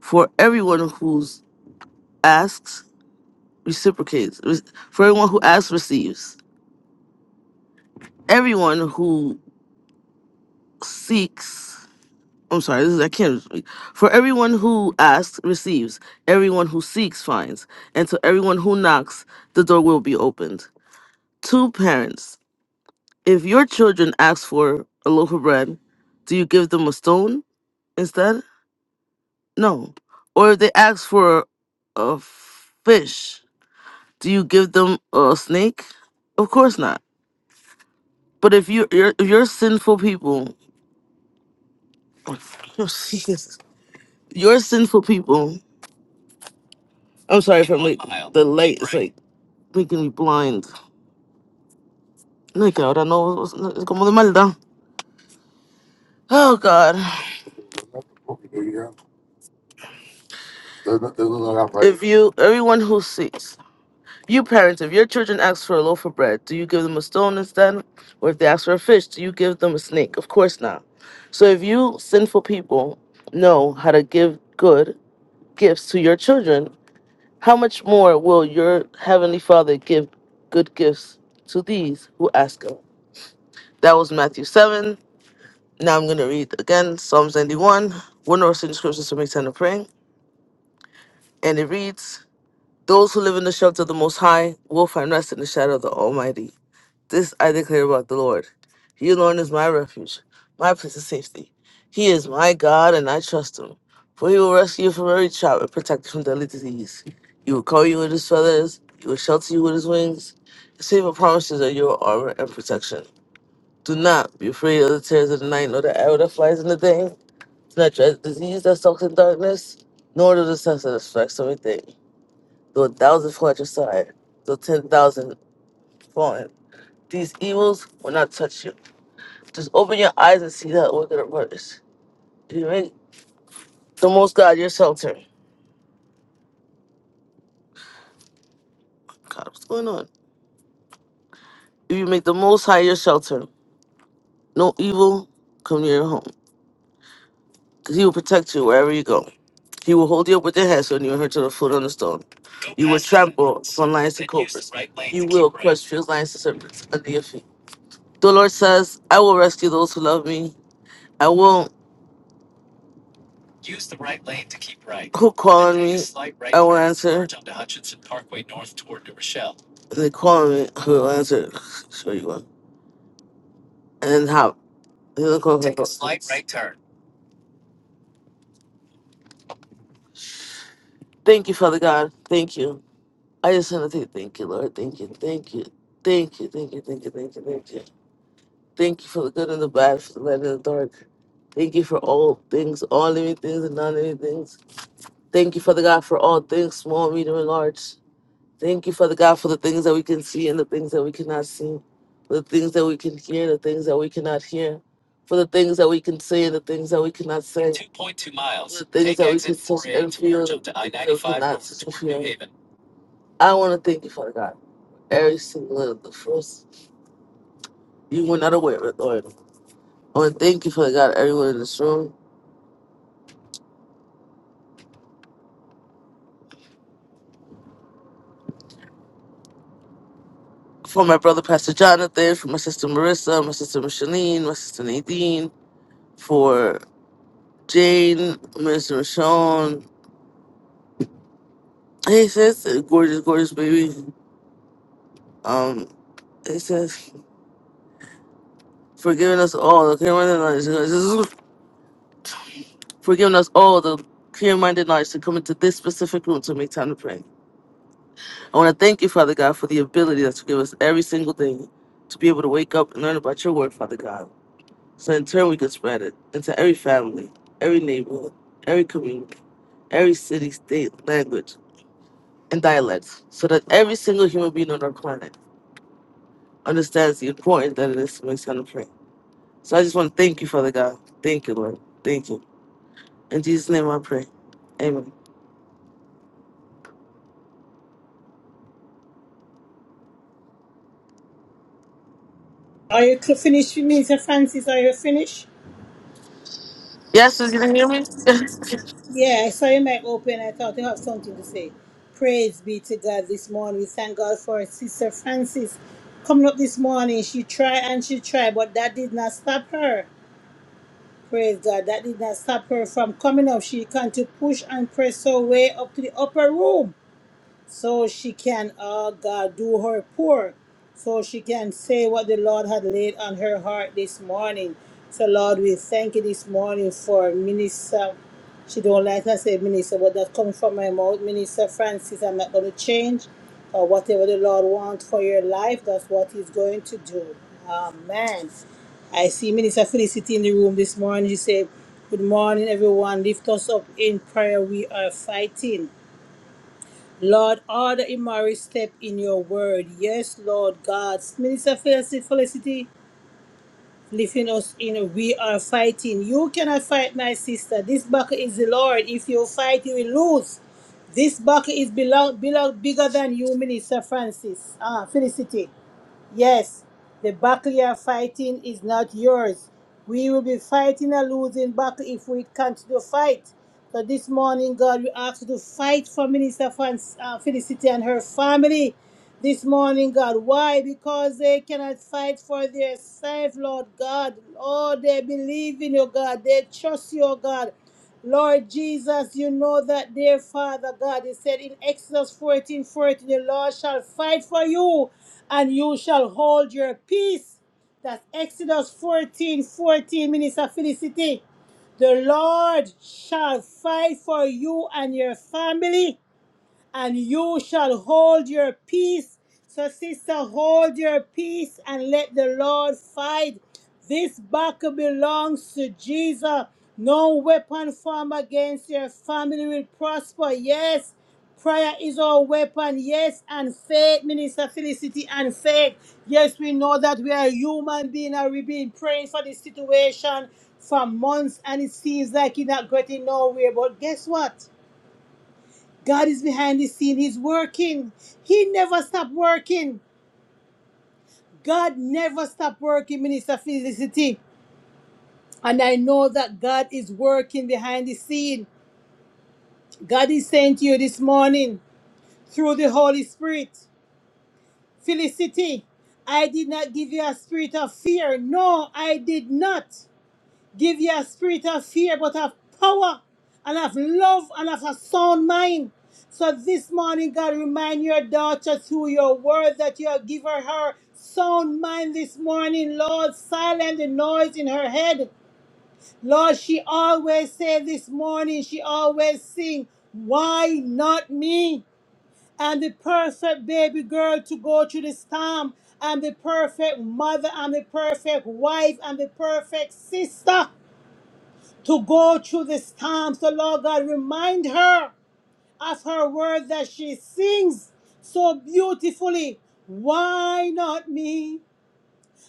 [SPEAKER 7] For everyone who asks, reciprocates. Re- For everyone who asks, receives. Everyone who seeks, I'm sorry, this is, I can't. speak. For everyone who asks, receives. Everyone who seeks, finds. And to everyone who knocks, the door will be opened. Two parents, if your children ask for a loaf of bread, do you give them a stone instead? No. Or if they ask for a fish, do you give them a snake? Of course not. But if you you're, if you're sinful people, Jesus, you're sinful people. I'm sorry if I'm late. The light is like making me blind. No, que ahora no es es como de maldad. Oh God. If you everyone who seeks You parents, if your children ask for a loaf of bread, do you give them a stone instead? Or if they ask for a fish, do you give them a snake? Of course not. So if you sinful people know how to give good gifts to your children, how much more will your heavenly Father give good gifts to these who ask him? That was Matthew 7. Now I'm going to read again Psalms 91, one or two scriptures for me to praying. And it reads, Those who live in the shelter of the Most High will find rest in the shadow of the Almighty. This I declare about the Lord. He alone is my refuge, my place of safety. He is my God, and I trust him. For he will rescue you from every trap and protect you from deadly disease. He will cover you with his feathers, he will shelter you with his wings. His faithful promises are your armor and protection. Do not be afraid of the terrors of the night, nor the arrow that flies in the day. Do not dread the disease that stalks in darkness, nor the disaster that strikes on midday. Though a thousand fall at your side, though ten thousand fall, these evils will not touch you. Just open your eyes and see that order of works. If you make the most God your shelter. God, what's going on? If you make the most high your shelter, no evil come near your home. Because he will protect you wherever you go. He will hold you up with your head so you will hurt to the foot on the stone. You will trample on lions and cobras. You will crush fierce lions and serpents under your feet. The Lord says, I will rescue those who love me. I will. Who Then calling Then me? I will turn and answer. They calling me. I will answer. Sure you will. And then how? Take Thank you, Father God. Thank you. I just want to say thank you, Lord. Thank you. Thank you. Thank you. Thank you. Thank you. Thank you. Thank you. Thank you for the good and the bad, for the light and the dark. Thank you for all things, all living things and non living things. Thank you, Father God, for all things, small, medium, and large. Thank you, Father God, for the things that we can see and the things that we cannot see, for the things that we can hear, the things that we cannot hear, for the things that we can say and the things that we cannot say. 2.2 miles. For The things Take that we exit can touch 4A and four A feel, jump to the things that we 95 cannot over toward New feel. Haven. I want to thank you, Father God. Every single one of the first, you were not aware of it, Lord. I want to thank you, Father God, everyone in this room. For my brother, Pastor Jonathan, for my sister Marissa, my sister Micheline, my sister Nadine, for Jane, Minister Michonne, Hey sis, gorgeous, gorgeous baby. Um, it says, forgiving us all the clear-minded knowledge, this is forgiving us all the clear-minded knowledge to come into this specific room to make time to pray. I want to thank you, Father God, for the ability that you give us every single day to be able to wake up and learn about your word, Father God. So in turn, we can spread it into every family, every neighborhood, every community, every city, state, language, and dialect, so that every single human being on our planet understands the importance that it is to make time to pray. So I just want to thank you, Father God. Thank you, Lord. Thank you. In Jesus' name I pray. Amen.
[SPEAKER 1] Are you cl- finished, Minister Francis? Are you finished?
[SPEAKER 7] Yes, sir, you can hear me?
[SPEAKER 1] Yeah, I saw your mic open. I thought you have something to say. Praise be to God this morning. We thank God for Sister Francis coming up this morning. She tried and she tried, but that did not stop her. Praise God. That did not stop her from coming up. She can to push and press her way up to the upper room so she can, uh, God, do her pour, so she can say what the Lord had laid on her heart this morning. So, Lord, we thank you this morning for Minister. She don't like I say Minister, but that comes from my mouth. Minister Francis, I'm not going to change. Or whatever the Lord wants for your life, that's what He's going to do. Amen. I see Minister Felicity in the room this morning. She said, Good morning, everyone. Lift us up in prayer. We are fighting. Lord, order Imari's step in your word. Yes, Lord God. Minister Felicity, Felicity lifting us in. We are fighting. You cannot fight, my sister. This battle is the Lord. If you fight, you will lose. This battle is belong, belong, bigger than you, Minister Francis. Ah, Felicity. Yes, the battle you are fighting is not yours. We will be fighting a losing battle if we continue to fight. So this morning, God, we ask you to fight for Minister Fan- uh, Felicity and her family. This morning, God, why? Because they cannot fight for themselves, Lord God. Oh, they believe in you, God. They trust you, God. Lord Jesus, you know that, dear Father God, you said in Exodus 14 14, the Lord shall fight for you and you shall hold your peace. That's Exodus 14 14, Minister Felicity. The Lord shall fight for you and your family and you shall hold your peace. So, sister, hold your peace and let the Lord fight. This battle belongs to Jesus. No weapon formed against your family will prosper. Yes, prayer is our weapon. Yes, and faith, Minister Felicity, and faith. Yes, we know that we are human beings and we've been praying for this situation for months and it seems like it's not getting nowhere. But guess what? God is behind the scene. He's working. He never stopped working. God never stopped working, Minister Felicity. And I know that God is working behind the scene. God is saying to you this morning through the Holy Spirit, Felicity, I did not give you a spirit of fear. No, I did not. Give you a spirit of fear, but of power and of love and of a sound mind. So this morning, God, remind your daughter through your word that you have given her sound mind this morning, Lord. Silence the noise in her head. Lord, she always say this morning, she always sing, why not me? I'm the perfect baby girl to go through the storm. I'm the perfect mother. I'm the perfect wife. I'm the perfect sister to go through this time. So, Lord God, remind her of her word that she sings so beautifully. Why not me?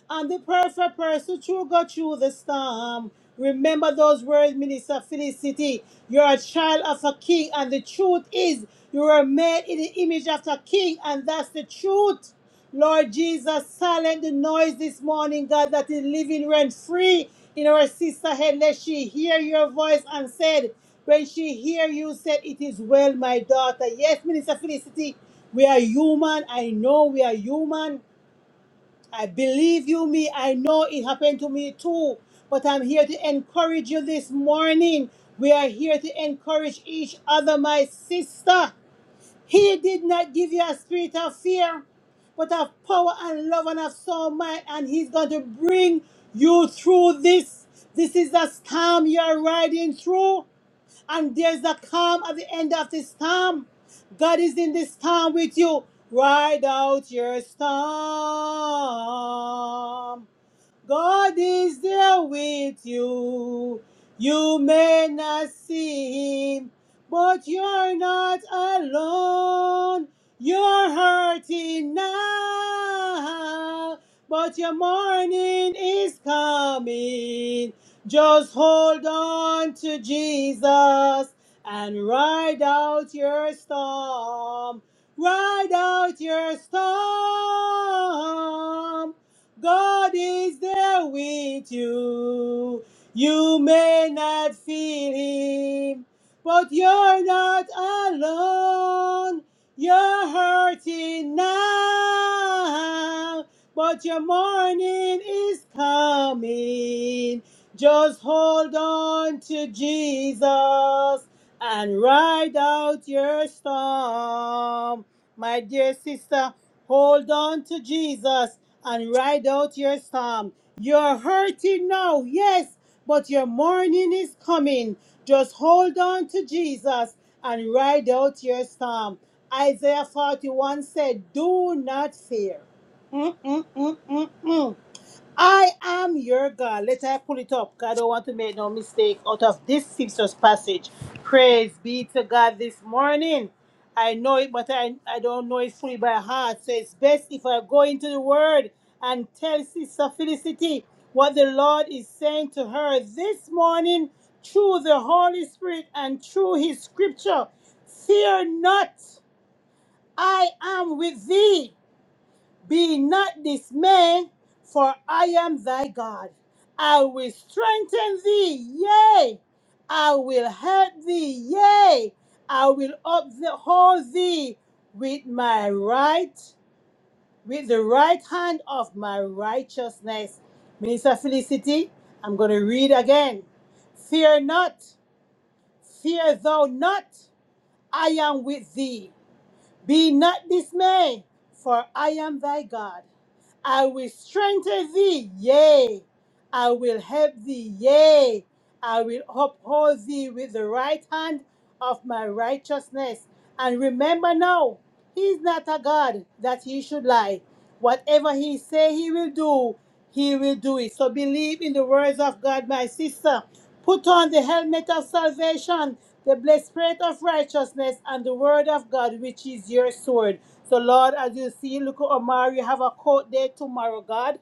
[SPEAKER 1] And the perfect person to go through the storm. Remember those words, Minister Felicity. You're a child of a king, and the truth is, you were made in the image of a king, and that's the truth. Lord Jesus, silent the noise this morning, God, that is living rent free in our sister head. Let she hear your voice and said, when she hear you said, it is well, my daughter. Yes, Minister Felicity, we are human. I know we are human. I believe you me. I know it happened to me too. But I'm here to encourage you this morning. We are here to encourage each other, my sister. He did not give you a spirit of fear, but of power and love and of sound mind. And he's going to bring you through this. This is a storm you're riding through and there's a calm at the end of this storm. God is in this storm with you. Ride out your storm. God is there with you. You may not see him, but you're not alone. You're hurting now, but your morning is coming. Just hold on to Jesus and ride out your storm. Ride out your storm. God is there with you. You may not feel Him, but you're not alone. You're hurting now, but your morning is coming. Just hold on to Jesus and ride out your storm. My dear sister, Hold on to Jesus and ride out your storm. You're hurting now, yes, but your morning is coming. Just hold on to Jesus and ride out your storm. Isaiah 41 said, Do not fear. Mm-mm-mm-mm-mm. I am your God. Let I pull it up. God, I don't want to make no mistake out of this scripture's passage. Praise be to God this morning. I know it, but I, I don't know it fully by heart. So it's best if I go into the word and tell Sister Felicity what the Lord is saying to her this morning through the Holy Spirit and through his scripture. Fear not, I am with thee. Be not dismayed, for I am thy God. I will strengthen thee, yea. I will help thee, yea. I will uphold thee with my right, with the right hand of my righteousness. Minister Felicity, I'm going to read again. Fear not, fear thou not, I am with thee. Be not dismayed, for I am thy God. I will strengthen thee, yea, I will help thee, yea. I will uphold thee with the right hand of my righteousness. And remember now, he is not a God that he should lie. Whatever he say he will do, he will do it. So believe in the words of God, my sister. Put on the helmet of salvation, the blessed spirit of righteousness, and the word of God, which is your sword. So, Lord, as you see, look, Omari, have a court day tomorrow, God.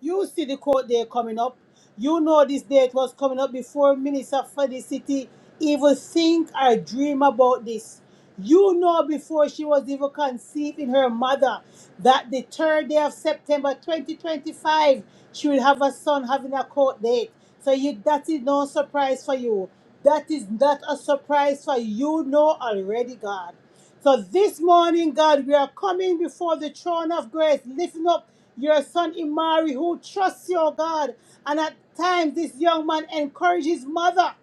[SPEAKER 1] You see the court day coming up. You know this date was coming up before Minister for the city even think or dream about this. You know before she was even conceived in her mother that the third day of September 2025 she will have a son having a court date. So you that is no surprise for you. That is not a surprise for you You know already, God. So this morning, God, we are coming before the throne of grace, lifting up your son Imari, who trusts your God. And at times, this young man encourages his mother.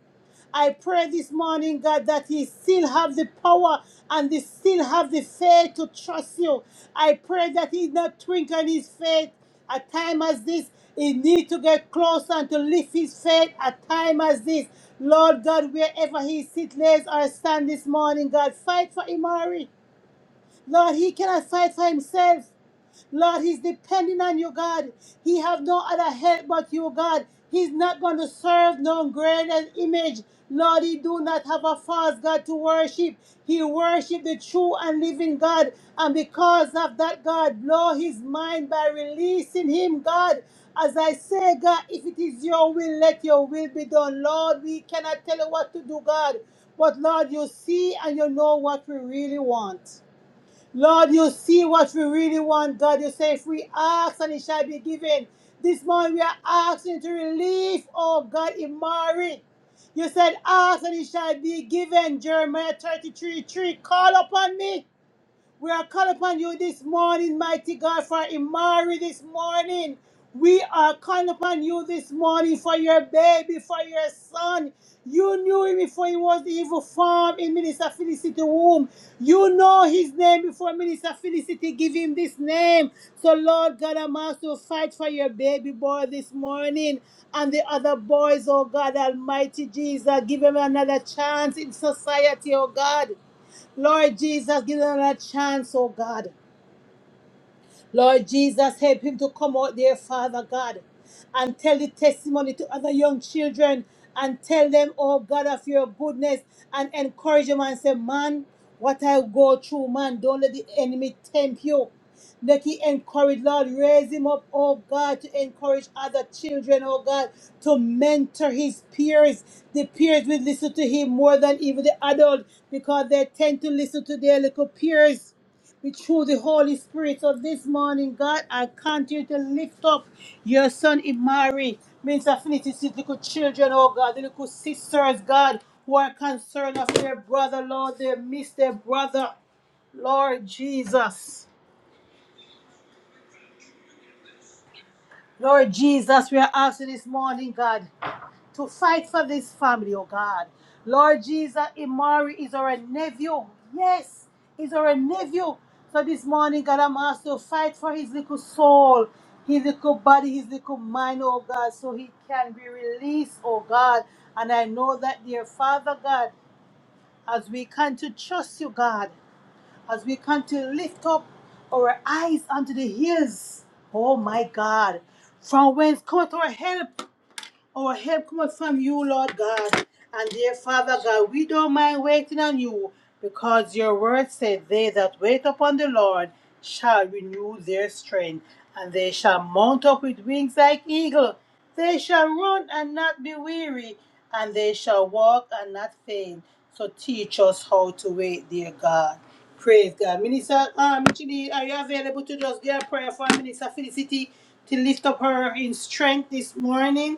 [SPEAKER 1] I pray this morning, God, that He still have the power and He still have the faith to trust you. I pray that He not twinkle in His faith at time as this. He need to get close and to lift His faith at time as this. Lord God, wherever He sit, lays or stand this morning, God, fight for Imari. Lord, He cannot fight for Himself. Lord, he's depending on you, God. He have no other help but you, God. He's not going to serve no graven image. Lord, he do not have a false God to worship. He worship the true and living God. And because of that, God, blow his mind by releasing him, God. As I say, God, if it is your will, let your will be done. Lord, we cannot tell you what to do, God. But Lord, you see and you know what we really want. Lord, you see what we really want, God. You say, if we ask and it shall be given. This morning we are asking to relief, oh God, in Mary. You said, ask and it shall be given. Jeremiah 33, 3. Call upon me. We are calling upon you this morning, mighty God, for Imari this morning. We are calling upon you this morning for your baby, for your son. You knew him before he was even formed in Minister Felicity womb. You know his name before Minister Felicity give him this name. So Lord God, I'm also fight for your baby boy this morning and the other boys, oh God, Almighty Jesus. Give him another chance in society, oh God. Lord Jesus, give them a chance, oh God. Lord Jesus, help him to come out there, Father God, and tell the testimony to other young children and tell them, oh God, of your goodness and encourage them and say, man, what I go through, man, don't let the enemy tempt you. Make he encourage, Lord, raise him up, oh God, to encourage other children, oh God, to mentor his peers. The peers will listen to him more than even the adult because they tend to listen to their little peers. We through the Holy Spirit. So this morning, God, I continue to lift up your son Imari, Minister Affinity, his little children, oh God, the little sisters, God, who are concerned of their brother, Lord, they miss their brother, Lord Jesus. Lord Jesus, we are asking this morning, God. to fight for this family, oh God. Lord Jesus, Imari is our nephew. Yes, he's our nephew. So this morning, God, I'm asked to fight for his little soul, his little body, his little mind, oh God, so he can be released, oh God. And I know that, dear Father God, as we come to trust you, God, as we come to lift up our eyes unto the hills, oh my God, from whence cometh our help? Our help comes from you, Lord God. And dear Father God, we don't mind waiting on you because your word said, They that wait upon the Lord shall renew their strength, and they shall mount up with wings like eagle. They shall run and not be weary, and they shall walk and not faint. So teach us how to wait, dear God. Praise God. Minister um, Janine, are you available to just get a prayer for Minister Felicity to lift up her in strength this morning?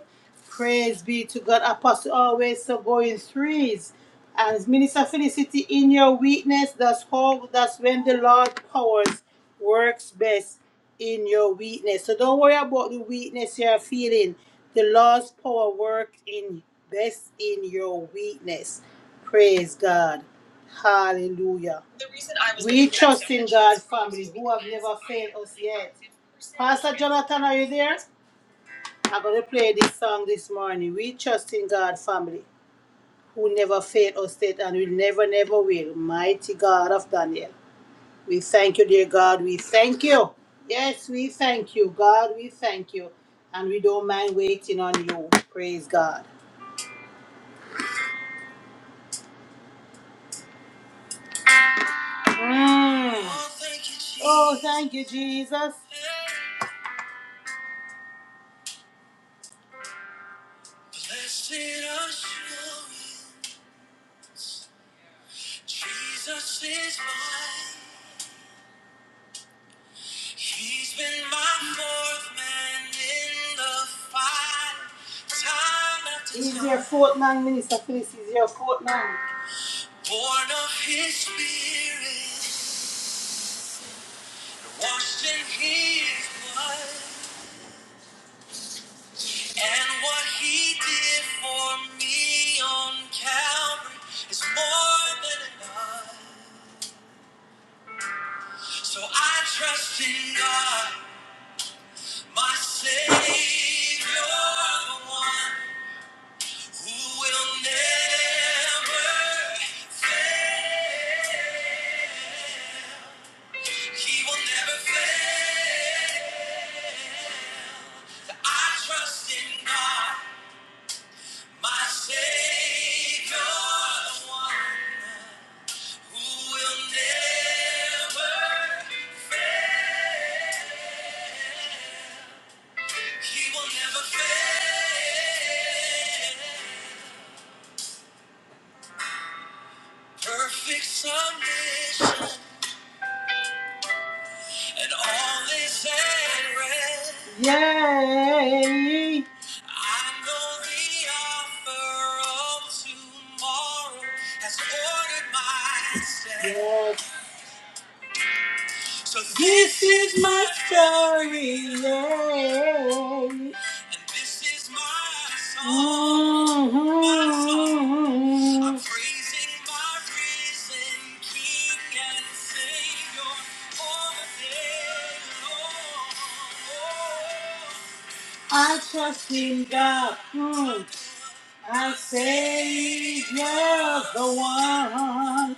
[SPEAKER 1] Praise be to God. Apostle always so go in threes. And Minister Felicity, in your weakness, that's how that's when the Lord powers works best in your weakness. So don't worry about the weakness you're feeling. The Lord's power works in Best in your weakness. Praise God. Hallelujah. The reason I was we trust in God, family, who have never failed us yet. Pastor Jonathan, are you there? I'm going to play this song this morning. We trust in God, family, who never failed us yet and will never, never will. Mighty God of Daniel. We thank you, dear God. We thank you. Yes, we thank you, God. We thank you. And we don't mind waiting on you. Praise God. Mm. Oh, thank you, Jesus. Blessed assurance, Jesus is mine. He's been my fourth man in the fight. Time after He's time. He's your fourth man, Minister Phyllis. He's your fourth man. Born of his spirit, washed in his blood. And what he did for me on Calvary is more than enough. So I trust in God, my Savior, the one who will never fail. He will never fail. I trust in God, my Savior, the one. Who Yay! I know the author of tomorrow has ordered my steps. Yes, So this is my story, Lord. And this is my song. Mhm. My song. I'm praising my risen King and Savior all day long. I trust in God, mm, our Savior, the one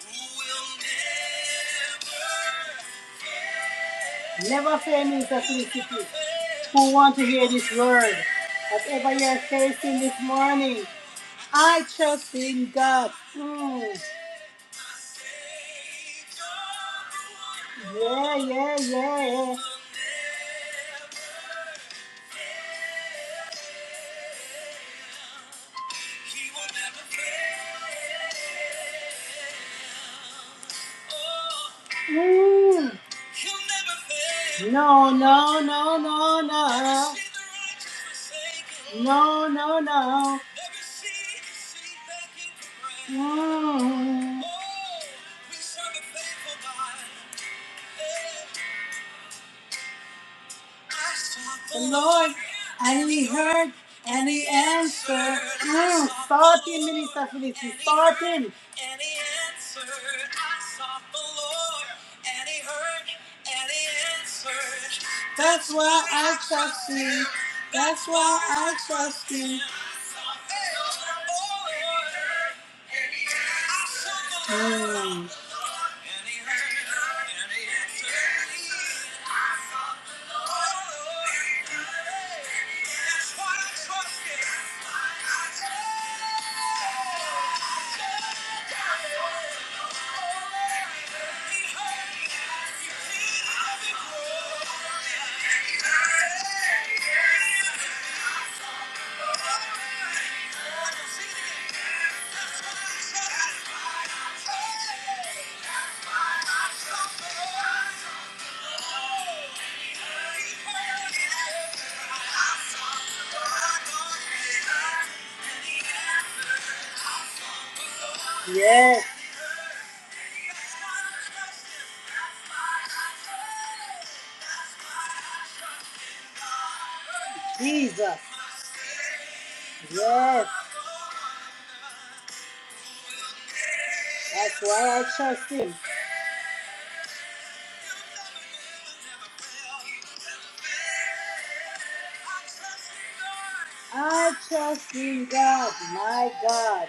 [SPEAKER 1] who will never Never famine me, Sesame City. Who want to hear this word? Whatever you're facing this morning, I trust in God. Mm. Yeah, yeah, yeah. Mm. No, no, no, no, no. No, no, no. Mm. The Lord, and he heard and he answered. Mm, start him, Minister Felicity. Start him. And he answered, I sought the Lord, and he heard, and he answered. That's why I trust him. That's why I trust him. Mm. Yes. Jesus. Yes. That's why I trust him. I trust in God, my God.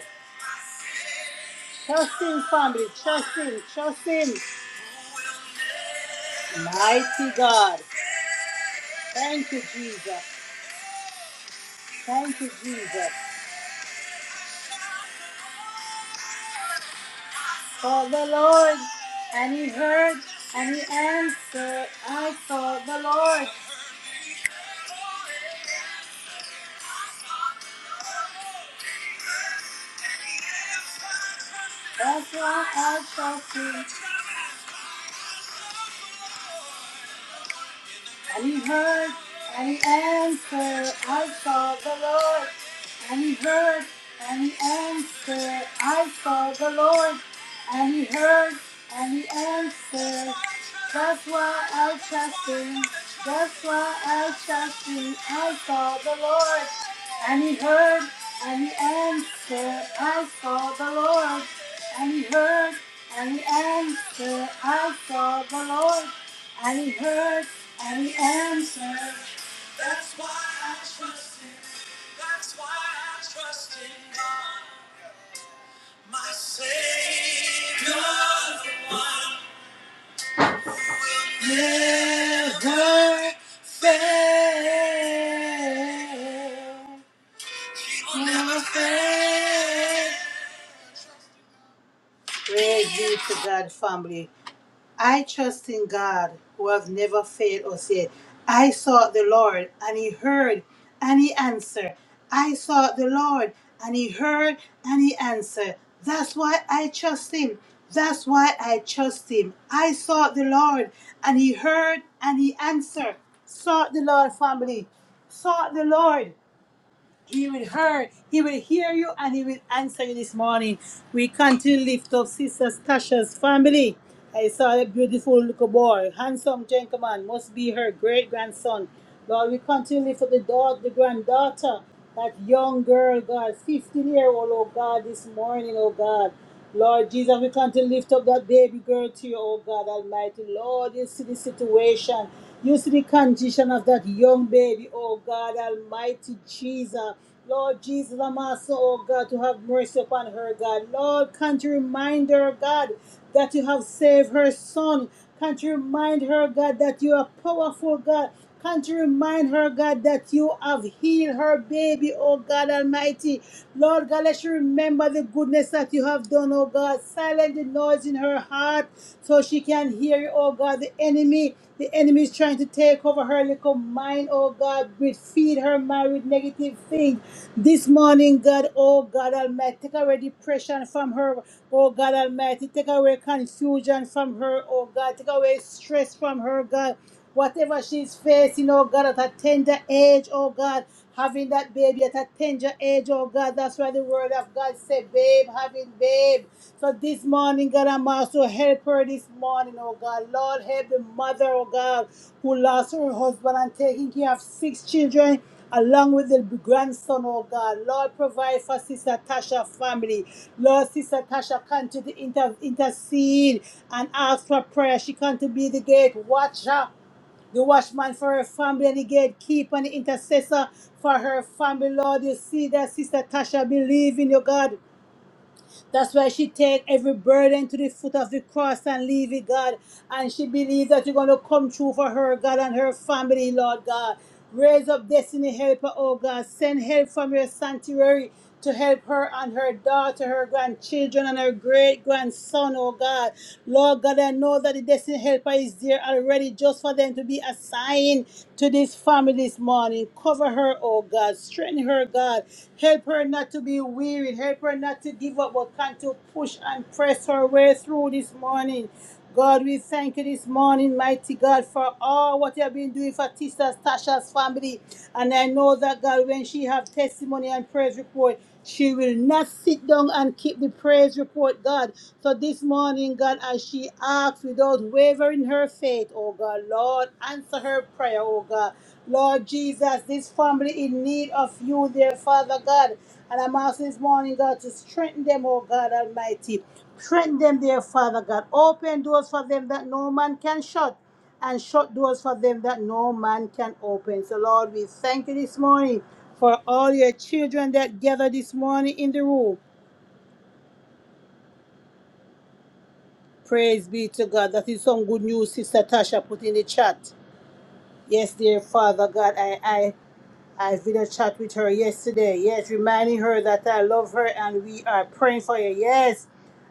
[SPEAKER 1] Trust him, family. Trust him. Trust him. Mighty God. Thank you, Jesus. Thank you, Jesus. Call the Lord, and he heard, and he answered. I called the Lord. That's why I trust him. And he heard and he answered, I saw the Lord. And he heard and he answered, I saw the Lord. And he heard and he answered, That's why I trust him. That's why I trust him. I saw the Lord. And he heard and he answered, I saw the Lord. And he heard and answered, I saw the Lord, and He heard and He answered. That's why I trust Him. That's why I trust in God, my Savior, the one will never fail. Praise be to God, family. I trust in God who has never failed or said, I sought the Lord and he heard and he answered. I sought the Lord and he heard and he answered. That's why I trust him. That's why I trust him. I sought the Lord and he heard and he answered. Sought the Lord, family. Sought the Lord. He will hear. He will hear you and he will answer you this morning. We continue to lift up Sister Tasha's family. I saw a beautiful little boy, handsome gentleman, must be her great grandson. Lord, we continue to lift up the daughter, the granddaughter, that young girl, God, 15 year old, oh God, this morning, oh God. Lord Jesus, we come to lift up that baby girl to you, oh God Almighty. Lord, you see the situation. You see the condition of that young baby, oh God Almighty Jesus. Lord Jesus, I'm asking, oh God, to have mercy upon her, God. Lord, can't you remind her, God, that you have saved her son? Can't you remind her, God, that you are powerful, God? Continue to remind her, God, that you have healed her baby, oh God Almighty. Lord God, let she remember the goodness that you have done, oh God. Silence the noise in her heart so she can hear you, oh God. The enemy, the enemy is trying to take over her little mind, oh God. But feed her mind with negative things. This morning, God, oh God Almighty, take away depression from her, oh God Almighty. Take away confusion from her, oh God. Take away stress from her, God. Whatever she's facing, oh God, at a tender age, oh God, having that baby at a tender age, oh God, that's why the word of God said, babe, having babe. So this morning, God, I'm also help her this morning, oh God. Lord, help the mother, oh God, who lost her husband and taking care of six children along with the grandson, oh God. Lord, provide for Sister Tasha family. Lord, Sister Tasha, continue to inter- intercede and ask for prayer. She can to be the gate watcher. The watchman for her family and the gatekeeper and the intercessor for her family, Lord. You see that Sister Tasha believe in your God. That's why she take every burden to the foot of the cross and leave it, God. And she believes that you're going to come true for her, God, and her family, Lord God. Raise up destiny helper, oh God. Send help from your sanctuary to help her and her daughter, her grandchildren, and her great grandson son, oh God. Lord God, I know that the destiny helper is there already just for them to be assigned to this family this morning. Cover her, oh God. Strengthen her, God. Help her not to be weary. Help her not to give up, but can to push and press her way through this morning. God, we thank you this morning, mighty God, for all what you have been doing for Sister Tasha's family. And I know that, God, when she have testimony and praise report, she will not sit down and keep the praise report, God. So this morning, God, as she asks without wavering her faith, oh God, Lord, answer her prayer, oh God. Lord Jesus, this family in need of you, dear Father God. And I'm asking this morning, God, to strengthen them, oh God Almighty. Strengthen them, dear Father God. Open doors for them that no man can shut, and shut doors for them that no man can open. So, Lord, we thank you this morning for all your children that gather this morning in the room. Praise be to God. That is some good news, Sister Tasha put in the chat. Yes, dear Father God, I, I I did a chat with her yesterday. Yes, reminding her that I love her and we are praying for her. Yes,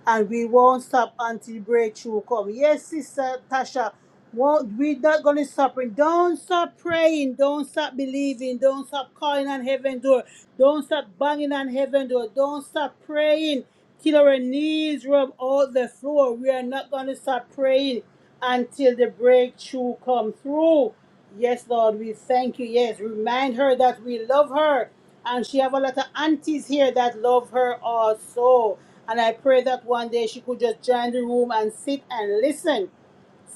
[SPEAKER 1] and we won't stop until breakthrough come. Yes, sister Tasha, won't, we're not going to stop praying. Don't stop praying. Don't stop believing. Don't stop calling on heaven door. Don't stop banging on heaven door. Don't stop praying till our knees rub out the floor. We are not going to stop praying until the breakthrough come through. Yes, Lord, we thank you. Yes, remind her that we love her. And she have a lot of aunties here that love her also. And I pray that one day she could just join the room and sit and listen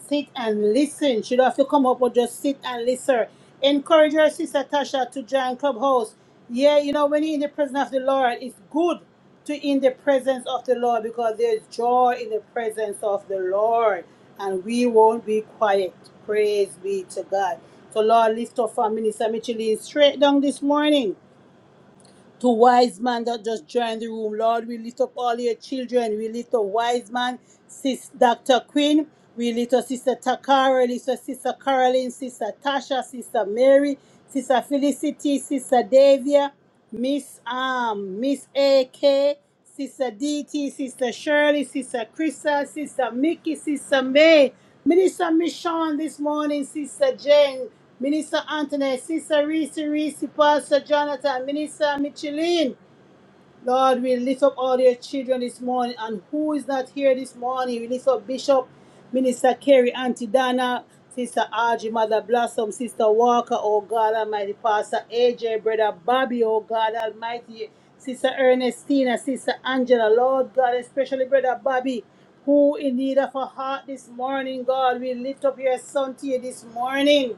[SPEAKER 1] sit and listen. She don't have to come up but just sit and listen. Encourage your sister Tasha to join Clubhouse. Yeah, you know, when you're in the presence of the Lord, it's good to in the presence of the Lord because there's joy in the presence of the Lord. And we won't be quiet. Praise be to God. So Lord, lift up our minister Micheline straight down this morning to wise man that just joined the room. Lord, we lift up all your children. We lift up wise man, sis Dr. Quinn. We lift up Sister Takara, lift up Sister Caroline, Sister Tasha, Sister Mary, Sister Felicity, Sister Davia, Miss Um, Miss AK. Sister DT, Sister Shirley, Sister Krista, Sister Mickey, Sister May, Minister Michon this morning, Sister Jane, Minister Anthony, Sister Reese, Reese, Pastor Jonathan, Minister Micheline. Lord, we lift up all your children this morning, and who is not here this morning? We lift up Bishop, Minister Kerry, Auntie Dana, Sister Audrey, Mother Blossom, Sister Walker, oh God Almighty, Pastor AJ, Brother Bobby, oh God Almighty, Sister Ernestina, Sister Angela, Lord God, especially Brother Bobby, who in need of a heart this morning, God, we lift up your son to you this morning.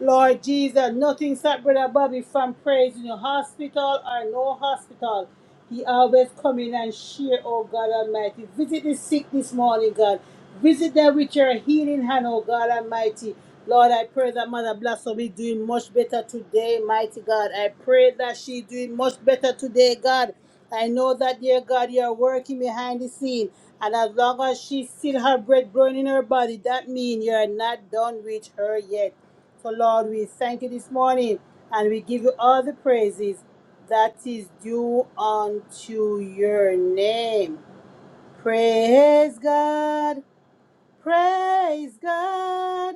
[SPEAKER 1] Lord Jesus, nothing stopped Brother Bobby from praise in the hospital or no hospital. He always come in and share, oh God Almighty. Visit the sick this morning, God. Visit them with your healing hand, oh God Almighty. Lord, I pray that Mother Blossom is doing much better today, mighty God. I pray that she's doing much better today, God. I know that, dear God, you are working behind the scene. And as long as she still has breath growing in her body, that means you are not done with her yet. So, Lord, we thank you this morning and we give you all the praises that is due unto your name. Praise God, praise God,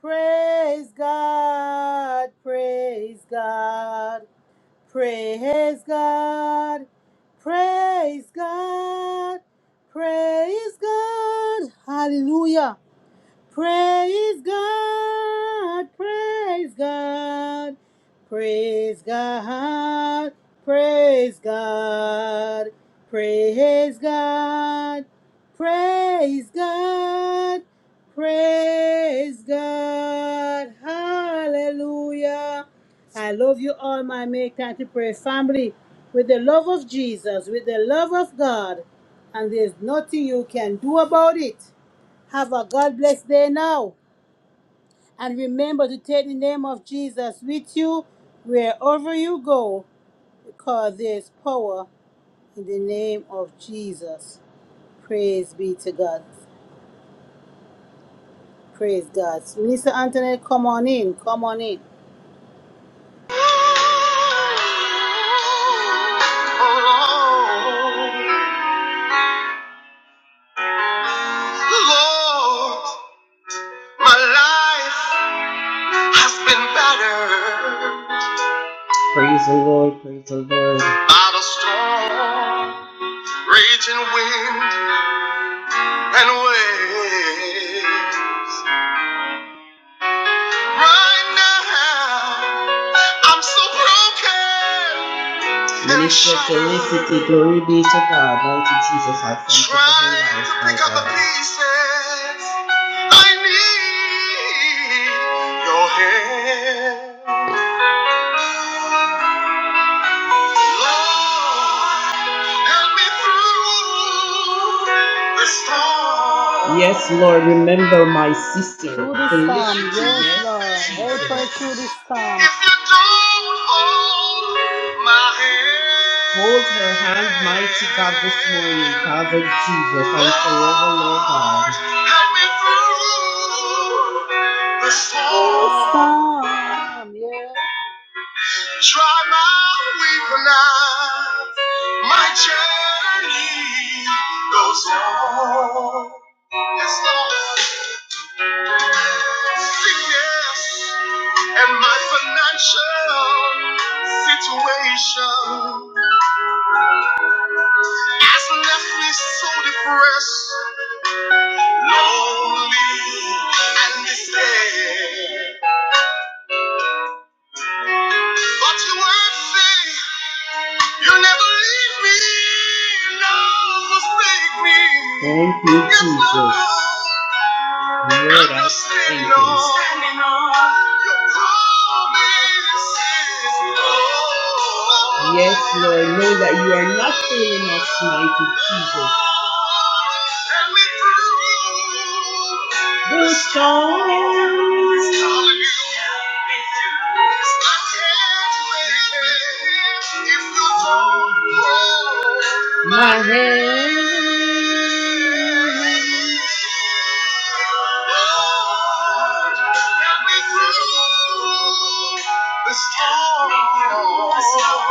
[SPEAKER 1] praise God, praise God, praise God, praise God, praise God. Hallelujah. Praise God, praise God, praise God, praise God, praise God, praise God, praise God, hallelujah. I love you all, my make time to pray family, with the love of Jesus, with the love of God, and there's nothing you can do about it. Have a God bless day now. And remember to take the name of Jesus with you wherever you go, because there's power in the name of Jesus. Praise be to God. Praise God. Minister Antoinette, come on in. Come on in.
[SPEAKER 8] Oh, Lord, my life has been battered by the storm, raging wind and waves. Right now, I'm so broken. Jesus, I need your hand. Lord, help me through the storm.
[SPEAKER 1] Through this storm, yes, Lord. Help her through this storm.
[SPEAKER 8] If you don't hold my hand, help me through the
[SPEAKER 1] Yes,
[SPEAKER 8] storm.
[SPEAKER 1] storm, yes.
[SPEAKER 8] Dry my weeping eye. My journey goes on. Yes, Lord. Sickness and my financial situation has left me so depressed, lonely, and despair. But you won't say you never leave me, nor forsake me. Standing on your promises, Lord. Help me through all you. I can't make it if you don't hold. The storm, the storm,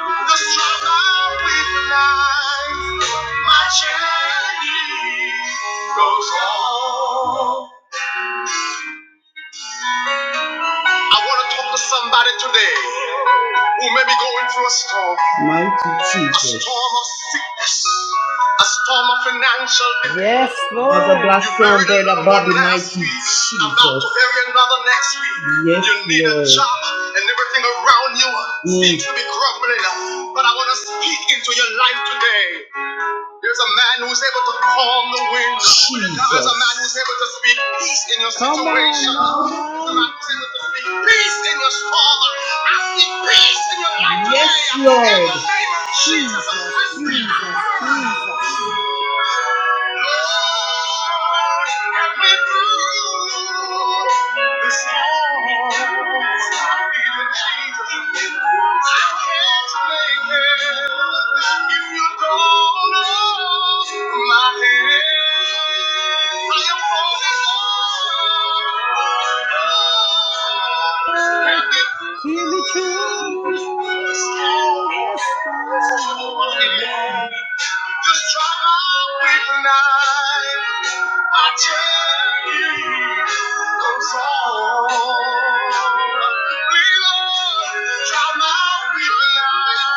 [SPEAKER 8] the struggle with life, my journey goes on. I want to talk to somebody today who may be going through a storm, a storm of sickness, a storm of financial difficulty,
[SPEAKER 1] Yes, Lord.
[SPEAKER 8] maybe another next week. and everything around you to be crumbling. But I want to speak into your life today. There's a man who's able to calm the wind. A man who's able to speak peace in your
[SPEAKER 1] Come on
[SPEAKER 8] situation.
[SPEAKER 1] now,
[SPEAKER 8] There's a
[SPEAKER 1] man.
[SPEAKER 8] man who's able to speak peace in your struggle. I speak peace in your life name of Jesus, I
[SPEAKER 1] Jesus,
[SPEAKER 8] speak
[SPEAKER 1] Jesus,
[SPEAKER 8] power.
[SPEAKER 1] Jesus.
[SPEAKER 8] Lord, help me through the storms. I need a Jesus. I can't make it if you don't hold my hand. Thank
[SPEAKER 1] Oh. Keep me true this time. Yeah.
[SPEAKER 8] you. Draw my real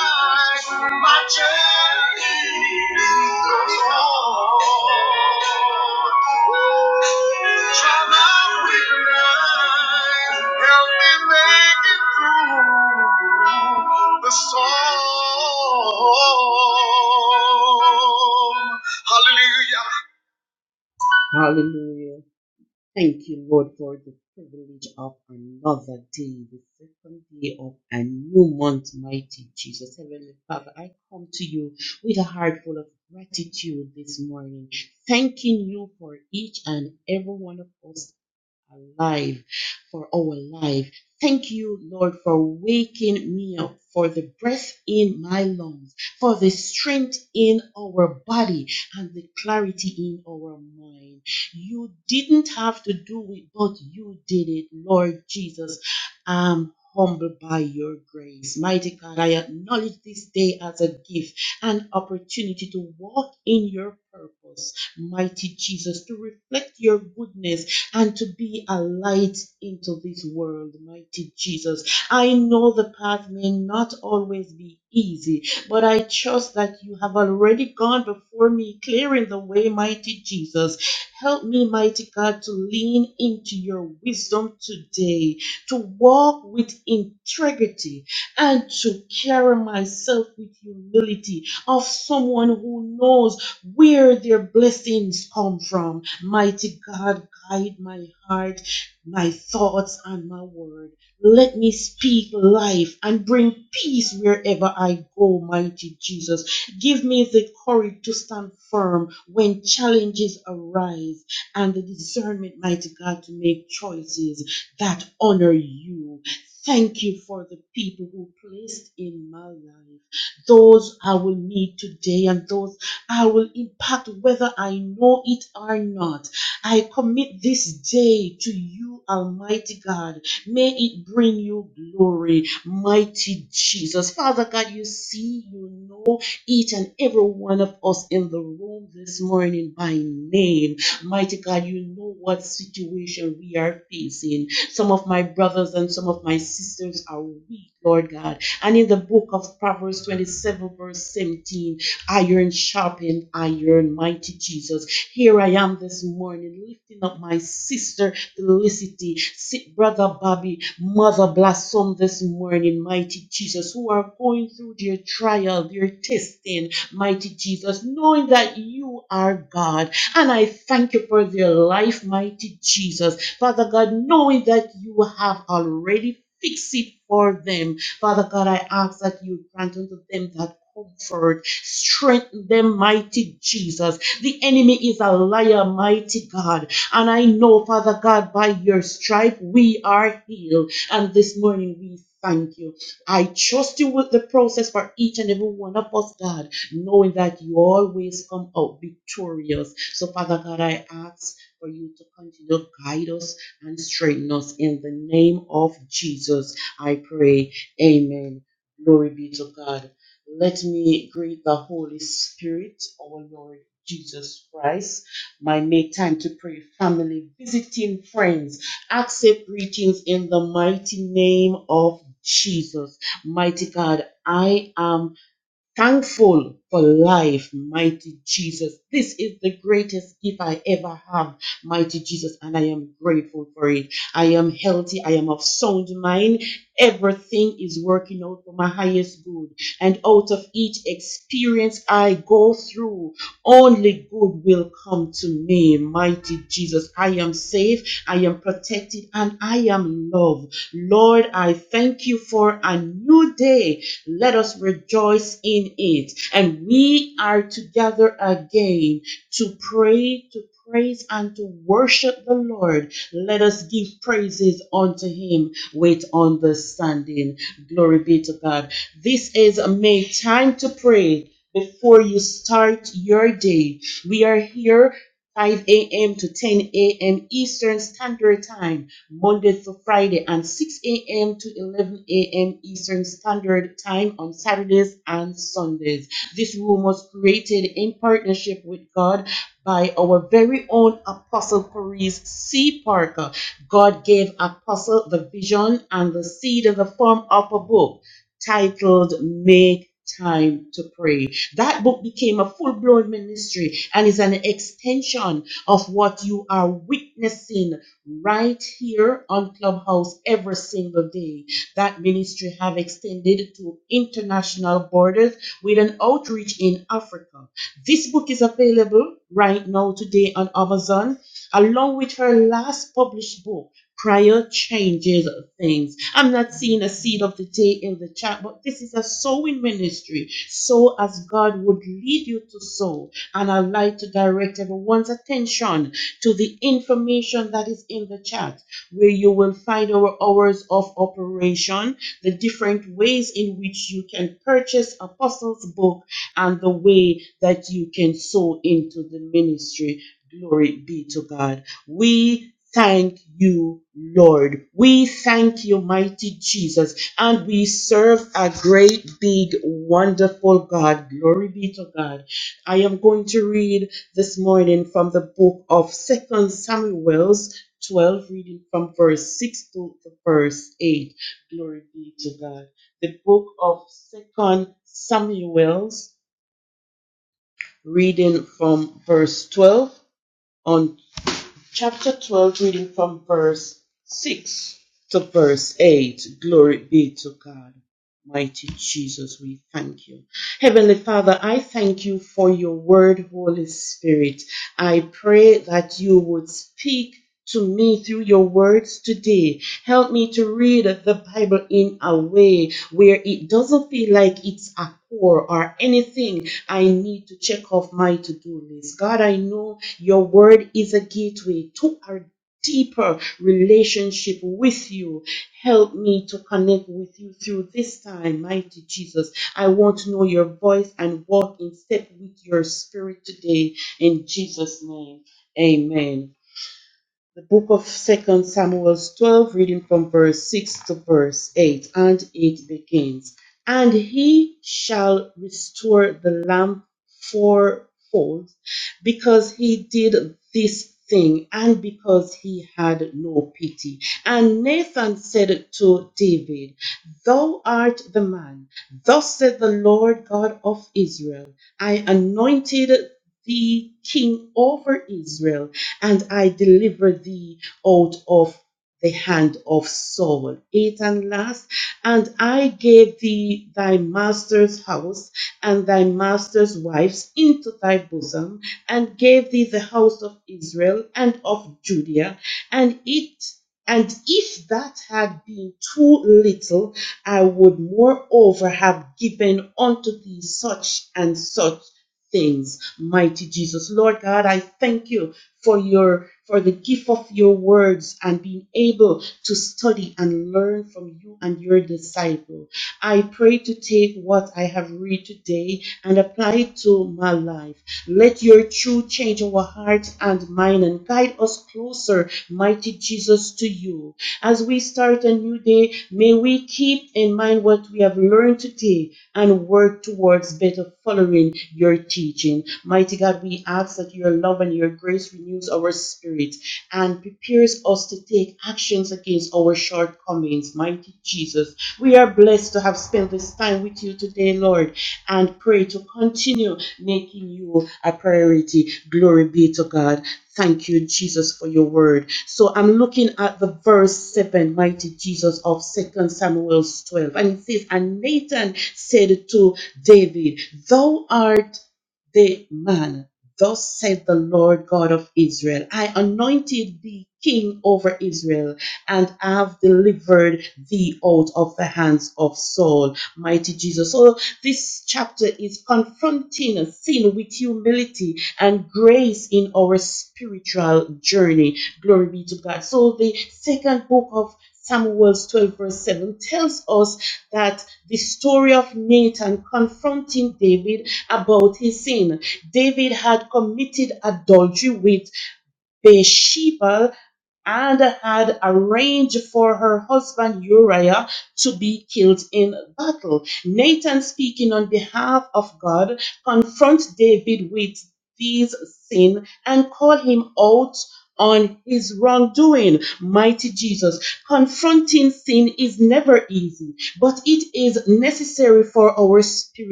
[SPEAKER 8] life, my journey goes on. Draw my real life, help me make it through the storm. Hallelujah.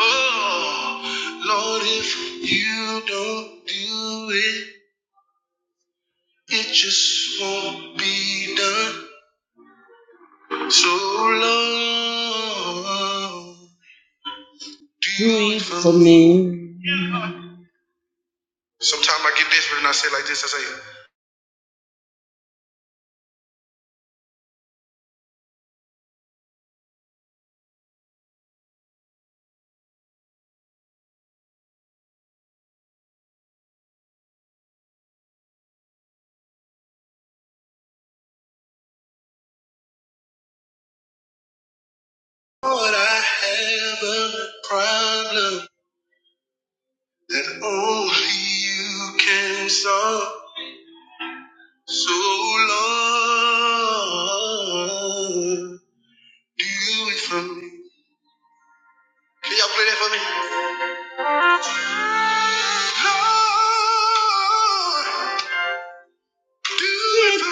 [SPEAKER 8] Oh, Lord, if you don't do it. It just won't be done so long. Sometimes I get desperate and I say it like this, I say, Lord, I have a problem that only you can solve. So Lord, do it for me. Can y'all play that for me? Lord, do it for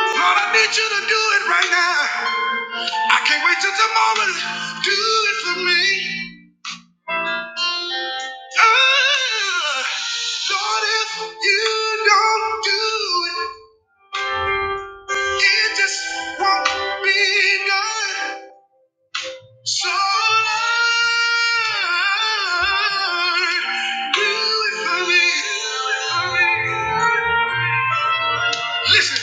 [SPEAKER 8] Lord, I need you to do it right now. I can't wait till tomorrow. Do it for me. Ah, Lord, if you don't do it, it just won't be done. So, Lord, do it for me. Listen,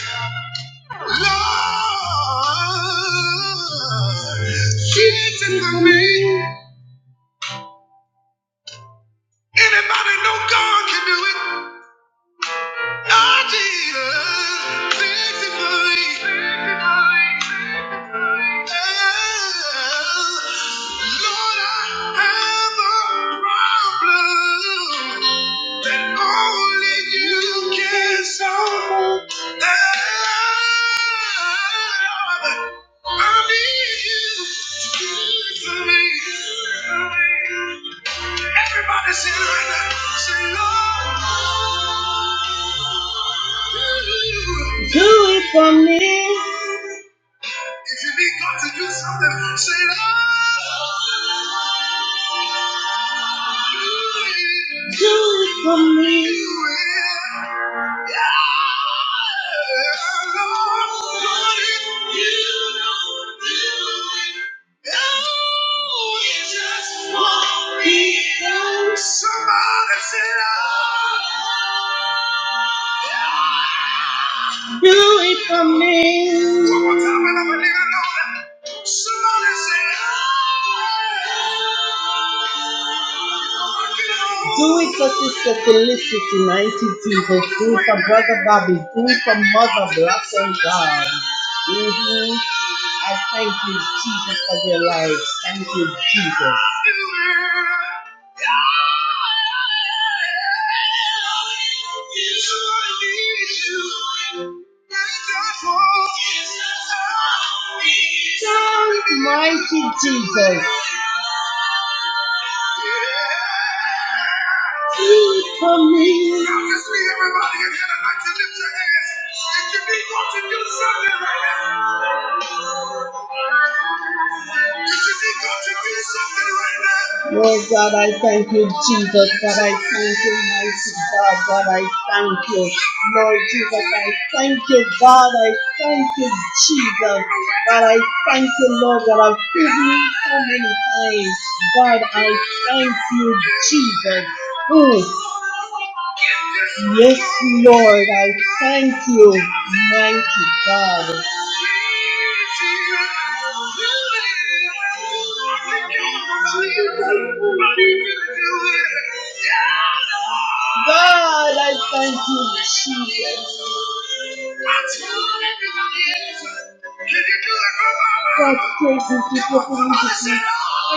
[SPEAKER 8] Lord, do it for me. Anybody know God can do it? I Jesus, victory. Lord, I have a problem that only you can solve. I need you to do it for me. Everybody sing right now. Say, Lord. If you need God to do something, say, Lord. Somebody said, oh, yeah. Well, I believe I know that. Somebody said, oh, yeah. Rock it on. Everybody in here tonight to lift your hands. If you need God to do something right now. Jesus. That's are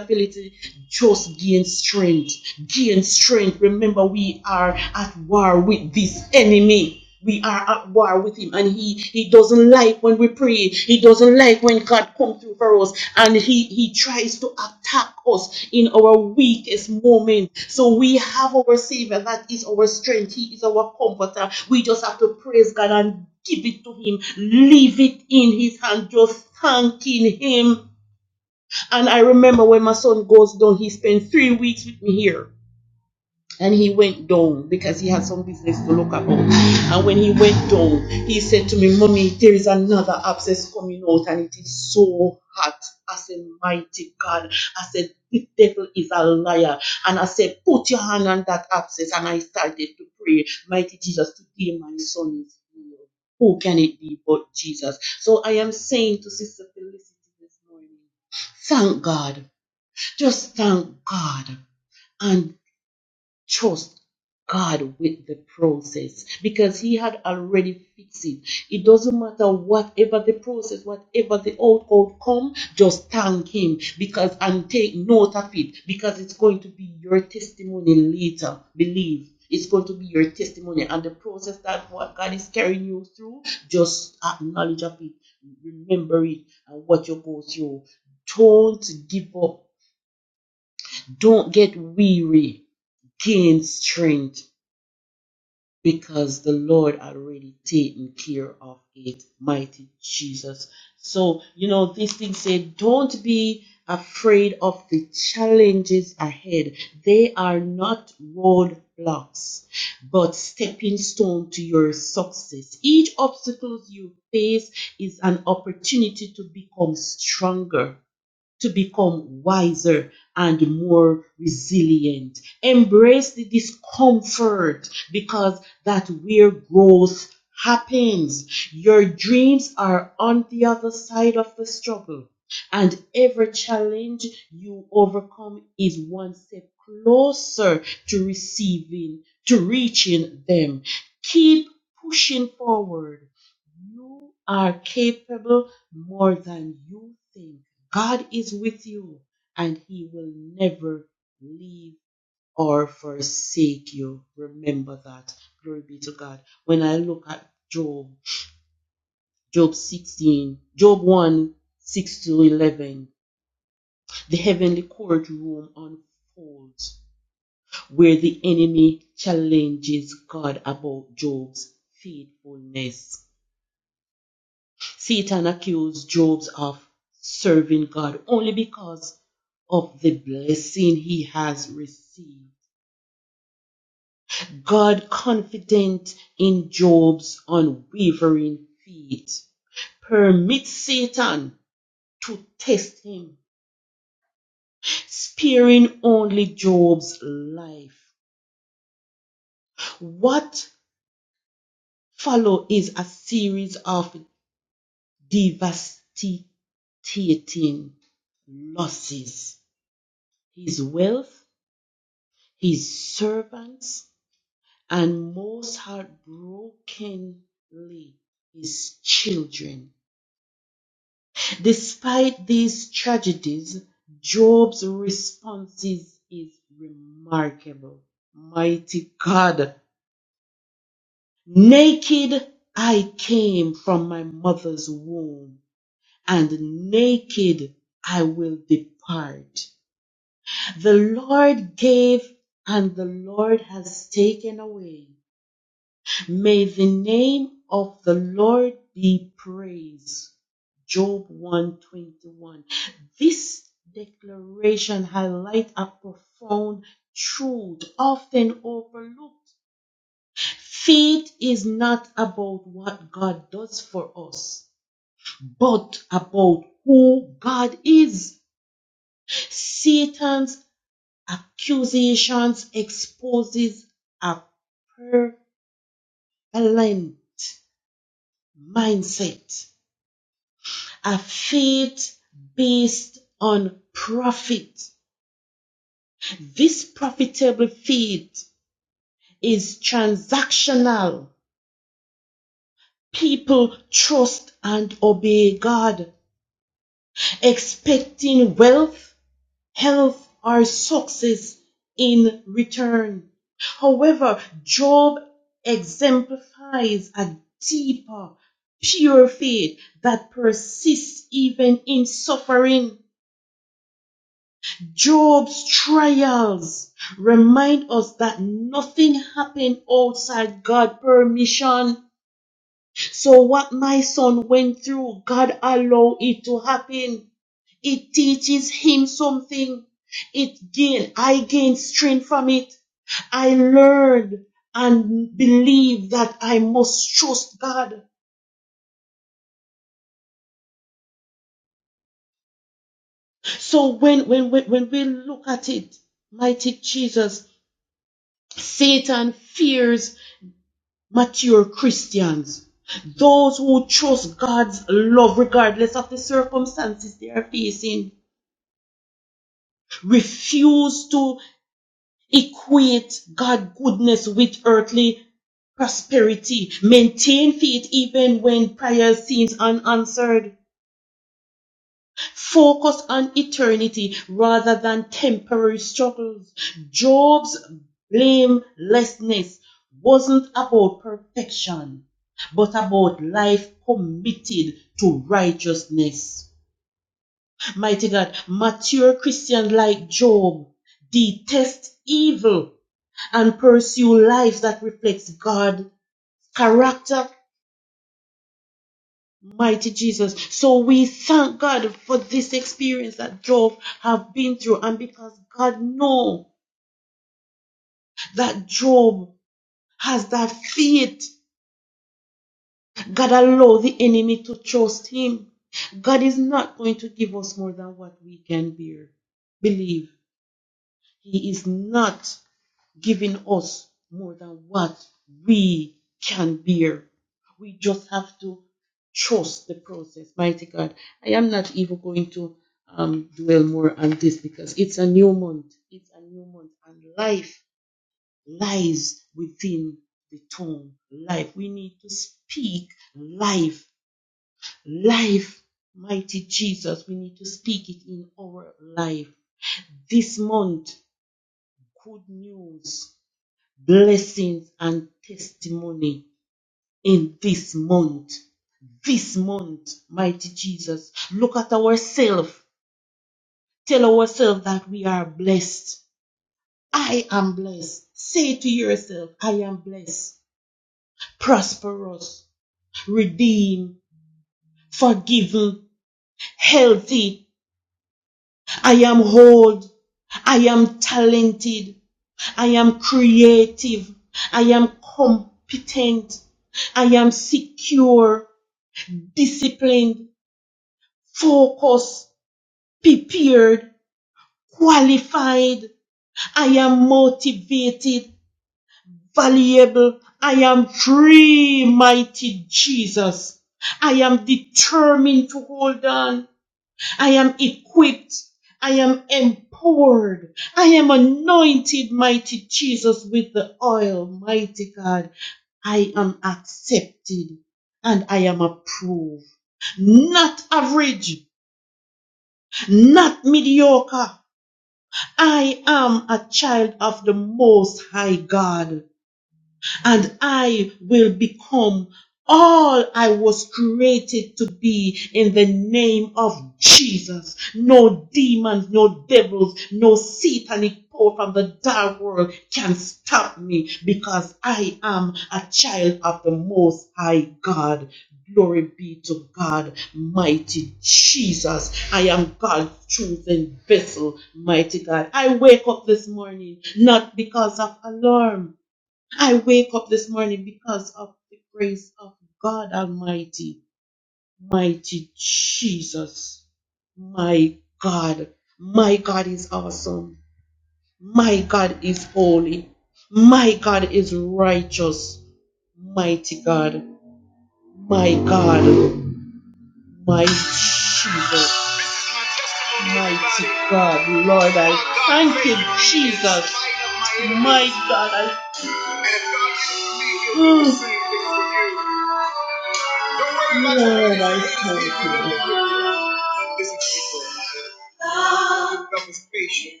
[SPEAKER 8] Love is patient.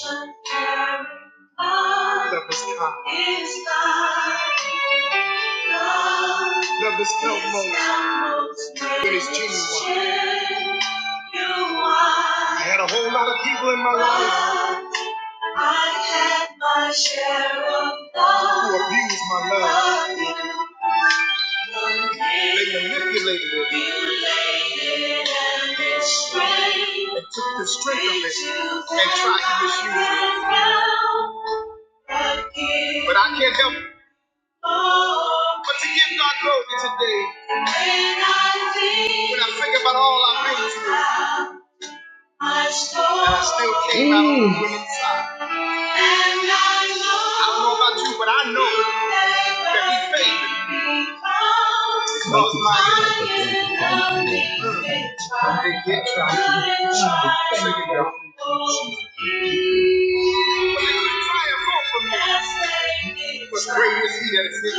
[SPEAKER 8] Love is kind. Love is felt most when it's genuine. I had a whole lot of people in my life I had my share of love. who abused my love. They manipulated it. and took the strength of it and tried to misuse it. But I can't help it but to give God glory today. When I think about all I've been through, and I still winning side. I don't know about you, but I know that He favored me. my they did try to figure it out. But But great is He that is in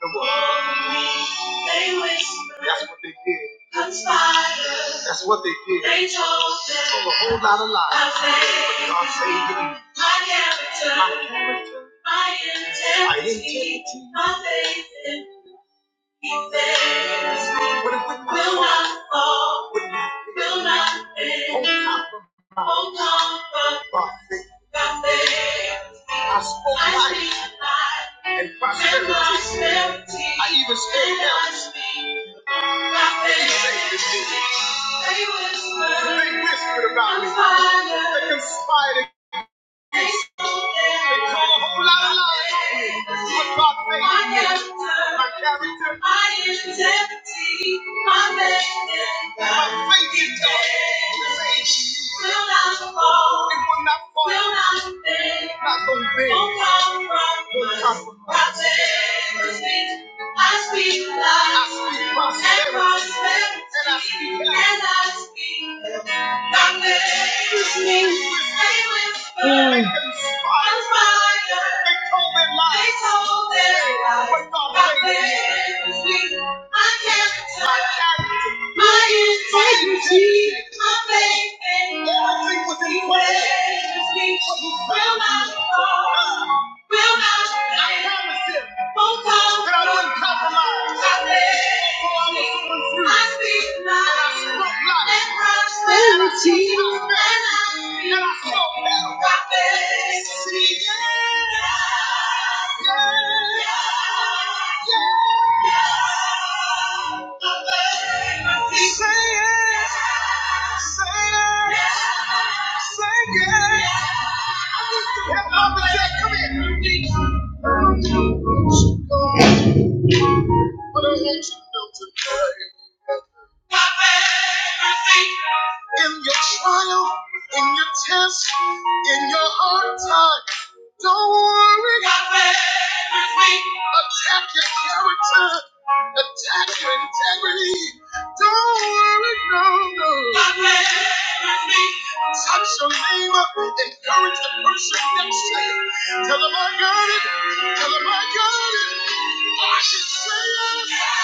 [SPEAKER 8] the world. That's what they did. Conspired. That's what they did. They told them They told a whole lot of lies. I God saved me. My character. My character. My integrity. My integrity. My faith in He saves me. What if we will not fall? Will not fail. Will not fail. Oh, comfort. By faith. By faith. I spoke I life life and prosperity. and prosperity. I even spoke health. They whispered about me. They conspired they call My character, my integrity, my faith My faith in God. This age will not fall. will not fall. Will not compromise. I speak I speak prosperity. And I speak health. And I speak Mm. Will not, will not, I promise him that I wouldn't compromise. For I was born And I spoke life. And I spoke prosperity. And I spoke health. See, yeah, yeah, yeah. Say it. Say it. Say it. Help Mama Jack, come here. But I want you to know today. In your trial, in your test, in your hard time, don't worry. Attack your character, attack your integrity. Don't worry, no, no. Touch your neighbor, encourage the person next to you. Tell them I got it, tell them I got it. I can say it.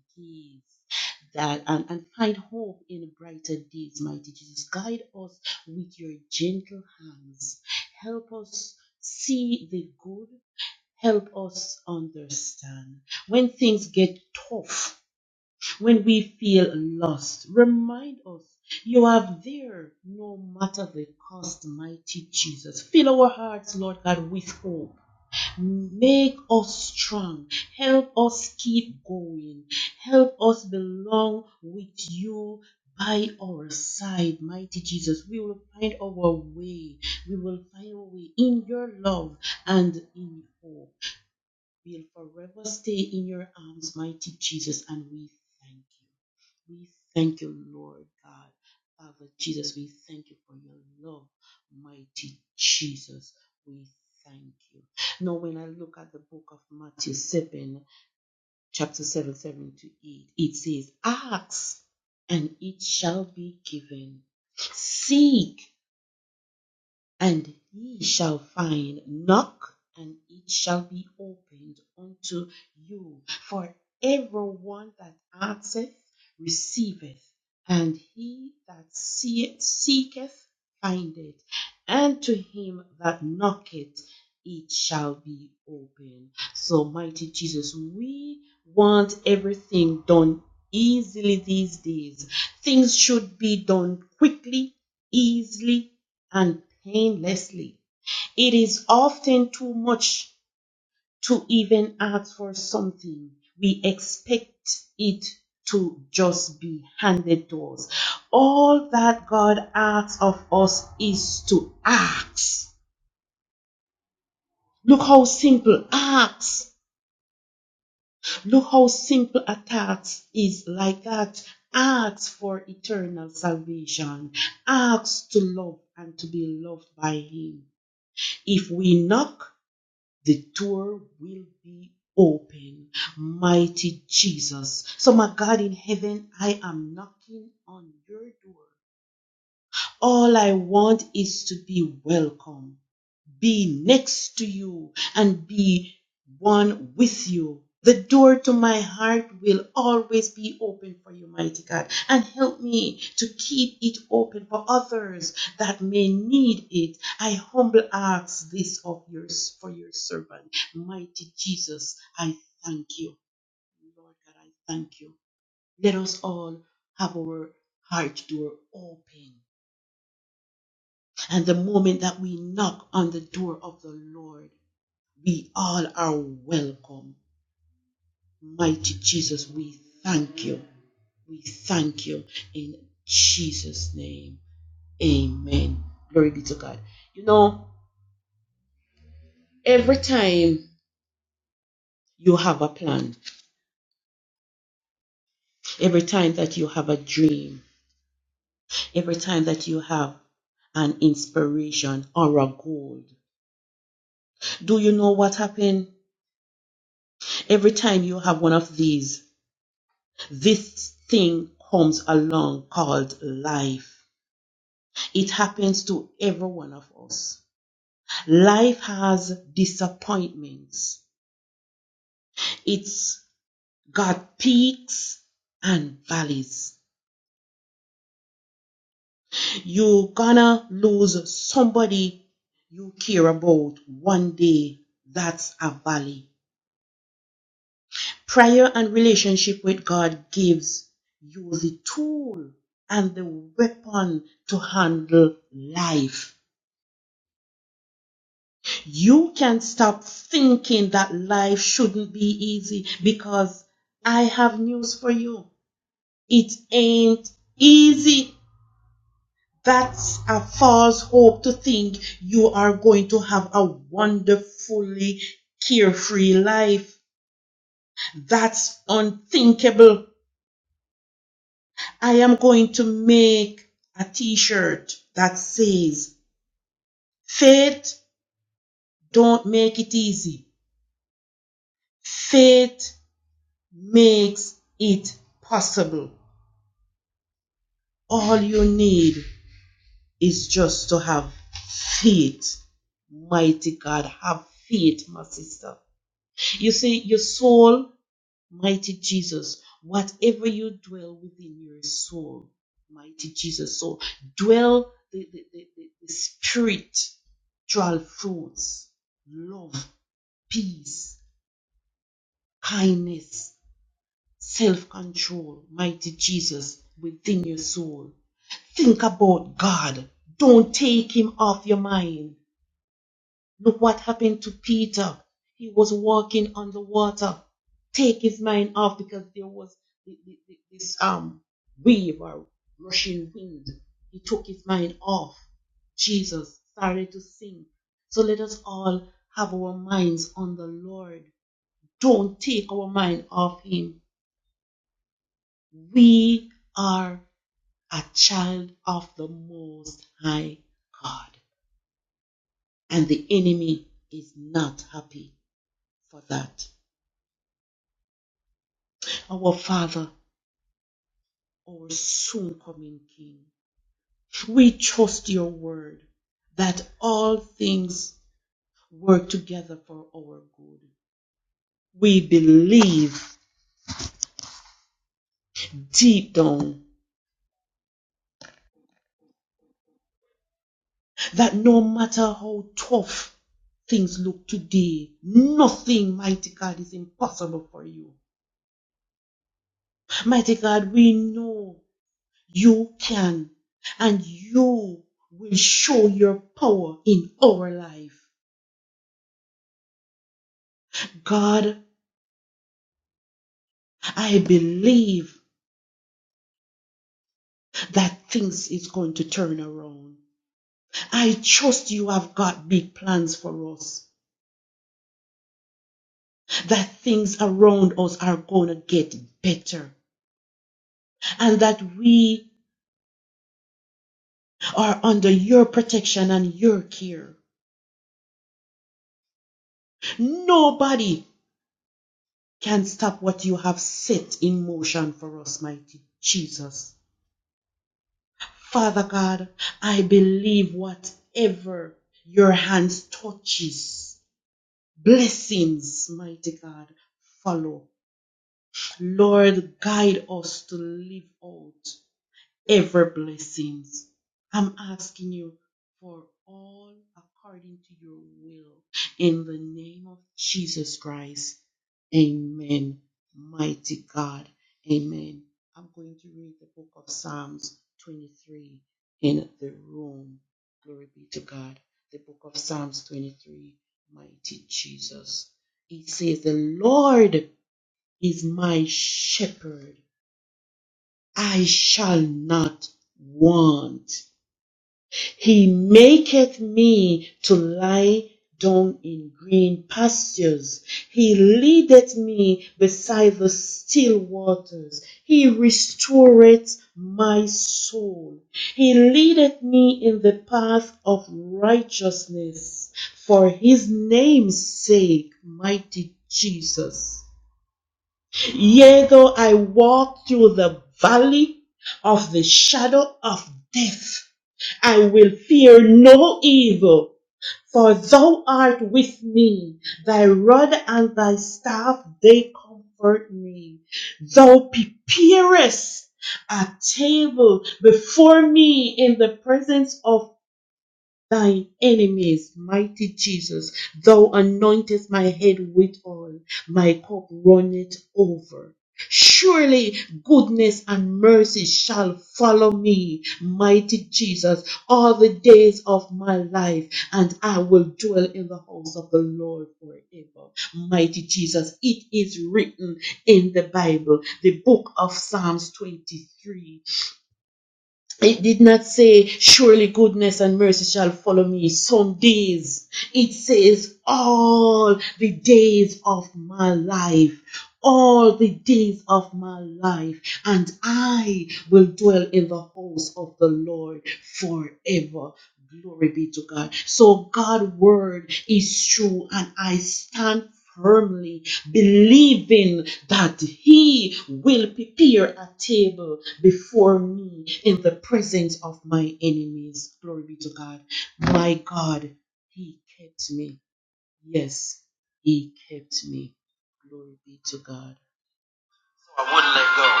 [SPEAKER 8] I wouldn't let go.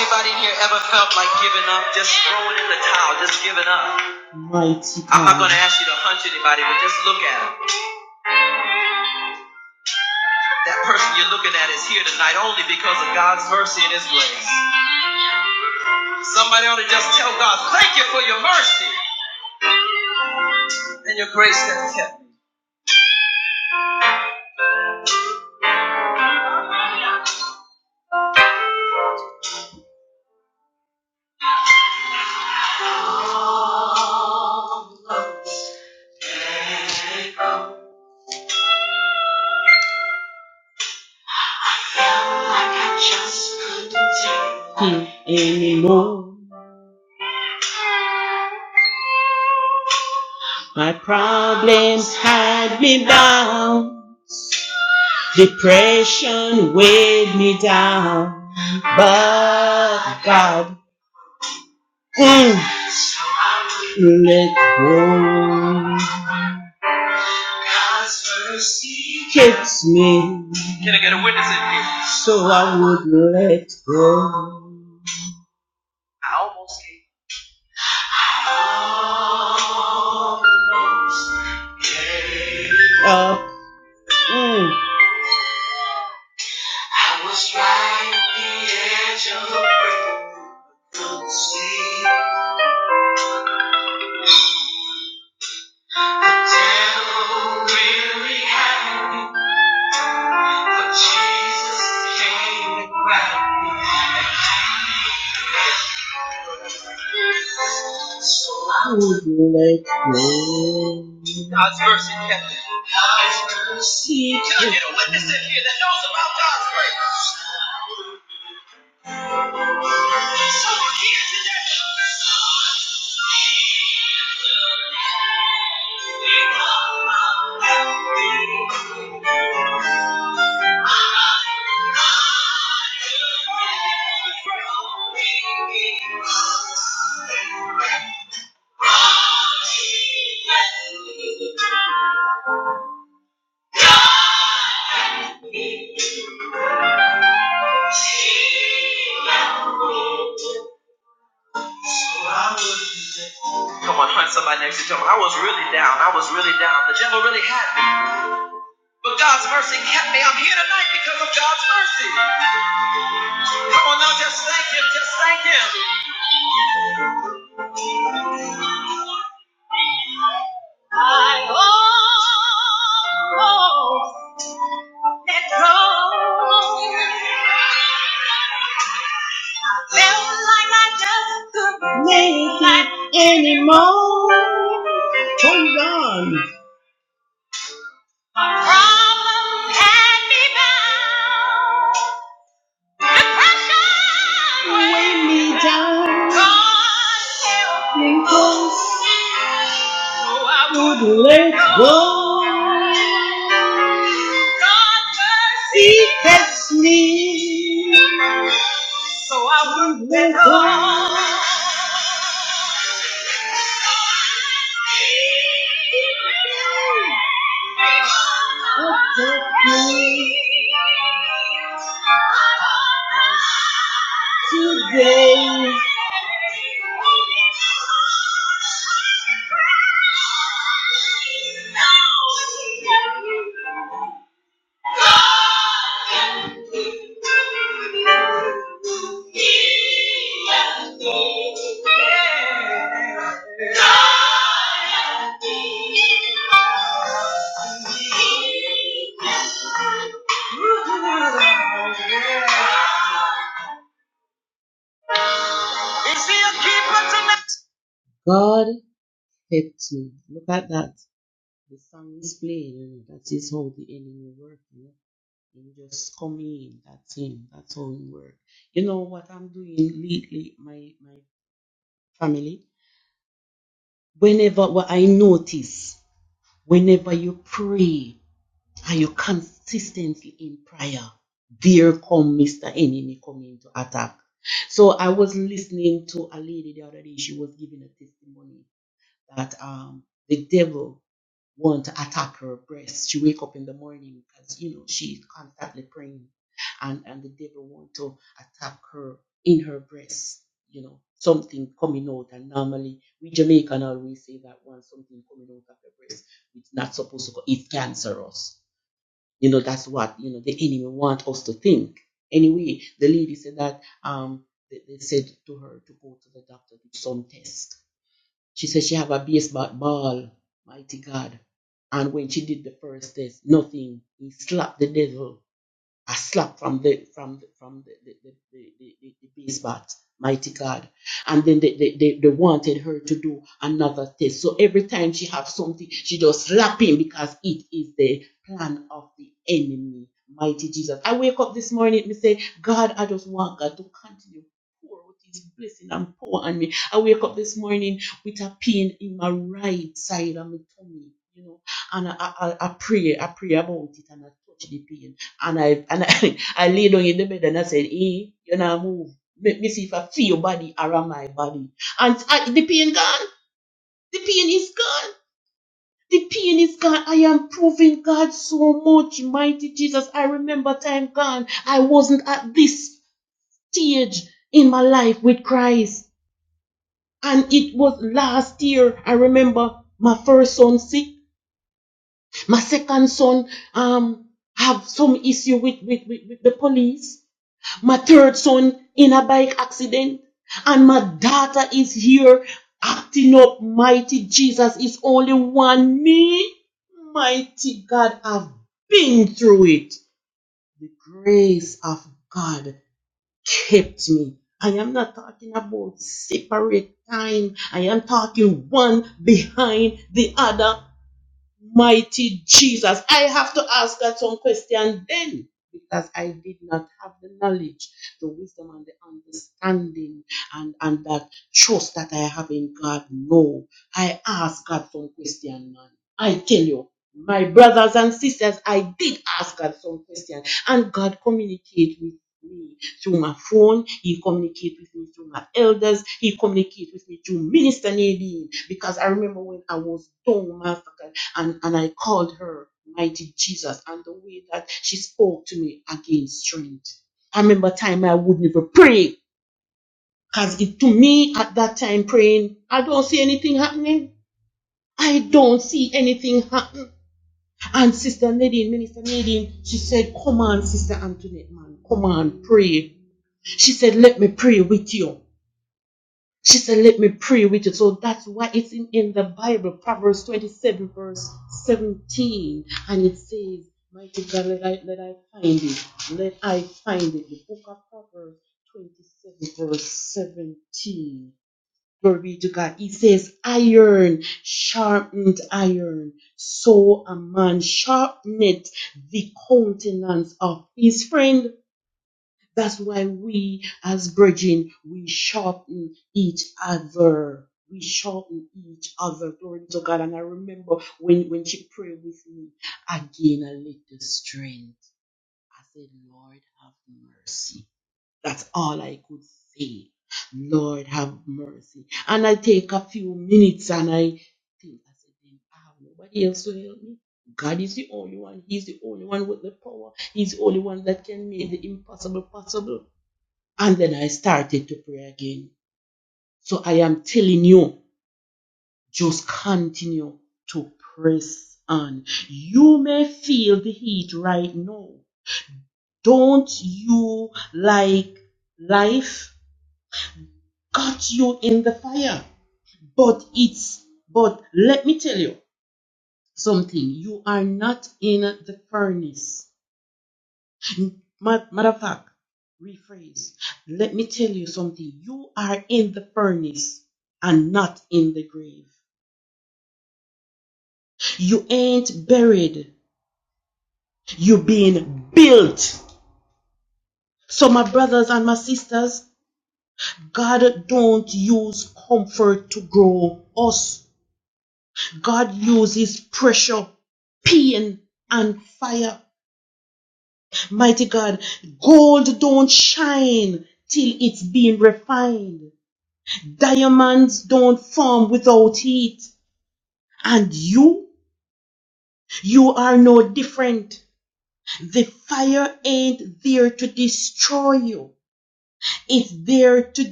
[SPEAKER 8] Anybody in here ever felt like giving up, just throwing in the towel, just giving up? I Ask you to hunch anybody, but just look at them. That person you're looking at is here tonight only because of God's mercy and His grace. Somebody ought to just tell God, thank you for your mercy and your grace that kept. me." Like I just couldn't Can I get a witness in here? I almost gave I almost I was right at the edge of the break. See, the devil in the cheese came and grabbed. God's mercy kept it. God's mercy. You're witness here that knows about God's grace. Someone here today. Come on, hunt somebody next to you. Tell 'em, I was really down. I was really down. The devil really had me. But God's mercy kept me. I'm here tonight because of God's mercy. Come on now, just thank Him. Just thank Him. I almost let go. I Felt like I just couldn't. My problem had me bound. God help me. So I Is he a keeper tonight?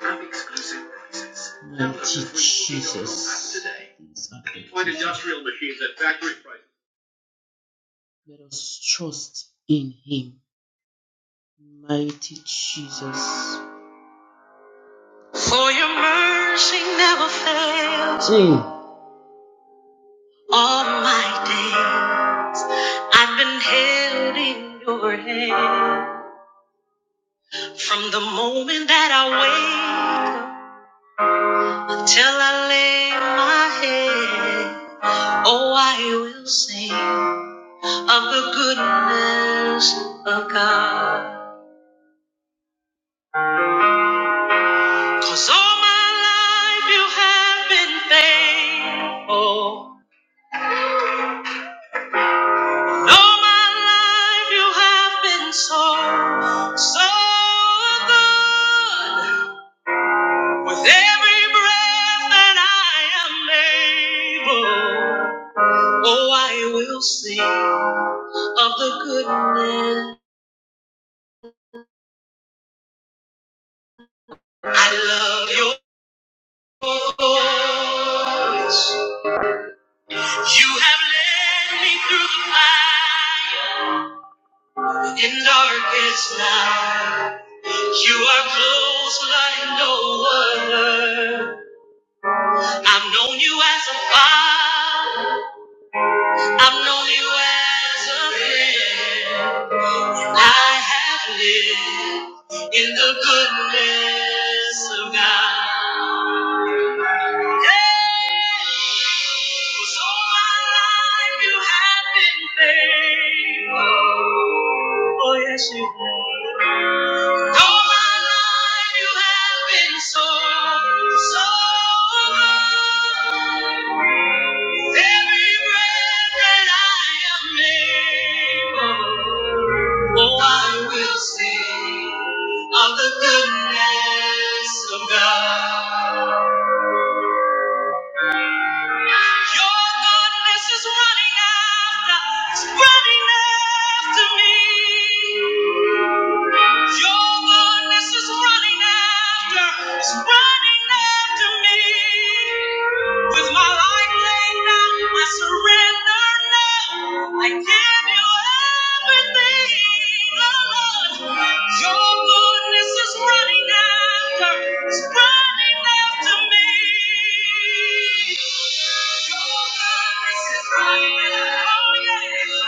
[SPEAKER 8] Have exclusive prices. Industrial machines at factory prices. in your hand. From the moment that I wake up until I lay my head, oh, I will sing of the goodness of God. Cause all my life you have been faithful. all my life you have been so, so good. With every breath that I am able, Oh, I will sing of the goodness. I love your voice. You have led me through the fire and darkest night. You are close like no other. I've known you as a father. I've known you as a friend. and I have lived in the goodness of God. Yeah, 'cause all my life you have been faithful. Oh, yes, you have. All my life you have been so, so good. Every breath that I am able, oh, I will sing of the goodness of God. Your goodness is running after, it's running after me. Your goodness is running after, is running after me. With my life laid down, I surrender now. I give you everything, oh Lord. Your goodness is running after, is running after me. Your goodness is running after, oh yeah.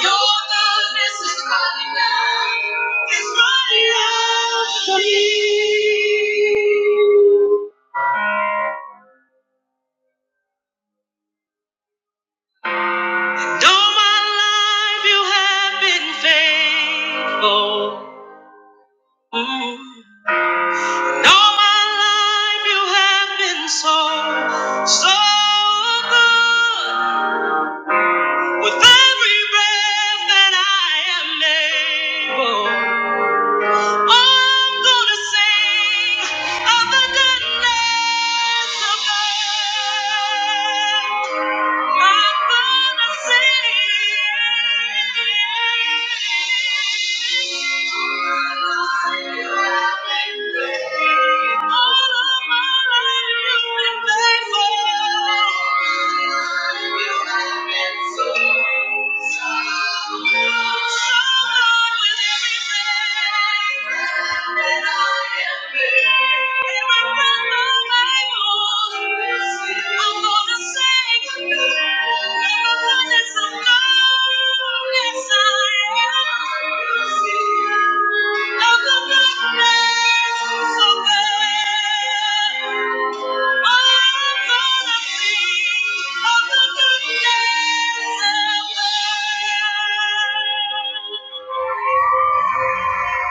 [SPEAKER 8] Your goodness is running out. It's running out for me. All my life you have been faithful. Mm. Though my life you have been so, so good. With every breath that I am able. I'm gonna sing of the goodness of God. I'm gonna sing. All of my life you've been faithful. You have been so, so good. So good with everything. Thank you.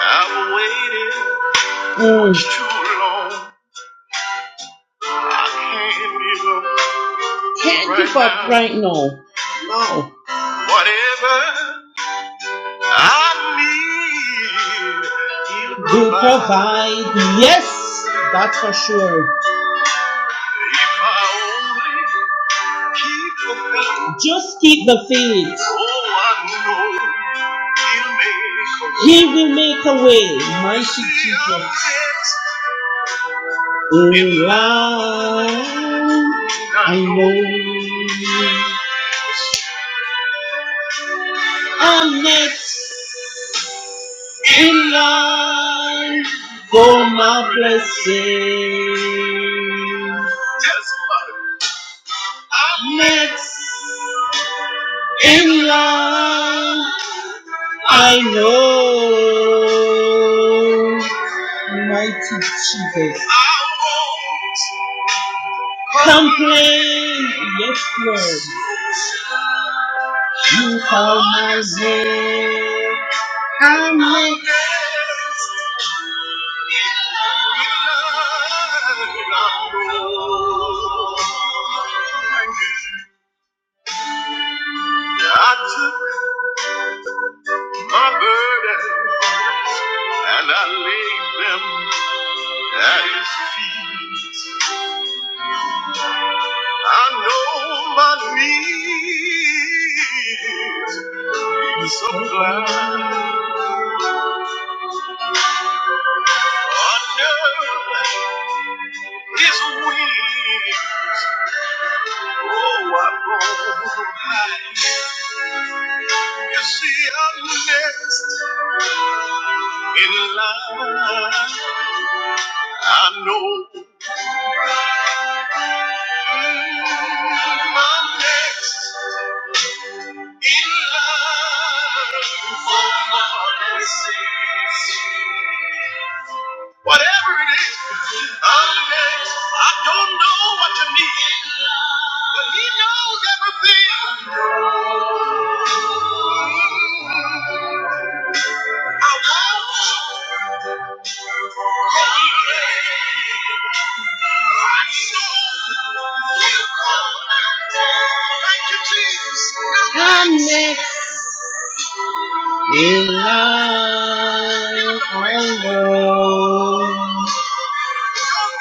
[SPEAKER 8] I've waited too long. I can't give up Whatever I need, if I only keep the faith. Oh, I know he'll make a fix. Testify. I won't. I took my burden and I laid them at his feet. I know my needs he supplies under his wings. You see, I'm next in line. I know I'm next in line for mercy. Whatever it is, I'm next. I don't know what you need, but He knows everything.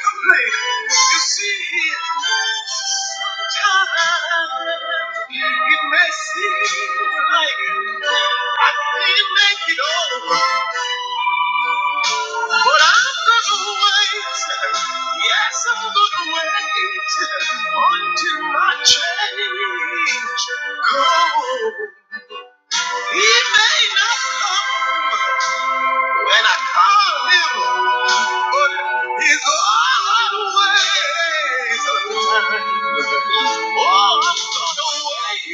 [SPEAKER 8] complain. You see, sometimes it may seem like I can't make it all. But I'm gonna wait. Yes, I'm gonna wait until my change. comes. he may not come. When I call him, but he's always on time. Oh, I'm gonna wait.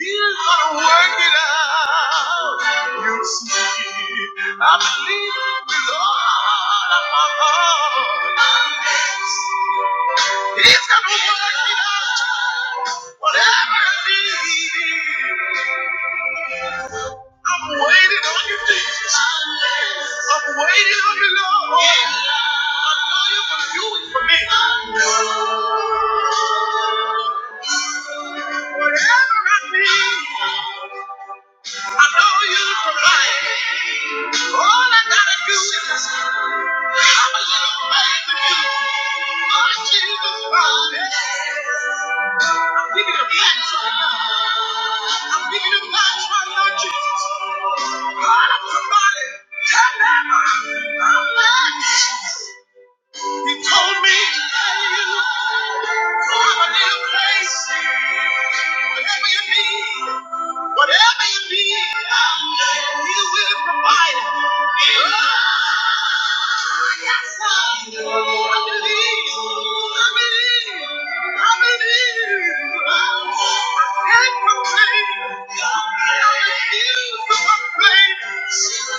[SPEAKER 8] He's gonna work it out. You see, I believe with all of my heart. He's gonna work it out. Whatever I need. I'm waiting on you, Jesus. I'm waiting on you, Lord. I know you're going to do it for me. Whatever I need. I know you provide. All I gotta do is have a little faith in you. Oh, Jesus Christ. I'm giving you thanks right now. I'm giving you thanks right now, Jesus. God, I'm somebody. Tell them I'm blessed. You told me to tell you to have a little place. Whatever you need. Whatever you need, He will provide. it. Oh, yes, sir. I believe. I believe. I believe. I can proclaim. I refuse to complain. She's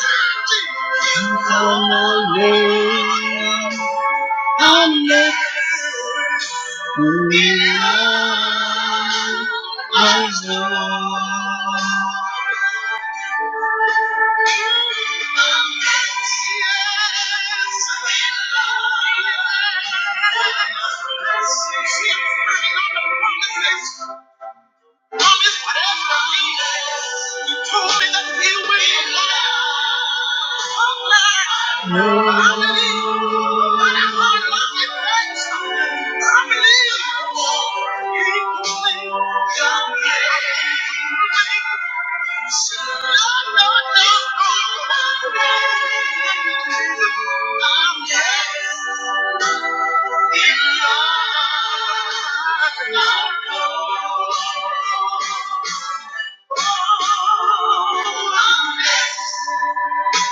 [SPEAKER 8] Thank you.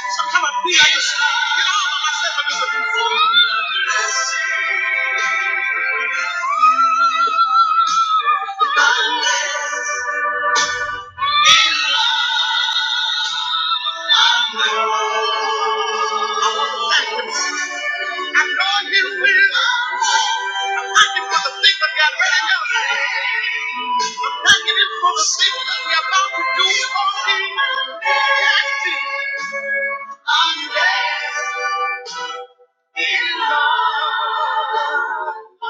[SPEAKER 8] Some kind of we are just, you know, all by myself, I'm just looking for I know He will. I'm thanking for the things that got ready to do. I'm thanking Him for the things that we're about to do for Him. I'm blessed in love.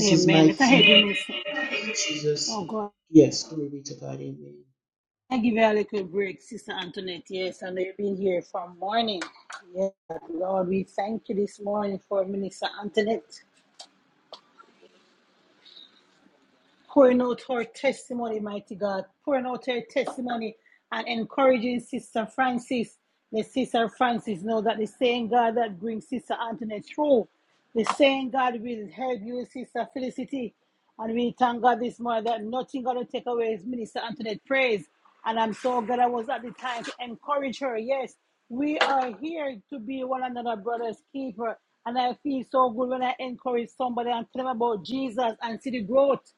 [SPEAKER 1] Amen. Let us help you, Mister. Oh God. I give you a little break, Sister Antoinette. Yes, and you've been here from morning. Yes, Lord, we thank you this morning for Minister Antoinette. pouring out her testimony, mighty God, pouring out her testimony and encouraging Sister Francis. Let Sister Francis know that the same God that brings Sister Antoinette through, the same God will help you, Sister Felicity. And we thank God this morning that nothing gonna take away his minister Antoinette praise. And I'm so glad I was at the time to encourage her. Yes, we are here to be one another brother's keeper. And I feel so good when I encourage somebody and tell them about Jesus and see the growth.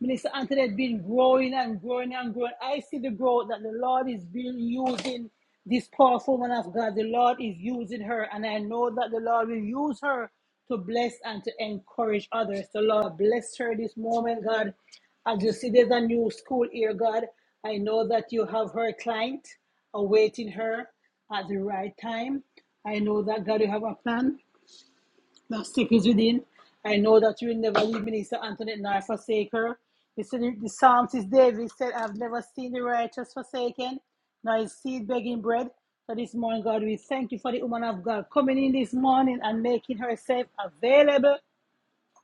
[SPEAKER 1] Minister Anthony has been growing and growing and growing. I see the growth that the Lord is being using this powerful woman of God. The Lord is using her, and I know that the Lord will use her to bless and to encourage others. So, Lord bless her this moment, God. As you see, there's a new school here, God. I know that you have her client awaiting her at the right time. I know that God, you have a plan the sick is within. I know that you will never leave me, Minister Antoinette nor forsake her. The, the psalmist David said, I have never seen the righteous forsaken, nor his seed begging bread. So this morning, God, we thank you for the woman of God coming in this morning and making herself available.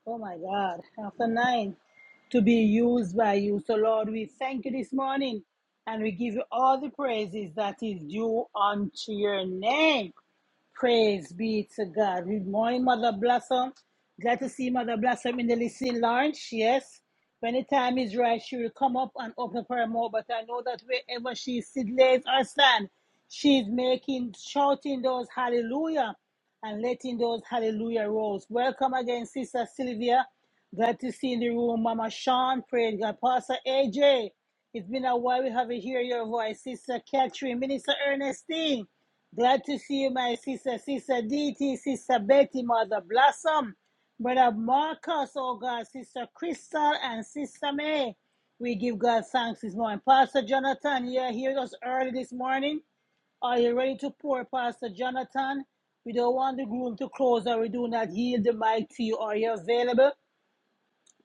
[SPEAKER 1] Oh my God, after nine, to be used by you. So, Lord, we thank you this morning and we give you all the praises that is due unto your name. Praise be to God. Good morning, Mother Blossom. Glad to see Mother Blossom in the listening lounge. Yes. When the time is right, she will come up and open for her mouth. But I know that wherever she sits, lays or stands, she's making, shouting those hallelujah and letting those hallelujah rolls. Welcome again, Sister Sylvia. Glad to see you in the room, Mama Sean. Praise God. Pastor AJ. It's been a while we haven't heard your voice, Sister Catherine, Minister Ernestine. Glad to see you, my sister, sister DT, sister Betty, mother Blossom, brother Marcus, oh God, sister Crystal, and sister May. We give God thanks this morning. Pastor Jonathan, you are here with us early this morning. Are you ready to pour, Pastor Jonathan? We don't want the room to close or we do not yield the mic to you. Are you available?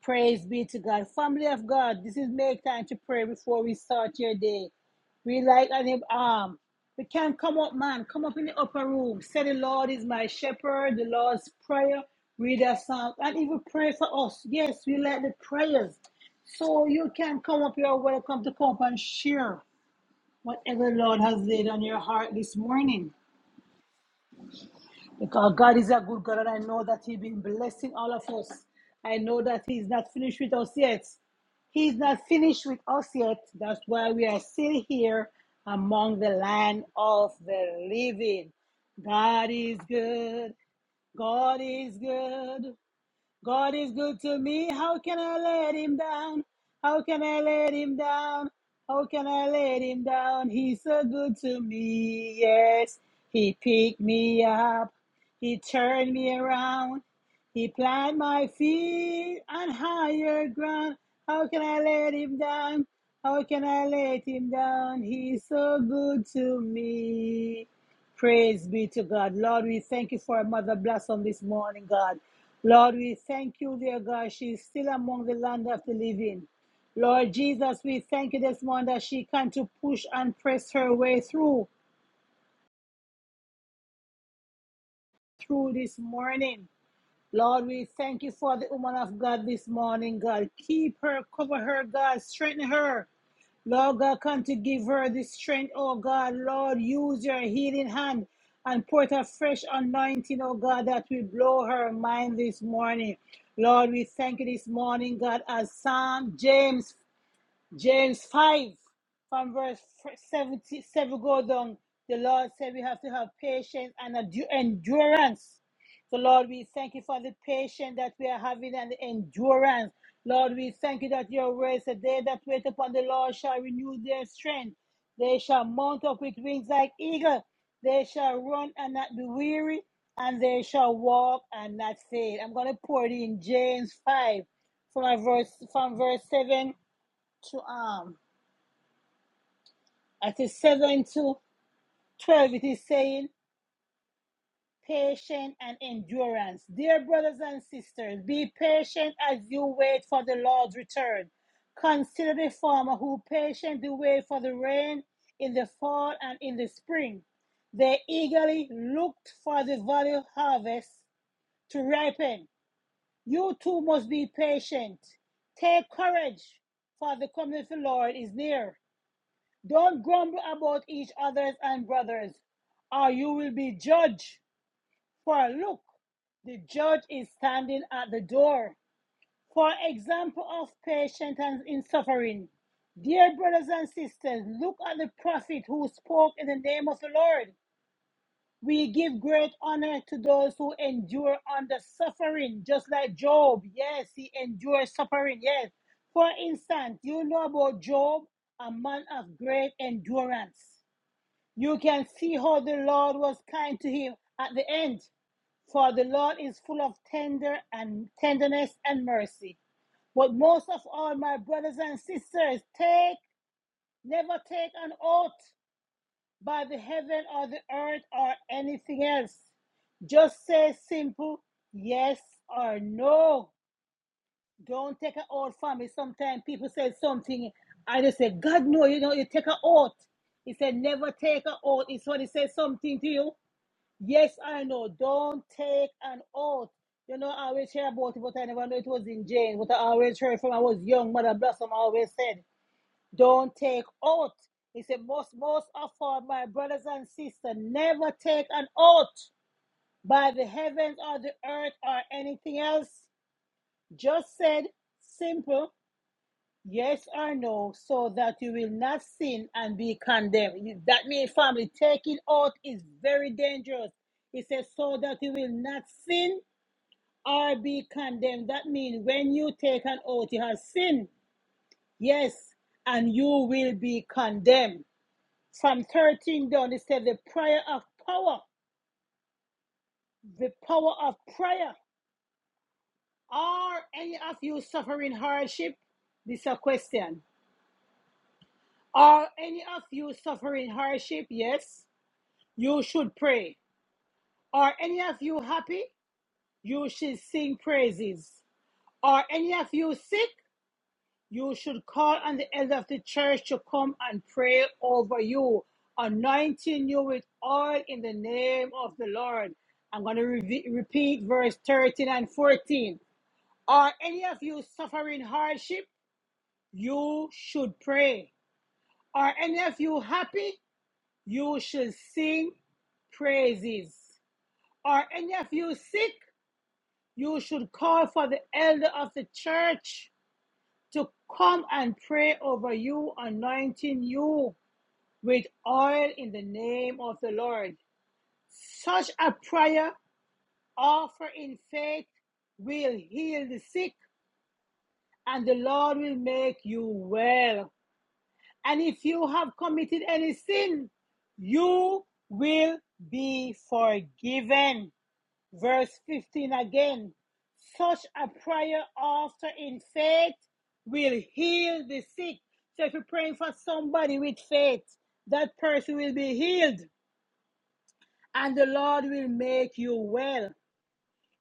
[SPEAKER 1] Praise be to God. Family of God, this is make time to pray before we start your day. We like an um, we can't come up, man. Come up in the upper room. Say the Lord is my shepherd, the Lord's prayer. Read a psalm and even pray for us. Yes, we like the prayers. So you can come up, you're welcome to come up and share whatever the Lord has laid on your heart this morning. Because God is a good God, and I know that He's been blessing all of us. I know that He's not finished with us yet. He's not finished with us yet. That's why we are still here among the land of the living. God is good. God is good. God is good to me. How can I let him down? How can I let him down? How can I let him down? He's so good to me. Yes, he picked me up. He turned me around. He planted my feet on higher ground. How can I let him down? How can I let him down? He's so good to me. Praise be to God. Lord, we thank you for Mother Blossom this morning, God. Lord, we thank you, dear God. She is still among the land of the living. Lord Jesus, we thank you this morning that she can to push and press her way through, through this morning. Lord, we thank you for the woman of God this morning, God. Keep her, cover her, God. Strengthen her. Lord God, come to give her the strength, oh God. Lord, use your healing hand and pour out a fresh anointing, oh God, that will blow her mind this morning. Lord, we thank you this morning, God, as Psalm James James 5 from verse 77 go down. The Lord said we have to have patience and endu- endurance. So, Lord, we thank you for the patience that we are having and the endurance. Lord, we thank you that your word said, They that wait upon the Lord shall renew their strength. They shall mount up with wings like eagle. They shall run and not be weary, and they shall walk and not faint. I'm going to pour it in James 5 from verse, from verse 7 to um at is seven to twelve it is saying patience and endurance. Dear brothers and sisters, be patient as you wait for the Lord's return. Consider the farmer who patiently wait for the rain in the fall and in the spring. They eagerly looked for the valley harvest to ripen. You too must be patient. Take courage, for the coming of the Lord is near. Don't grumble about each other's and brothers, or you will be judged. For look, the judge is standing at the door. For example of patience and in suffering. Dear brothers and sisters, look at the prophet who spoke in the name of the Lord. We give great honor to those who endure under suffering, just like Job. Yes, he endured suffering. Yes. For instance, you know about Job, a man of great endurance. You can see how the Lord was kind to him at the end, for the Lord is full of tender and tenderness and mercy. But most of all, my brothers and sisters, take never take an oath by the heaven or the earth or anything else. Just say simple yes or no. Don't take an oath from me. Sometimes people say something, I just say, God no, you know, you take an oath. He said, never take an oath. It's when he says something to you. Yes, I know. Don't take an oath. You know, I always hear about it, but I never knew it was in James. But I always heard from I was young, Mother Blossom always said, Don't take oath. He said, Most most of all, my brothers and sisters, never take an oath by the heavens or the earth or anything else. Just said simple Yes or no, so that you will not sin and be condemned. You- That means, family, taking oath is very dangerous. It says, so that you will not sin or be condemned. That means when you take an oath, you have sinned, yes, and you will be condemned. From 13 down, it says, the prayer of power, the power of prayer. Are any of you suffering hardship? This is a question. Are any of you suffering hardship? Yes. You should pray. Are any of you happy? You should sing praises. Are any of you sick? You should call on the elder of the church to come and pray over you, anointing you with oil in the name of the Lord. I'm going to re- repeat verse 13 and 14. Are any of you suffering hardship? You should pray. Are any of you happy? You should sing praises. Are any of you sick? You should call for the elder of the church to come and pray over you, anointing you with oil in the name of the Lord. Such a prayer offered in faith will heal the sick, and the Lord will make you well. And if you have committed any sin, you will be forgiven. Verse 15 again. Such a prayer after in faith will heal the sick. So if you're praying for somebody with faith, that person will be healed and the Lord will make you well.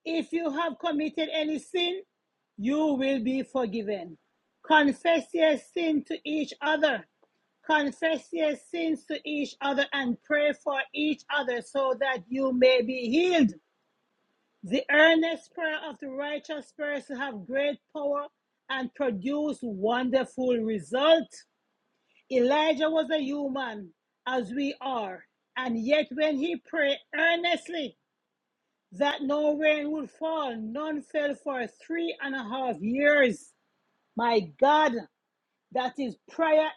[SPEAKER 1] If you have committed any sin, you will be forgiven. Confess your sin to each other. Confess your sins to each other and pray for each other so that you may be healed. The earnest prayer of the righteous person have great power and produce wonderful results. Elijah was a human as we are, and yet when he prayed earnestly that no rain would fall, none fell for three and a half years. My God, that is prayer,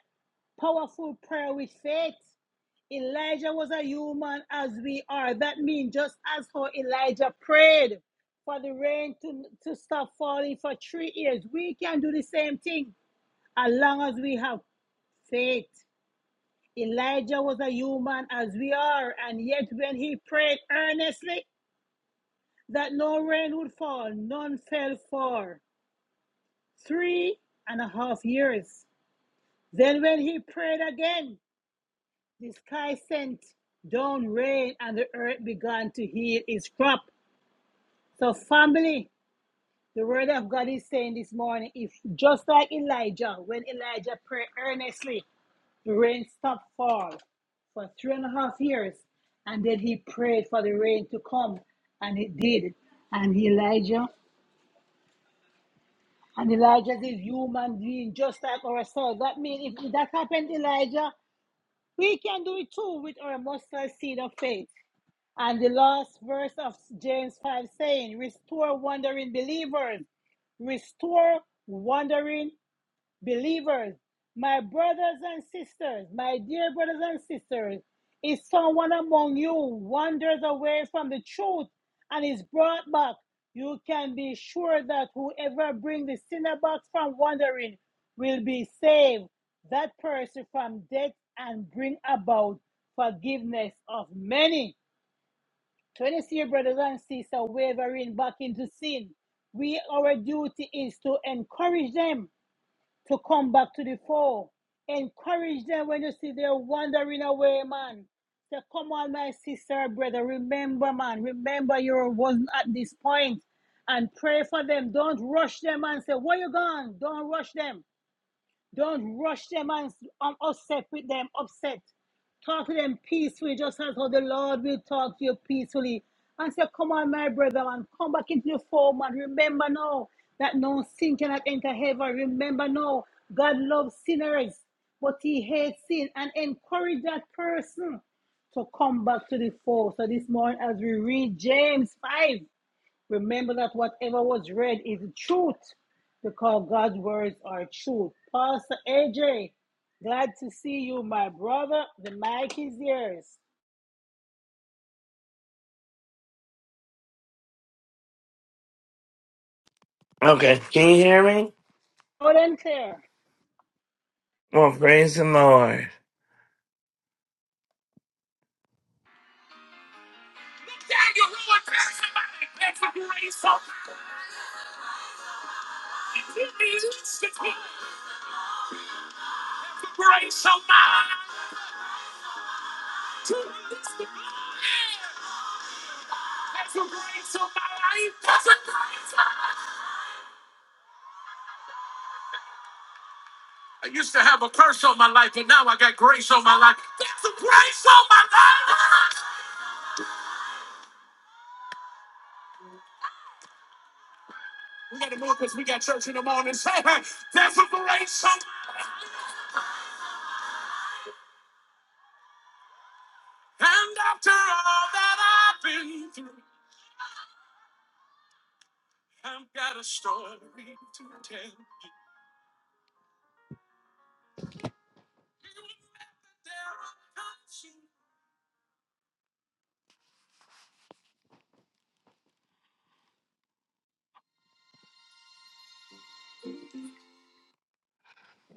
[SPEAKER 1] powerful prayer with faith. Elijah was a human as we are. That means just as how Elijah prayed for the rain to, to stop falling for three years, we can do the same thing as long as we have faith. Elijah was a human as we are, and yet when he prayed earnestly that no rain would fall, none fell for three and a half years. Then when he prayed again, the sky sent down rain and the earth began to heal its crop. So, family, the word of God is saying this morning, if just like Elijah, when Elijah prayed earnestly, the rain stopped fall for three and a half years, and then he prayed for the rain to come, and it did. And Elijah, and Elijah is a human being just like ourselves. That means if that happened, to Elijah, we can do it too with our mustard seed of faith. And the last verse of James 5 saying, Restore wandering believers restore wandering believers. My brothers and sisters, my dear brothers and sisters, if someone among you wanders away from the truth and is brought back, you can be sure that whoever brings the sinner back from wandering will be saved that person from death and bring about forgiveness of many. So when you see your brothers and sisters wavering back into sin, we our duty is to encourage them to come back to the fold. Encourage them when you see they're wandering away, man. Say, come on, my sister, brother. Remember, man. Remember you wasn't at this point, And pray for them. Don't rush them and say, Where you gone? Don't rush them. Don't rush them and um, upset with them, upset. Talk to them peacefully, just as how the Lord will talk to you peacefully. And say, Come on, my brother, and come back into the fold, man. Remember now that no sin cannot enter heaven. Remember now, God loves sinners, but He hates sin. And encourage that person to come back to the fold. So this morning, as we read James 5, Remember that whatever was read is truth because God's words are truth. Pastor AJ, glad to see you, my brother. The mic is yours.
[SPEAKER 9] Okay, can you hear me?
[SPEAKER 1] Loud and clear.
[SPEAKER 9] Well, praise the Lord.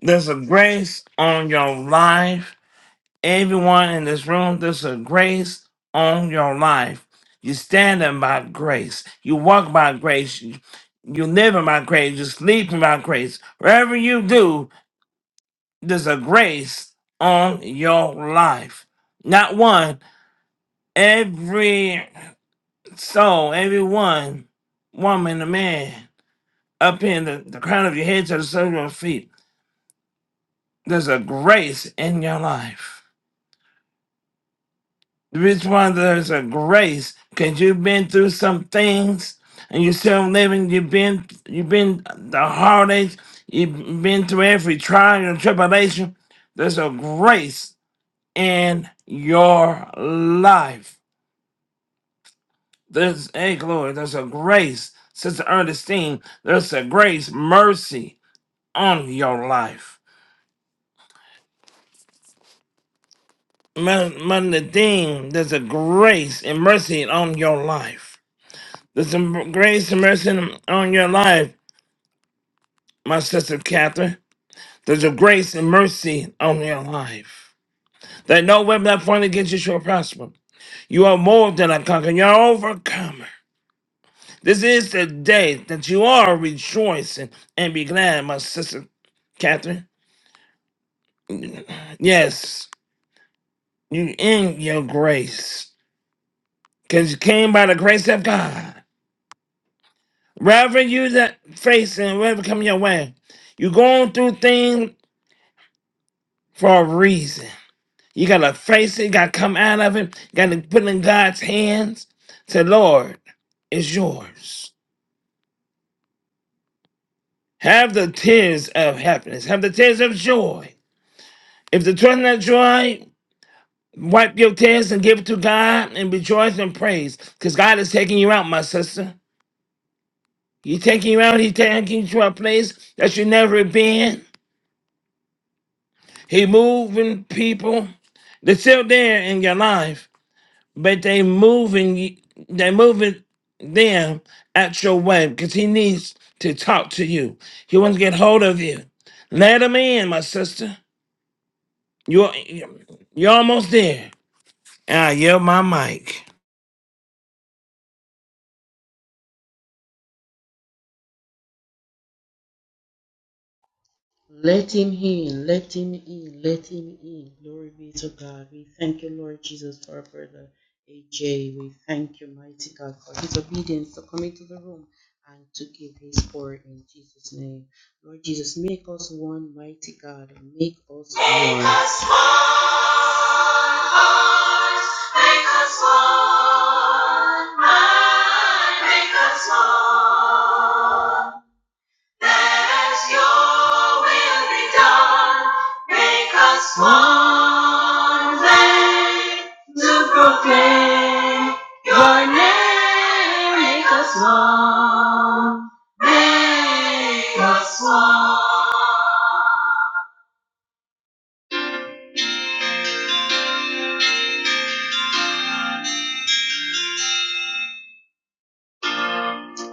[SPEAKER 9] There's a grace on your life. Everyone in this room, there's a grace on your life. You stand by grace. You walk by grace. You, you live by grace. You sleep by grace. Wherever you do, there's a grace on your life. Not one. Every soul, every one, woman, a man, up in the, the crown of your head to the sole of your feet There's a grace in your life. The reason why there's a grace, because you've been through some things and you're still living. You've been you've been the heartaches. You've been through every trial and tribulation. There's a grace in your life. There's a glory. There's a grace, Sister Ernestine. There's a grace, mercy on your life. Mother Nadine, there's a grace and mercy on your life. There's a grace and mercy on your life, my sister Catherine. There's a grace and mercy on your life. That no weapon that formed against you shall prosper. You are more than a conqueror. You're an overcomer. This is the day that you are rejoicing and be glad, my sister Catherine. Yes, you in your grace. Because you came by the grace of God. Wherever you that facing, whatever come your way, you're going through things for a reason. You gotta face it, gotta come out of it, gotta put it in God's hands. Say, Lord, it's yours. Have the tears of happiness, have the tears of joy. If the tears not joy, wipe your tears and give it to God and rejoice and praise. Because God is taking you out, my sister. He's taking you out, He's taking you to a place that you never been. He moving people that's still there in your life but they moving they moving them at your way because he needs to talk to you. He wants to get hold of you. Let him in, my sister. You're you're almost there. And I yell my mic.
[SPEAKER 8] As one, make us one, make us one. Let your will be done, make us one. They to proclaim your name, make us one,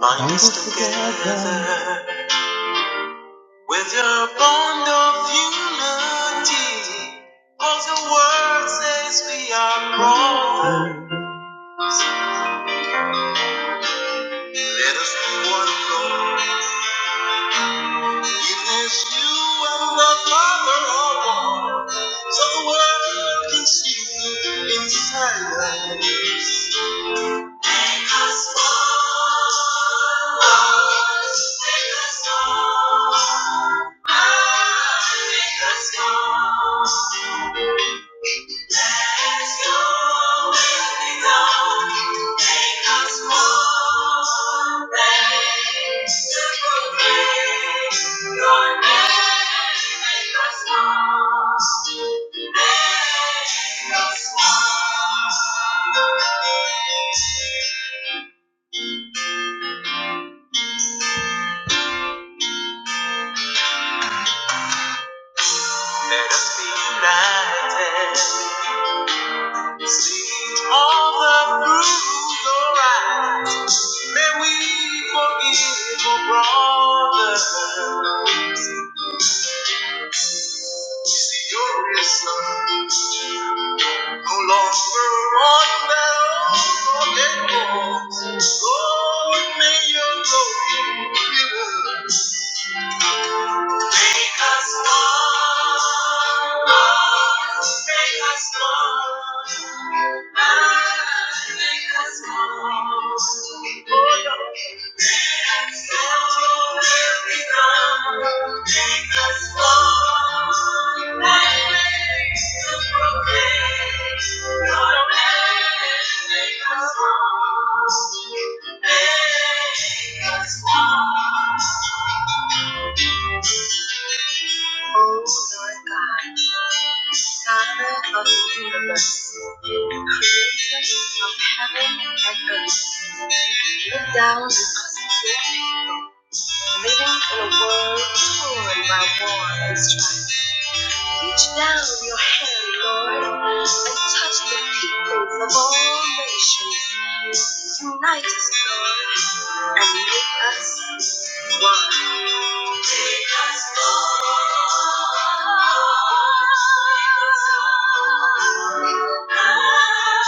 [SPEAKER 8] make us one. With your bond of unity, all the world says we are wrong. Let us be one, Lord, even as you and the Father are one, so the world can see you in silence. Make us one, Lord, make us one, Ah, make us one. Let us be united. Seeds of the bruised right. May we forgive our brothers. It's the glorious Son. No longer on the Lord, may your glory known. Make us one, make us one, Ah, make us one. Let Make us one. Creator of heaven and earth, look down on us today. Living in a world torn by war and strife. Reach down your hand, Lord, and touch the peoples of all nations. Unite us, Lord, and make us one. Make us one. Make us one. Yeah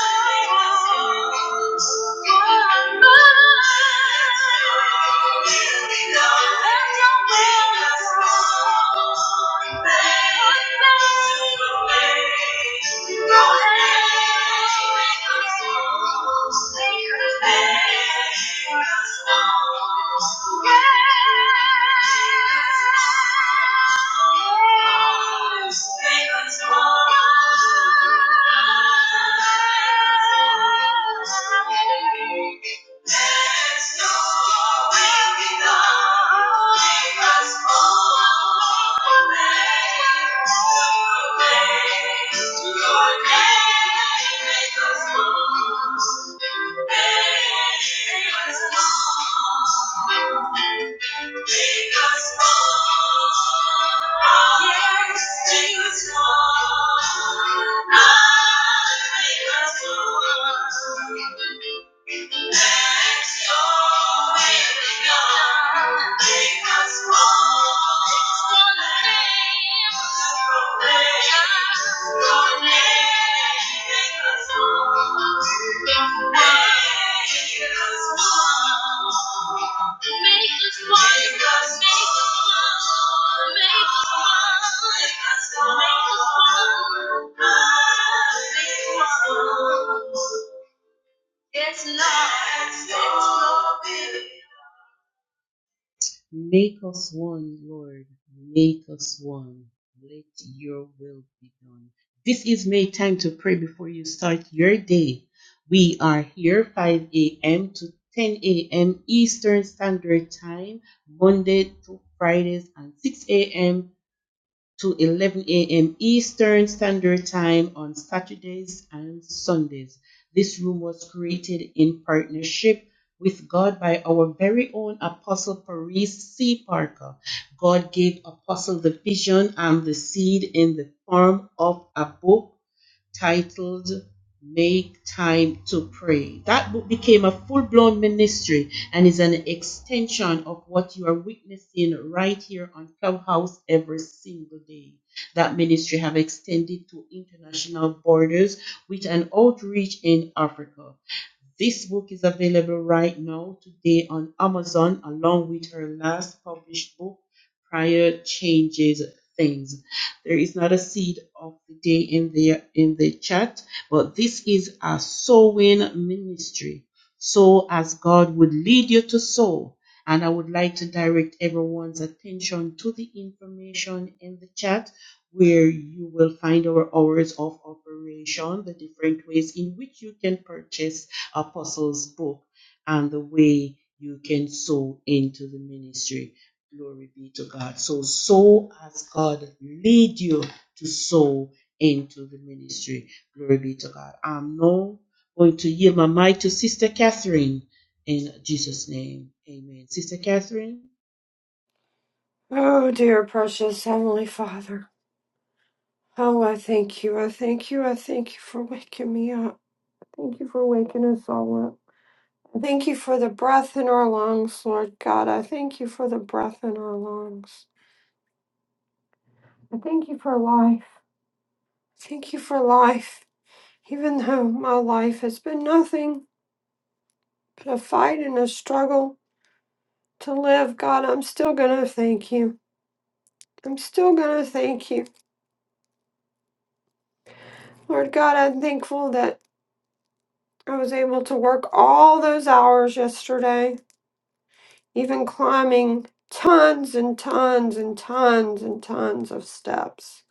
[SPEAKER 8] your name, Make us you. Make us you. Make us one. Make us one. Make us one. Make us one. Make us one. It's not, it's not
[SPEAKER 10] Oh, dear precious Heavenly Father. Oh, I thank you. I thank you. I thank you for waking me up. Thank you for waking us all up. I Thank you for the breath in our lungs, Lord God. I thank you for the breath in our lungs. I thank you for life. Thank you for life. Even though my life has been nothing but a fight and a struggle to live, God, I'm still going to thank you. I'm still going to thank you. Lord God, I'm thankful that I was able to work all those hours yesterday, even climbing tons and tons and tons and tons of steps.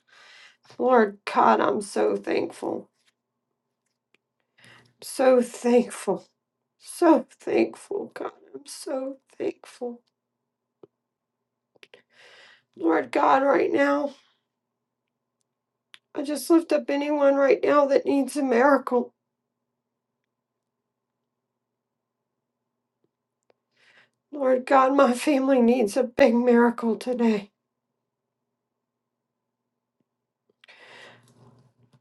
[SPEAKER 10] Lord God, I'm so thankful. So thankful. So thankful, God. I'm so thankful. Lord God, right now, I just lift up anyone right now that needs a miracle. Lord God, my family needs a big miracle today.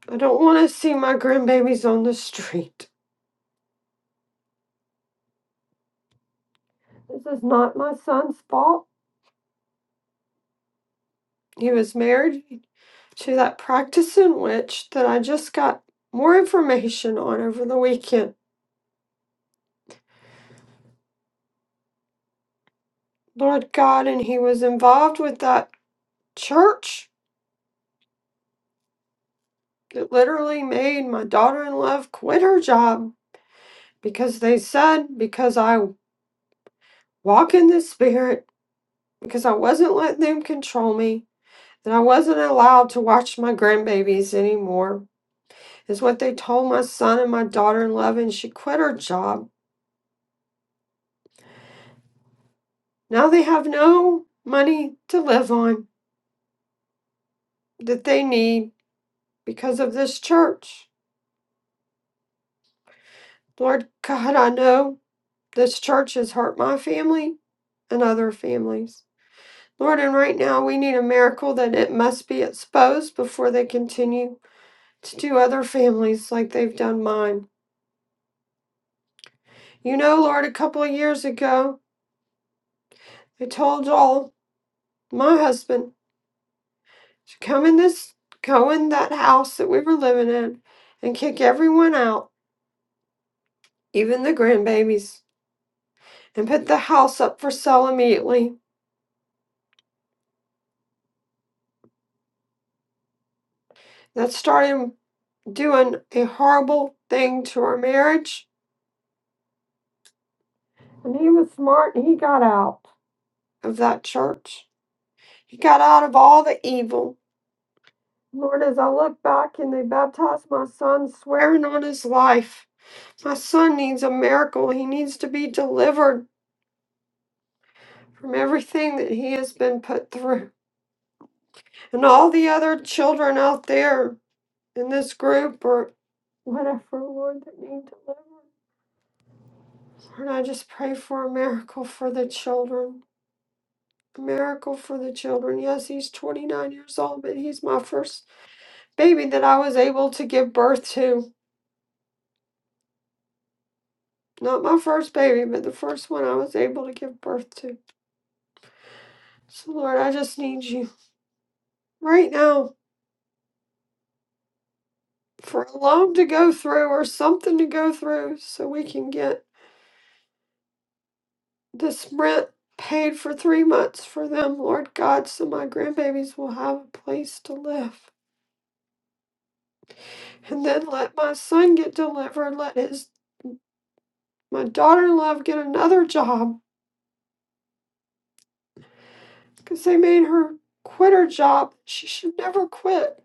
[SPEAKER 10] I don't want to see my grandbabies on the street. This is not my son's fault. He was married to that practicing witch that I just got more information on over the weekend. Lord God, and he was involved with that church that literally made my daughter in law quit her job because they said, because I walk in the spirit, because I wasn't letting them control me, that I wasn't allowed to watch my grandbabies anymore, is what they told my son and my daughter in law and she quit her job Now they have no money to live on that they need because of this church. Lord God, I know this church has hurt my family and other families. Lord, and right now we need a miracle that it must be exposed before they continue to do other families like they've done mine. You know, Lord, a couple of years ago, I told all my husband to come in this, go in that house that we were living in and kick everyone out even the grandbabies, and put the house up for sale immediately. That started doing a horrible thing to our marriage. And he was smart and he got out of that church. He got out of all the evil. Lord, as I look back and they baptized my son, swearing on his life. My son needs a miracle. He needs to be delivered from everything that he has been put through. And all the other children out there in this group are. Whatever, Lord, that need deliverance. Lord, I just pray for a miracle for the children. miracle for the children. Yes, he's 29 years old, but he's my first baby that I was able to give birth to. Not my first baby, but the first one I was able to give birth to. So, Lord, I just need you right now for a loan to go through or something to go through so we can get this rent paid for three months for them, Lord God, so my grandbabies will have a place to live. and then let my son get delivered, let his my daughter-in-law get another job because they made her quit her job. She should never quit.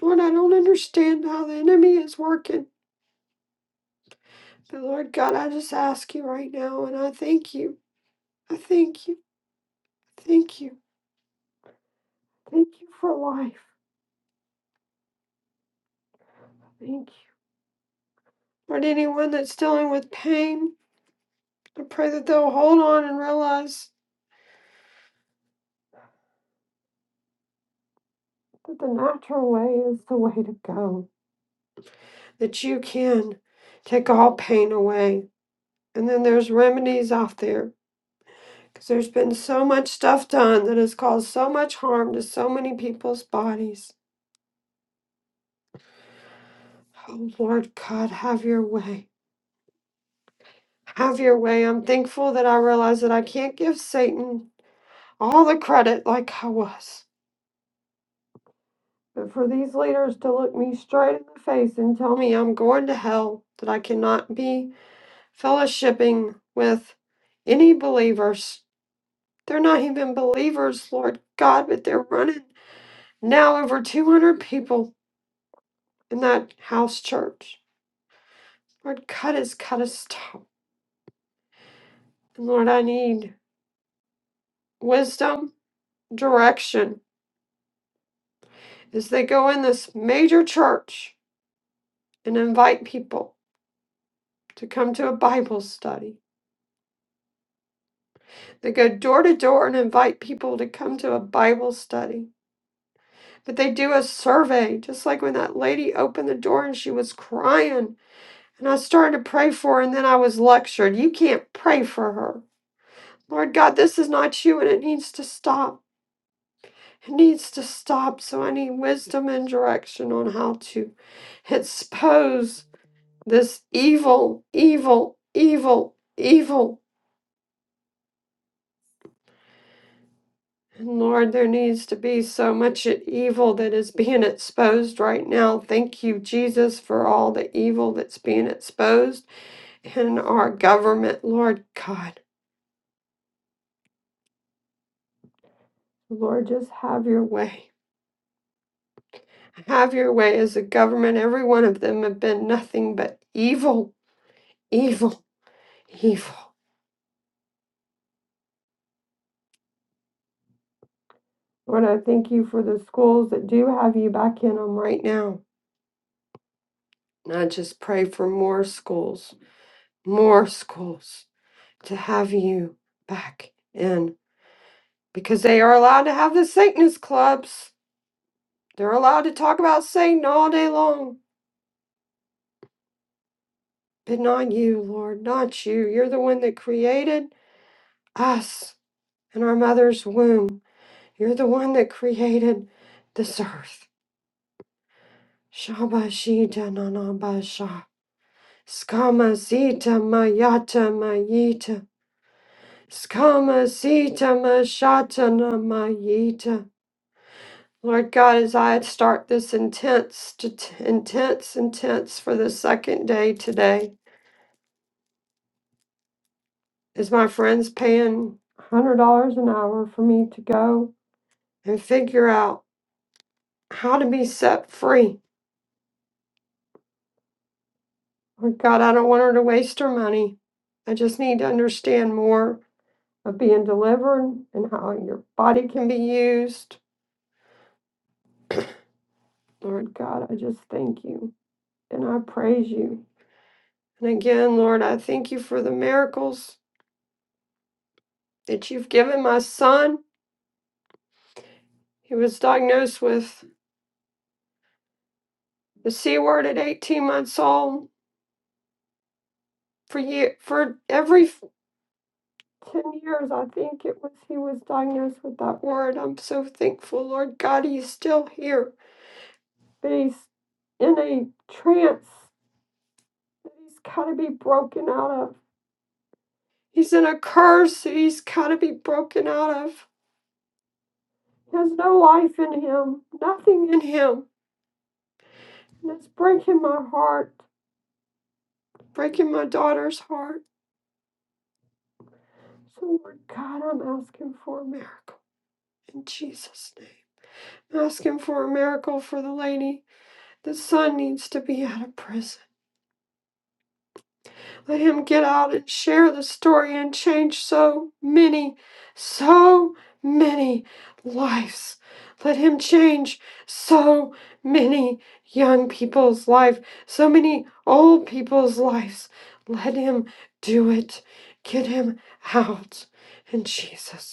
[SPEAKER 10] Lord, I don't understand how the enemy is working. But Lord God, I just ask you right now, and I thank you. I thank you. Thank you. Thank you for life. Thank you. Lord, anyone that's dealing with pain, I pray that they'll hold on and realize that the natural way is the way to go. That you can take all pain away And then there's remedies out there because there's been so much stuff done that has caused so much harm to so many people's bodies. Oh Lord God, have your way. Have your way. I'm thankful that I realize that I can't give Satan all the credit like I was. But for these leaders to look me straight in the face and tell me I'm going to hell, that I cannot be fellowshipping with any believers. They're not even believers, Lord God, but they're running. Now over 200 people in that house church. Lord, cut us, cut us, stop. And Lord, I need wisdom, direction as they go in this major church and invite people to come to a Bible study. They go door to door and invite people to come to a Bible study. But they do a survey, just like when that lady opened the door and she was crying. And I started to pray for her, and then I was lectured. You can't pray for her. Lord God, this is not you and it needs to stop. It needs to stop. So I need wisdom and direction on how to expose this evil, evil, evil, evil. And Lord, there needs to be so much evil that is being exposed right now. Thank you, Jesus, for all the evil that's being exposed in our government. Lord God, Lord, just have your way. Have your way as a government. Every one of them have been nothing but evil, evil, evil. Lord, I thank you for the schools that do have you back in them right now. And I just pray for more schools, more schools to have you back in because they are allowed to have the Satanist clubs. They're allowed to talk about Satan all day long, but not you, Lord, not you. You're the one that created us in our mother's womb. You're the one that created this earth. Shabashita nanabasha. Skama sita mayata mayita. Skama sita mashata mayita. Lord God, as I start this intense, t- intense, intense for the second day today, is my friends paying $100 an hour for me to go and figure out how to be set free Oh, God, I don't want her to waste her money. I just need to understand more of being delivered and how your body can be used. Lord God, I just thank you and I praise you. And again, Lord, I thank you for the miracles that you've given my son. He was diagnosed with the C word at 18 months old. For year, for every f- 10 years, I think it was, he was diagnosed with that word. I'm so thankful, Lord God, he's still here. that he's in a trance that he's got to be broken out of. He's in a curse that he's got to be broken out of. He has no life in him, nothing in him. And it's breaking my heart, breaking my daughter's heart. So, Lord God, I'm asking for a miracle in Jesus' name. I'm asking for a miracle for the lady. The son needs to be out of prison. Let him get out and share the story and change so many, so many lives. Let him change so many young people's lives, so many old people's lives. Let him do it. Get him out in Jesus'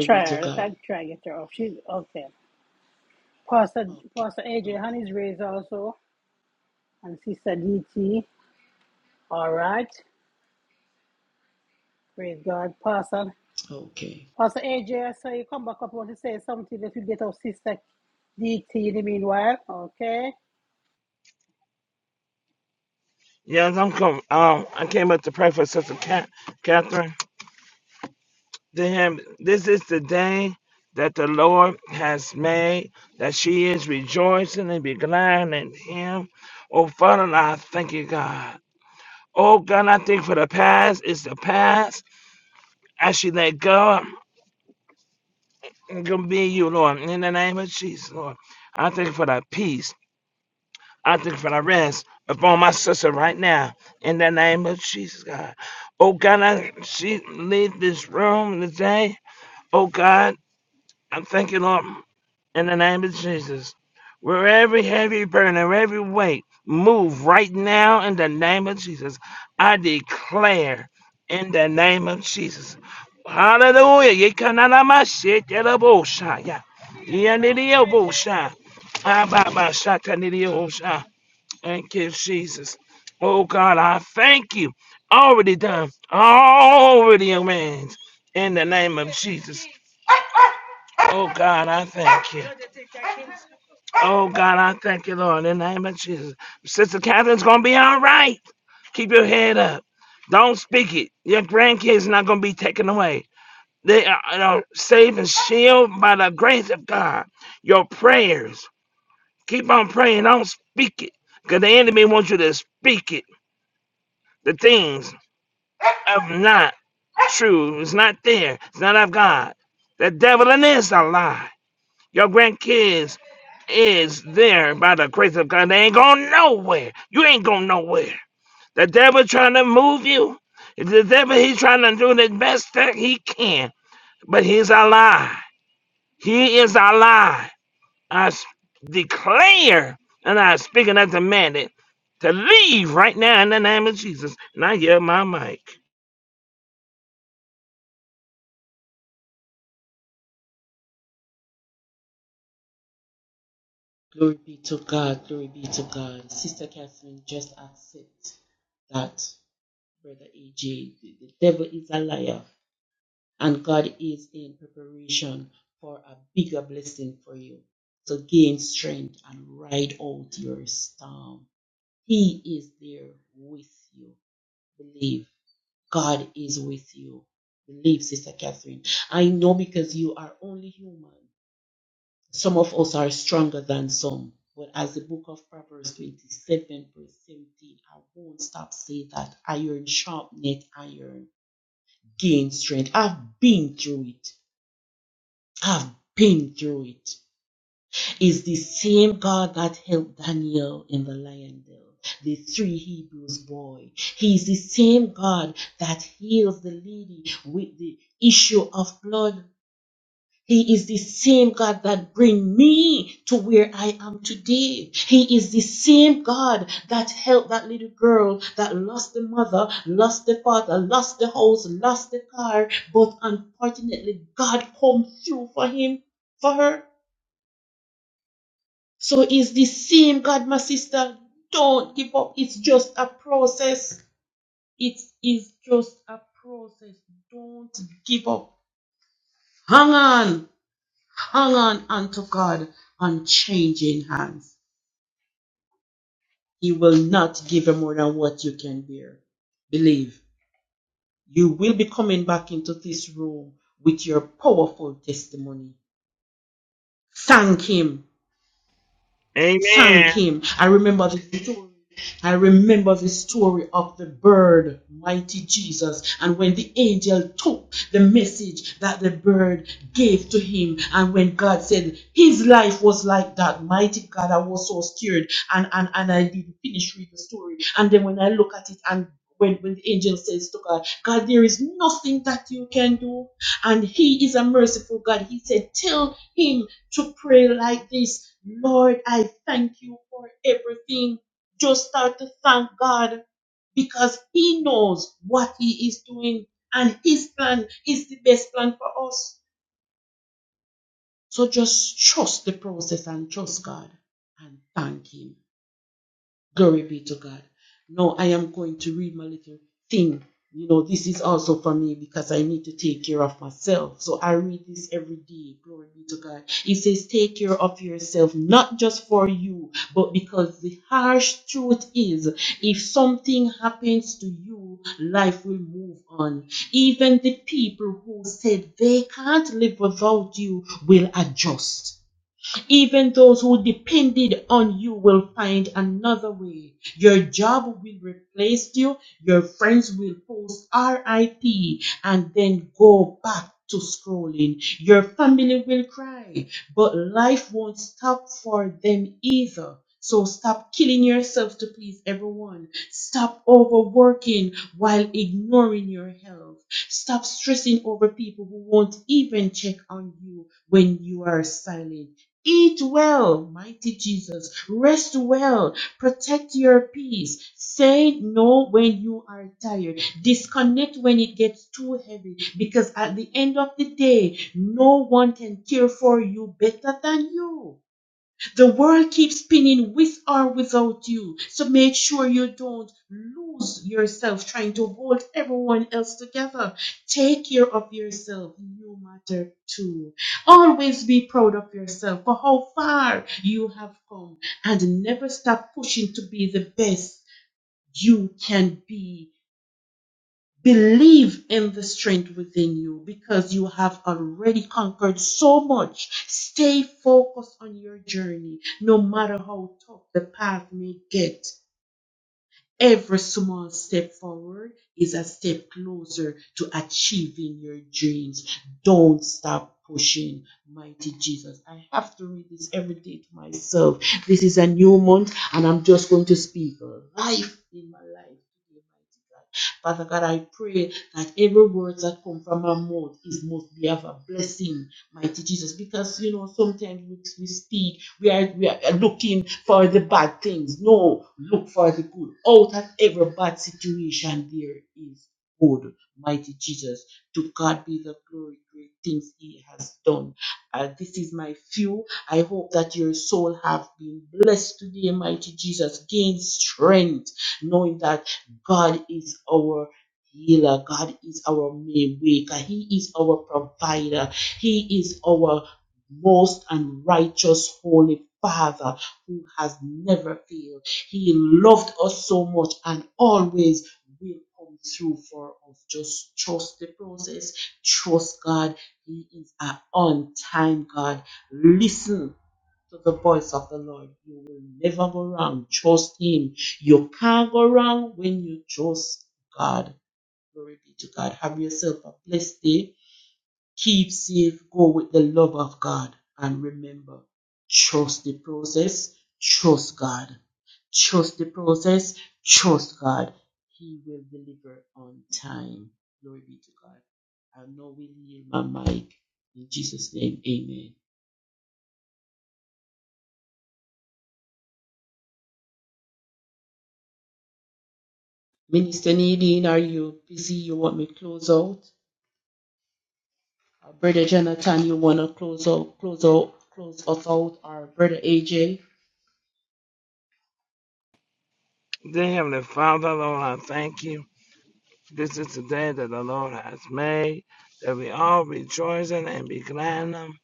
[SPEAKER 1] Try her. Let's not try to get her off. She's okay. Pastor, Pastor AJ, honey's raised also. And Sister DT. All right. Praise God. Pastor, Pastor AJ, so you come back up. want to say something that you get off Sister DT in the meanwhile. Okay.
[SPEAKER 9] Yes, I'm com Um, I came up to pray for Sister Cat, Catherine. To him, this is the day that the Lord has made, that she is rejoicing and be glad in him. Oh, Father, I thank you, God. Oh God, I think for the past is the past. As she let go, I'm gonna be you, Lord. In the name of Jesus, Lord. I think for the peace. I think for the rest upon my sister right now. In the name of Jesus, God. Oh God, I, she leave this room today. Oh God, I'm thanking Lord. in the name of Jesus. Where every heavy burden, every weight, move right now in the name of Jesus. I declare in the name of Jesus. Hallelujah. Yekananamashetelabosha. Yeah. Yanidiyobosha. Ababashatanidiyosha. Thank you, Jesus. Oh God, I thank you. Already done. Already amends. In the name of Jesus. Oh God, I thank you. Oh God, I thank you, Lord, in the name of Jesus. Sister Catherine's gonna be all right. Keep your head up. Don't speak it. Your grandkids are not gonna be taken away. They are, are saved and shielded by the grace of God. Your prayers. Keep on praying. Don't speak it, cause the enemy wants you to speak it. The things of not true. It's not there. It's not of God. The devil in this is a lie. Your grandkids is there by the grace of God. They ain't going nowhere. You ain't going nowhere. The devil trying to move you. The devil, he's trying to do the best that he can. But he's a lie. He is a lie. I s- declare and I speak and I demand it to leave right now in the name of Jesus. And I hear my mic. Amen. Dear Heavenly Father, Lord, I thank you. This is the day that the Lord has made, that we all rejoice in and be glad in them.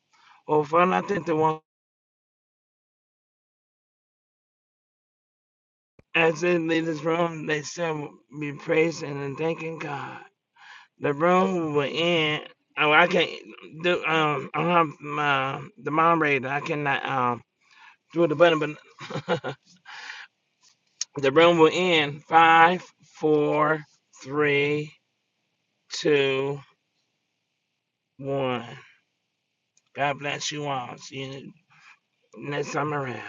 [SPEAKER 9] Oh, Father, I think the one as they leave this room, they still be praising and thanking God. The room will end. Oh, I can't do. Um, I don't have my the moderator. I cannot um do the button, but the room will end. Five, four, three, two, one. God bless you all. See you next time around.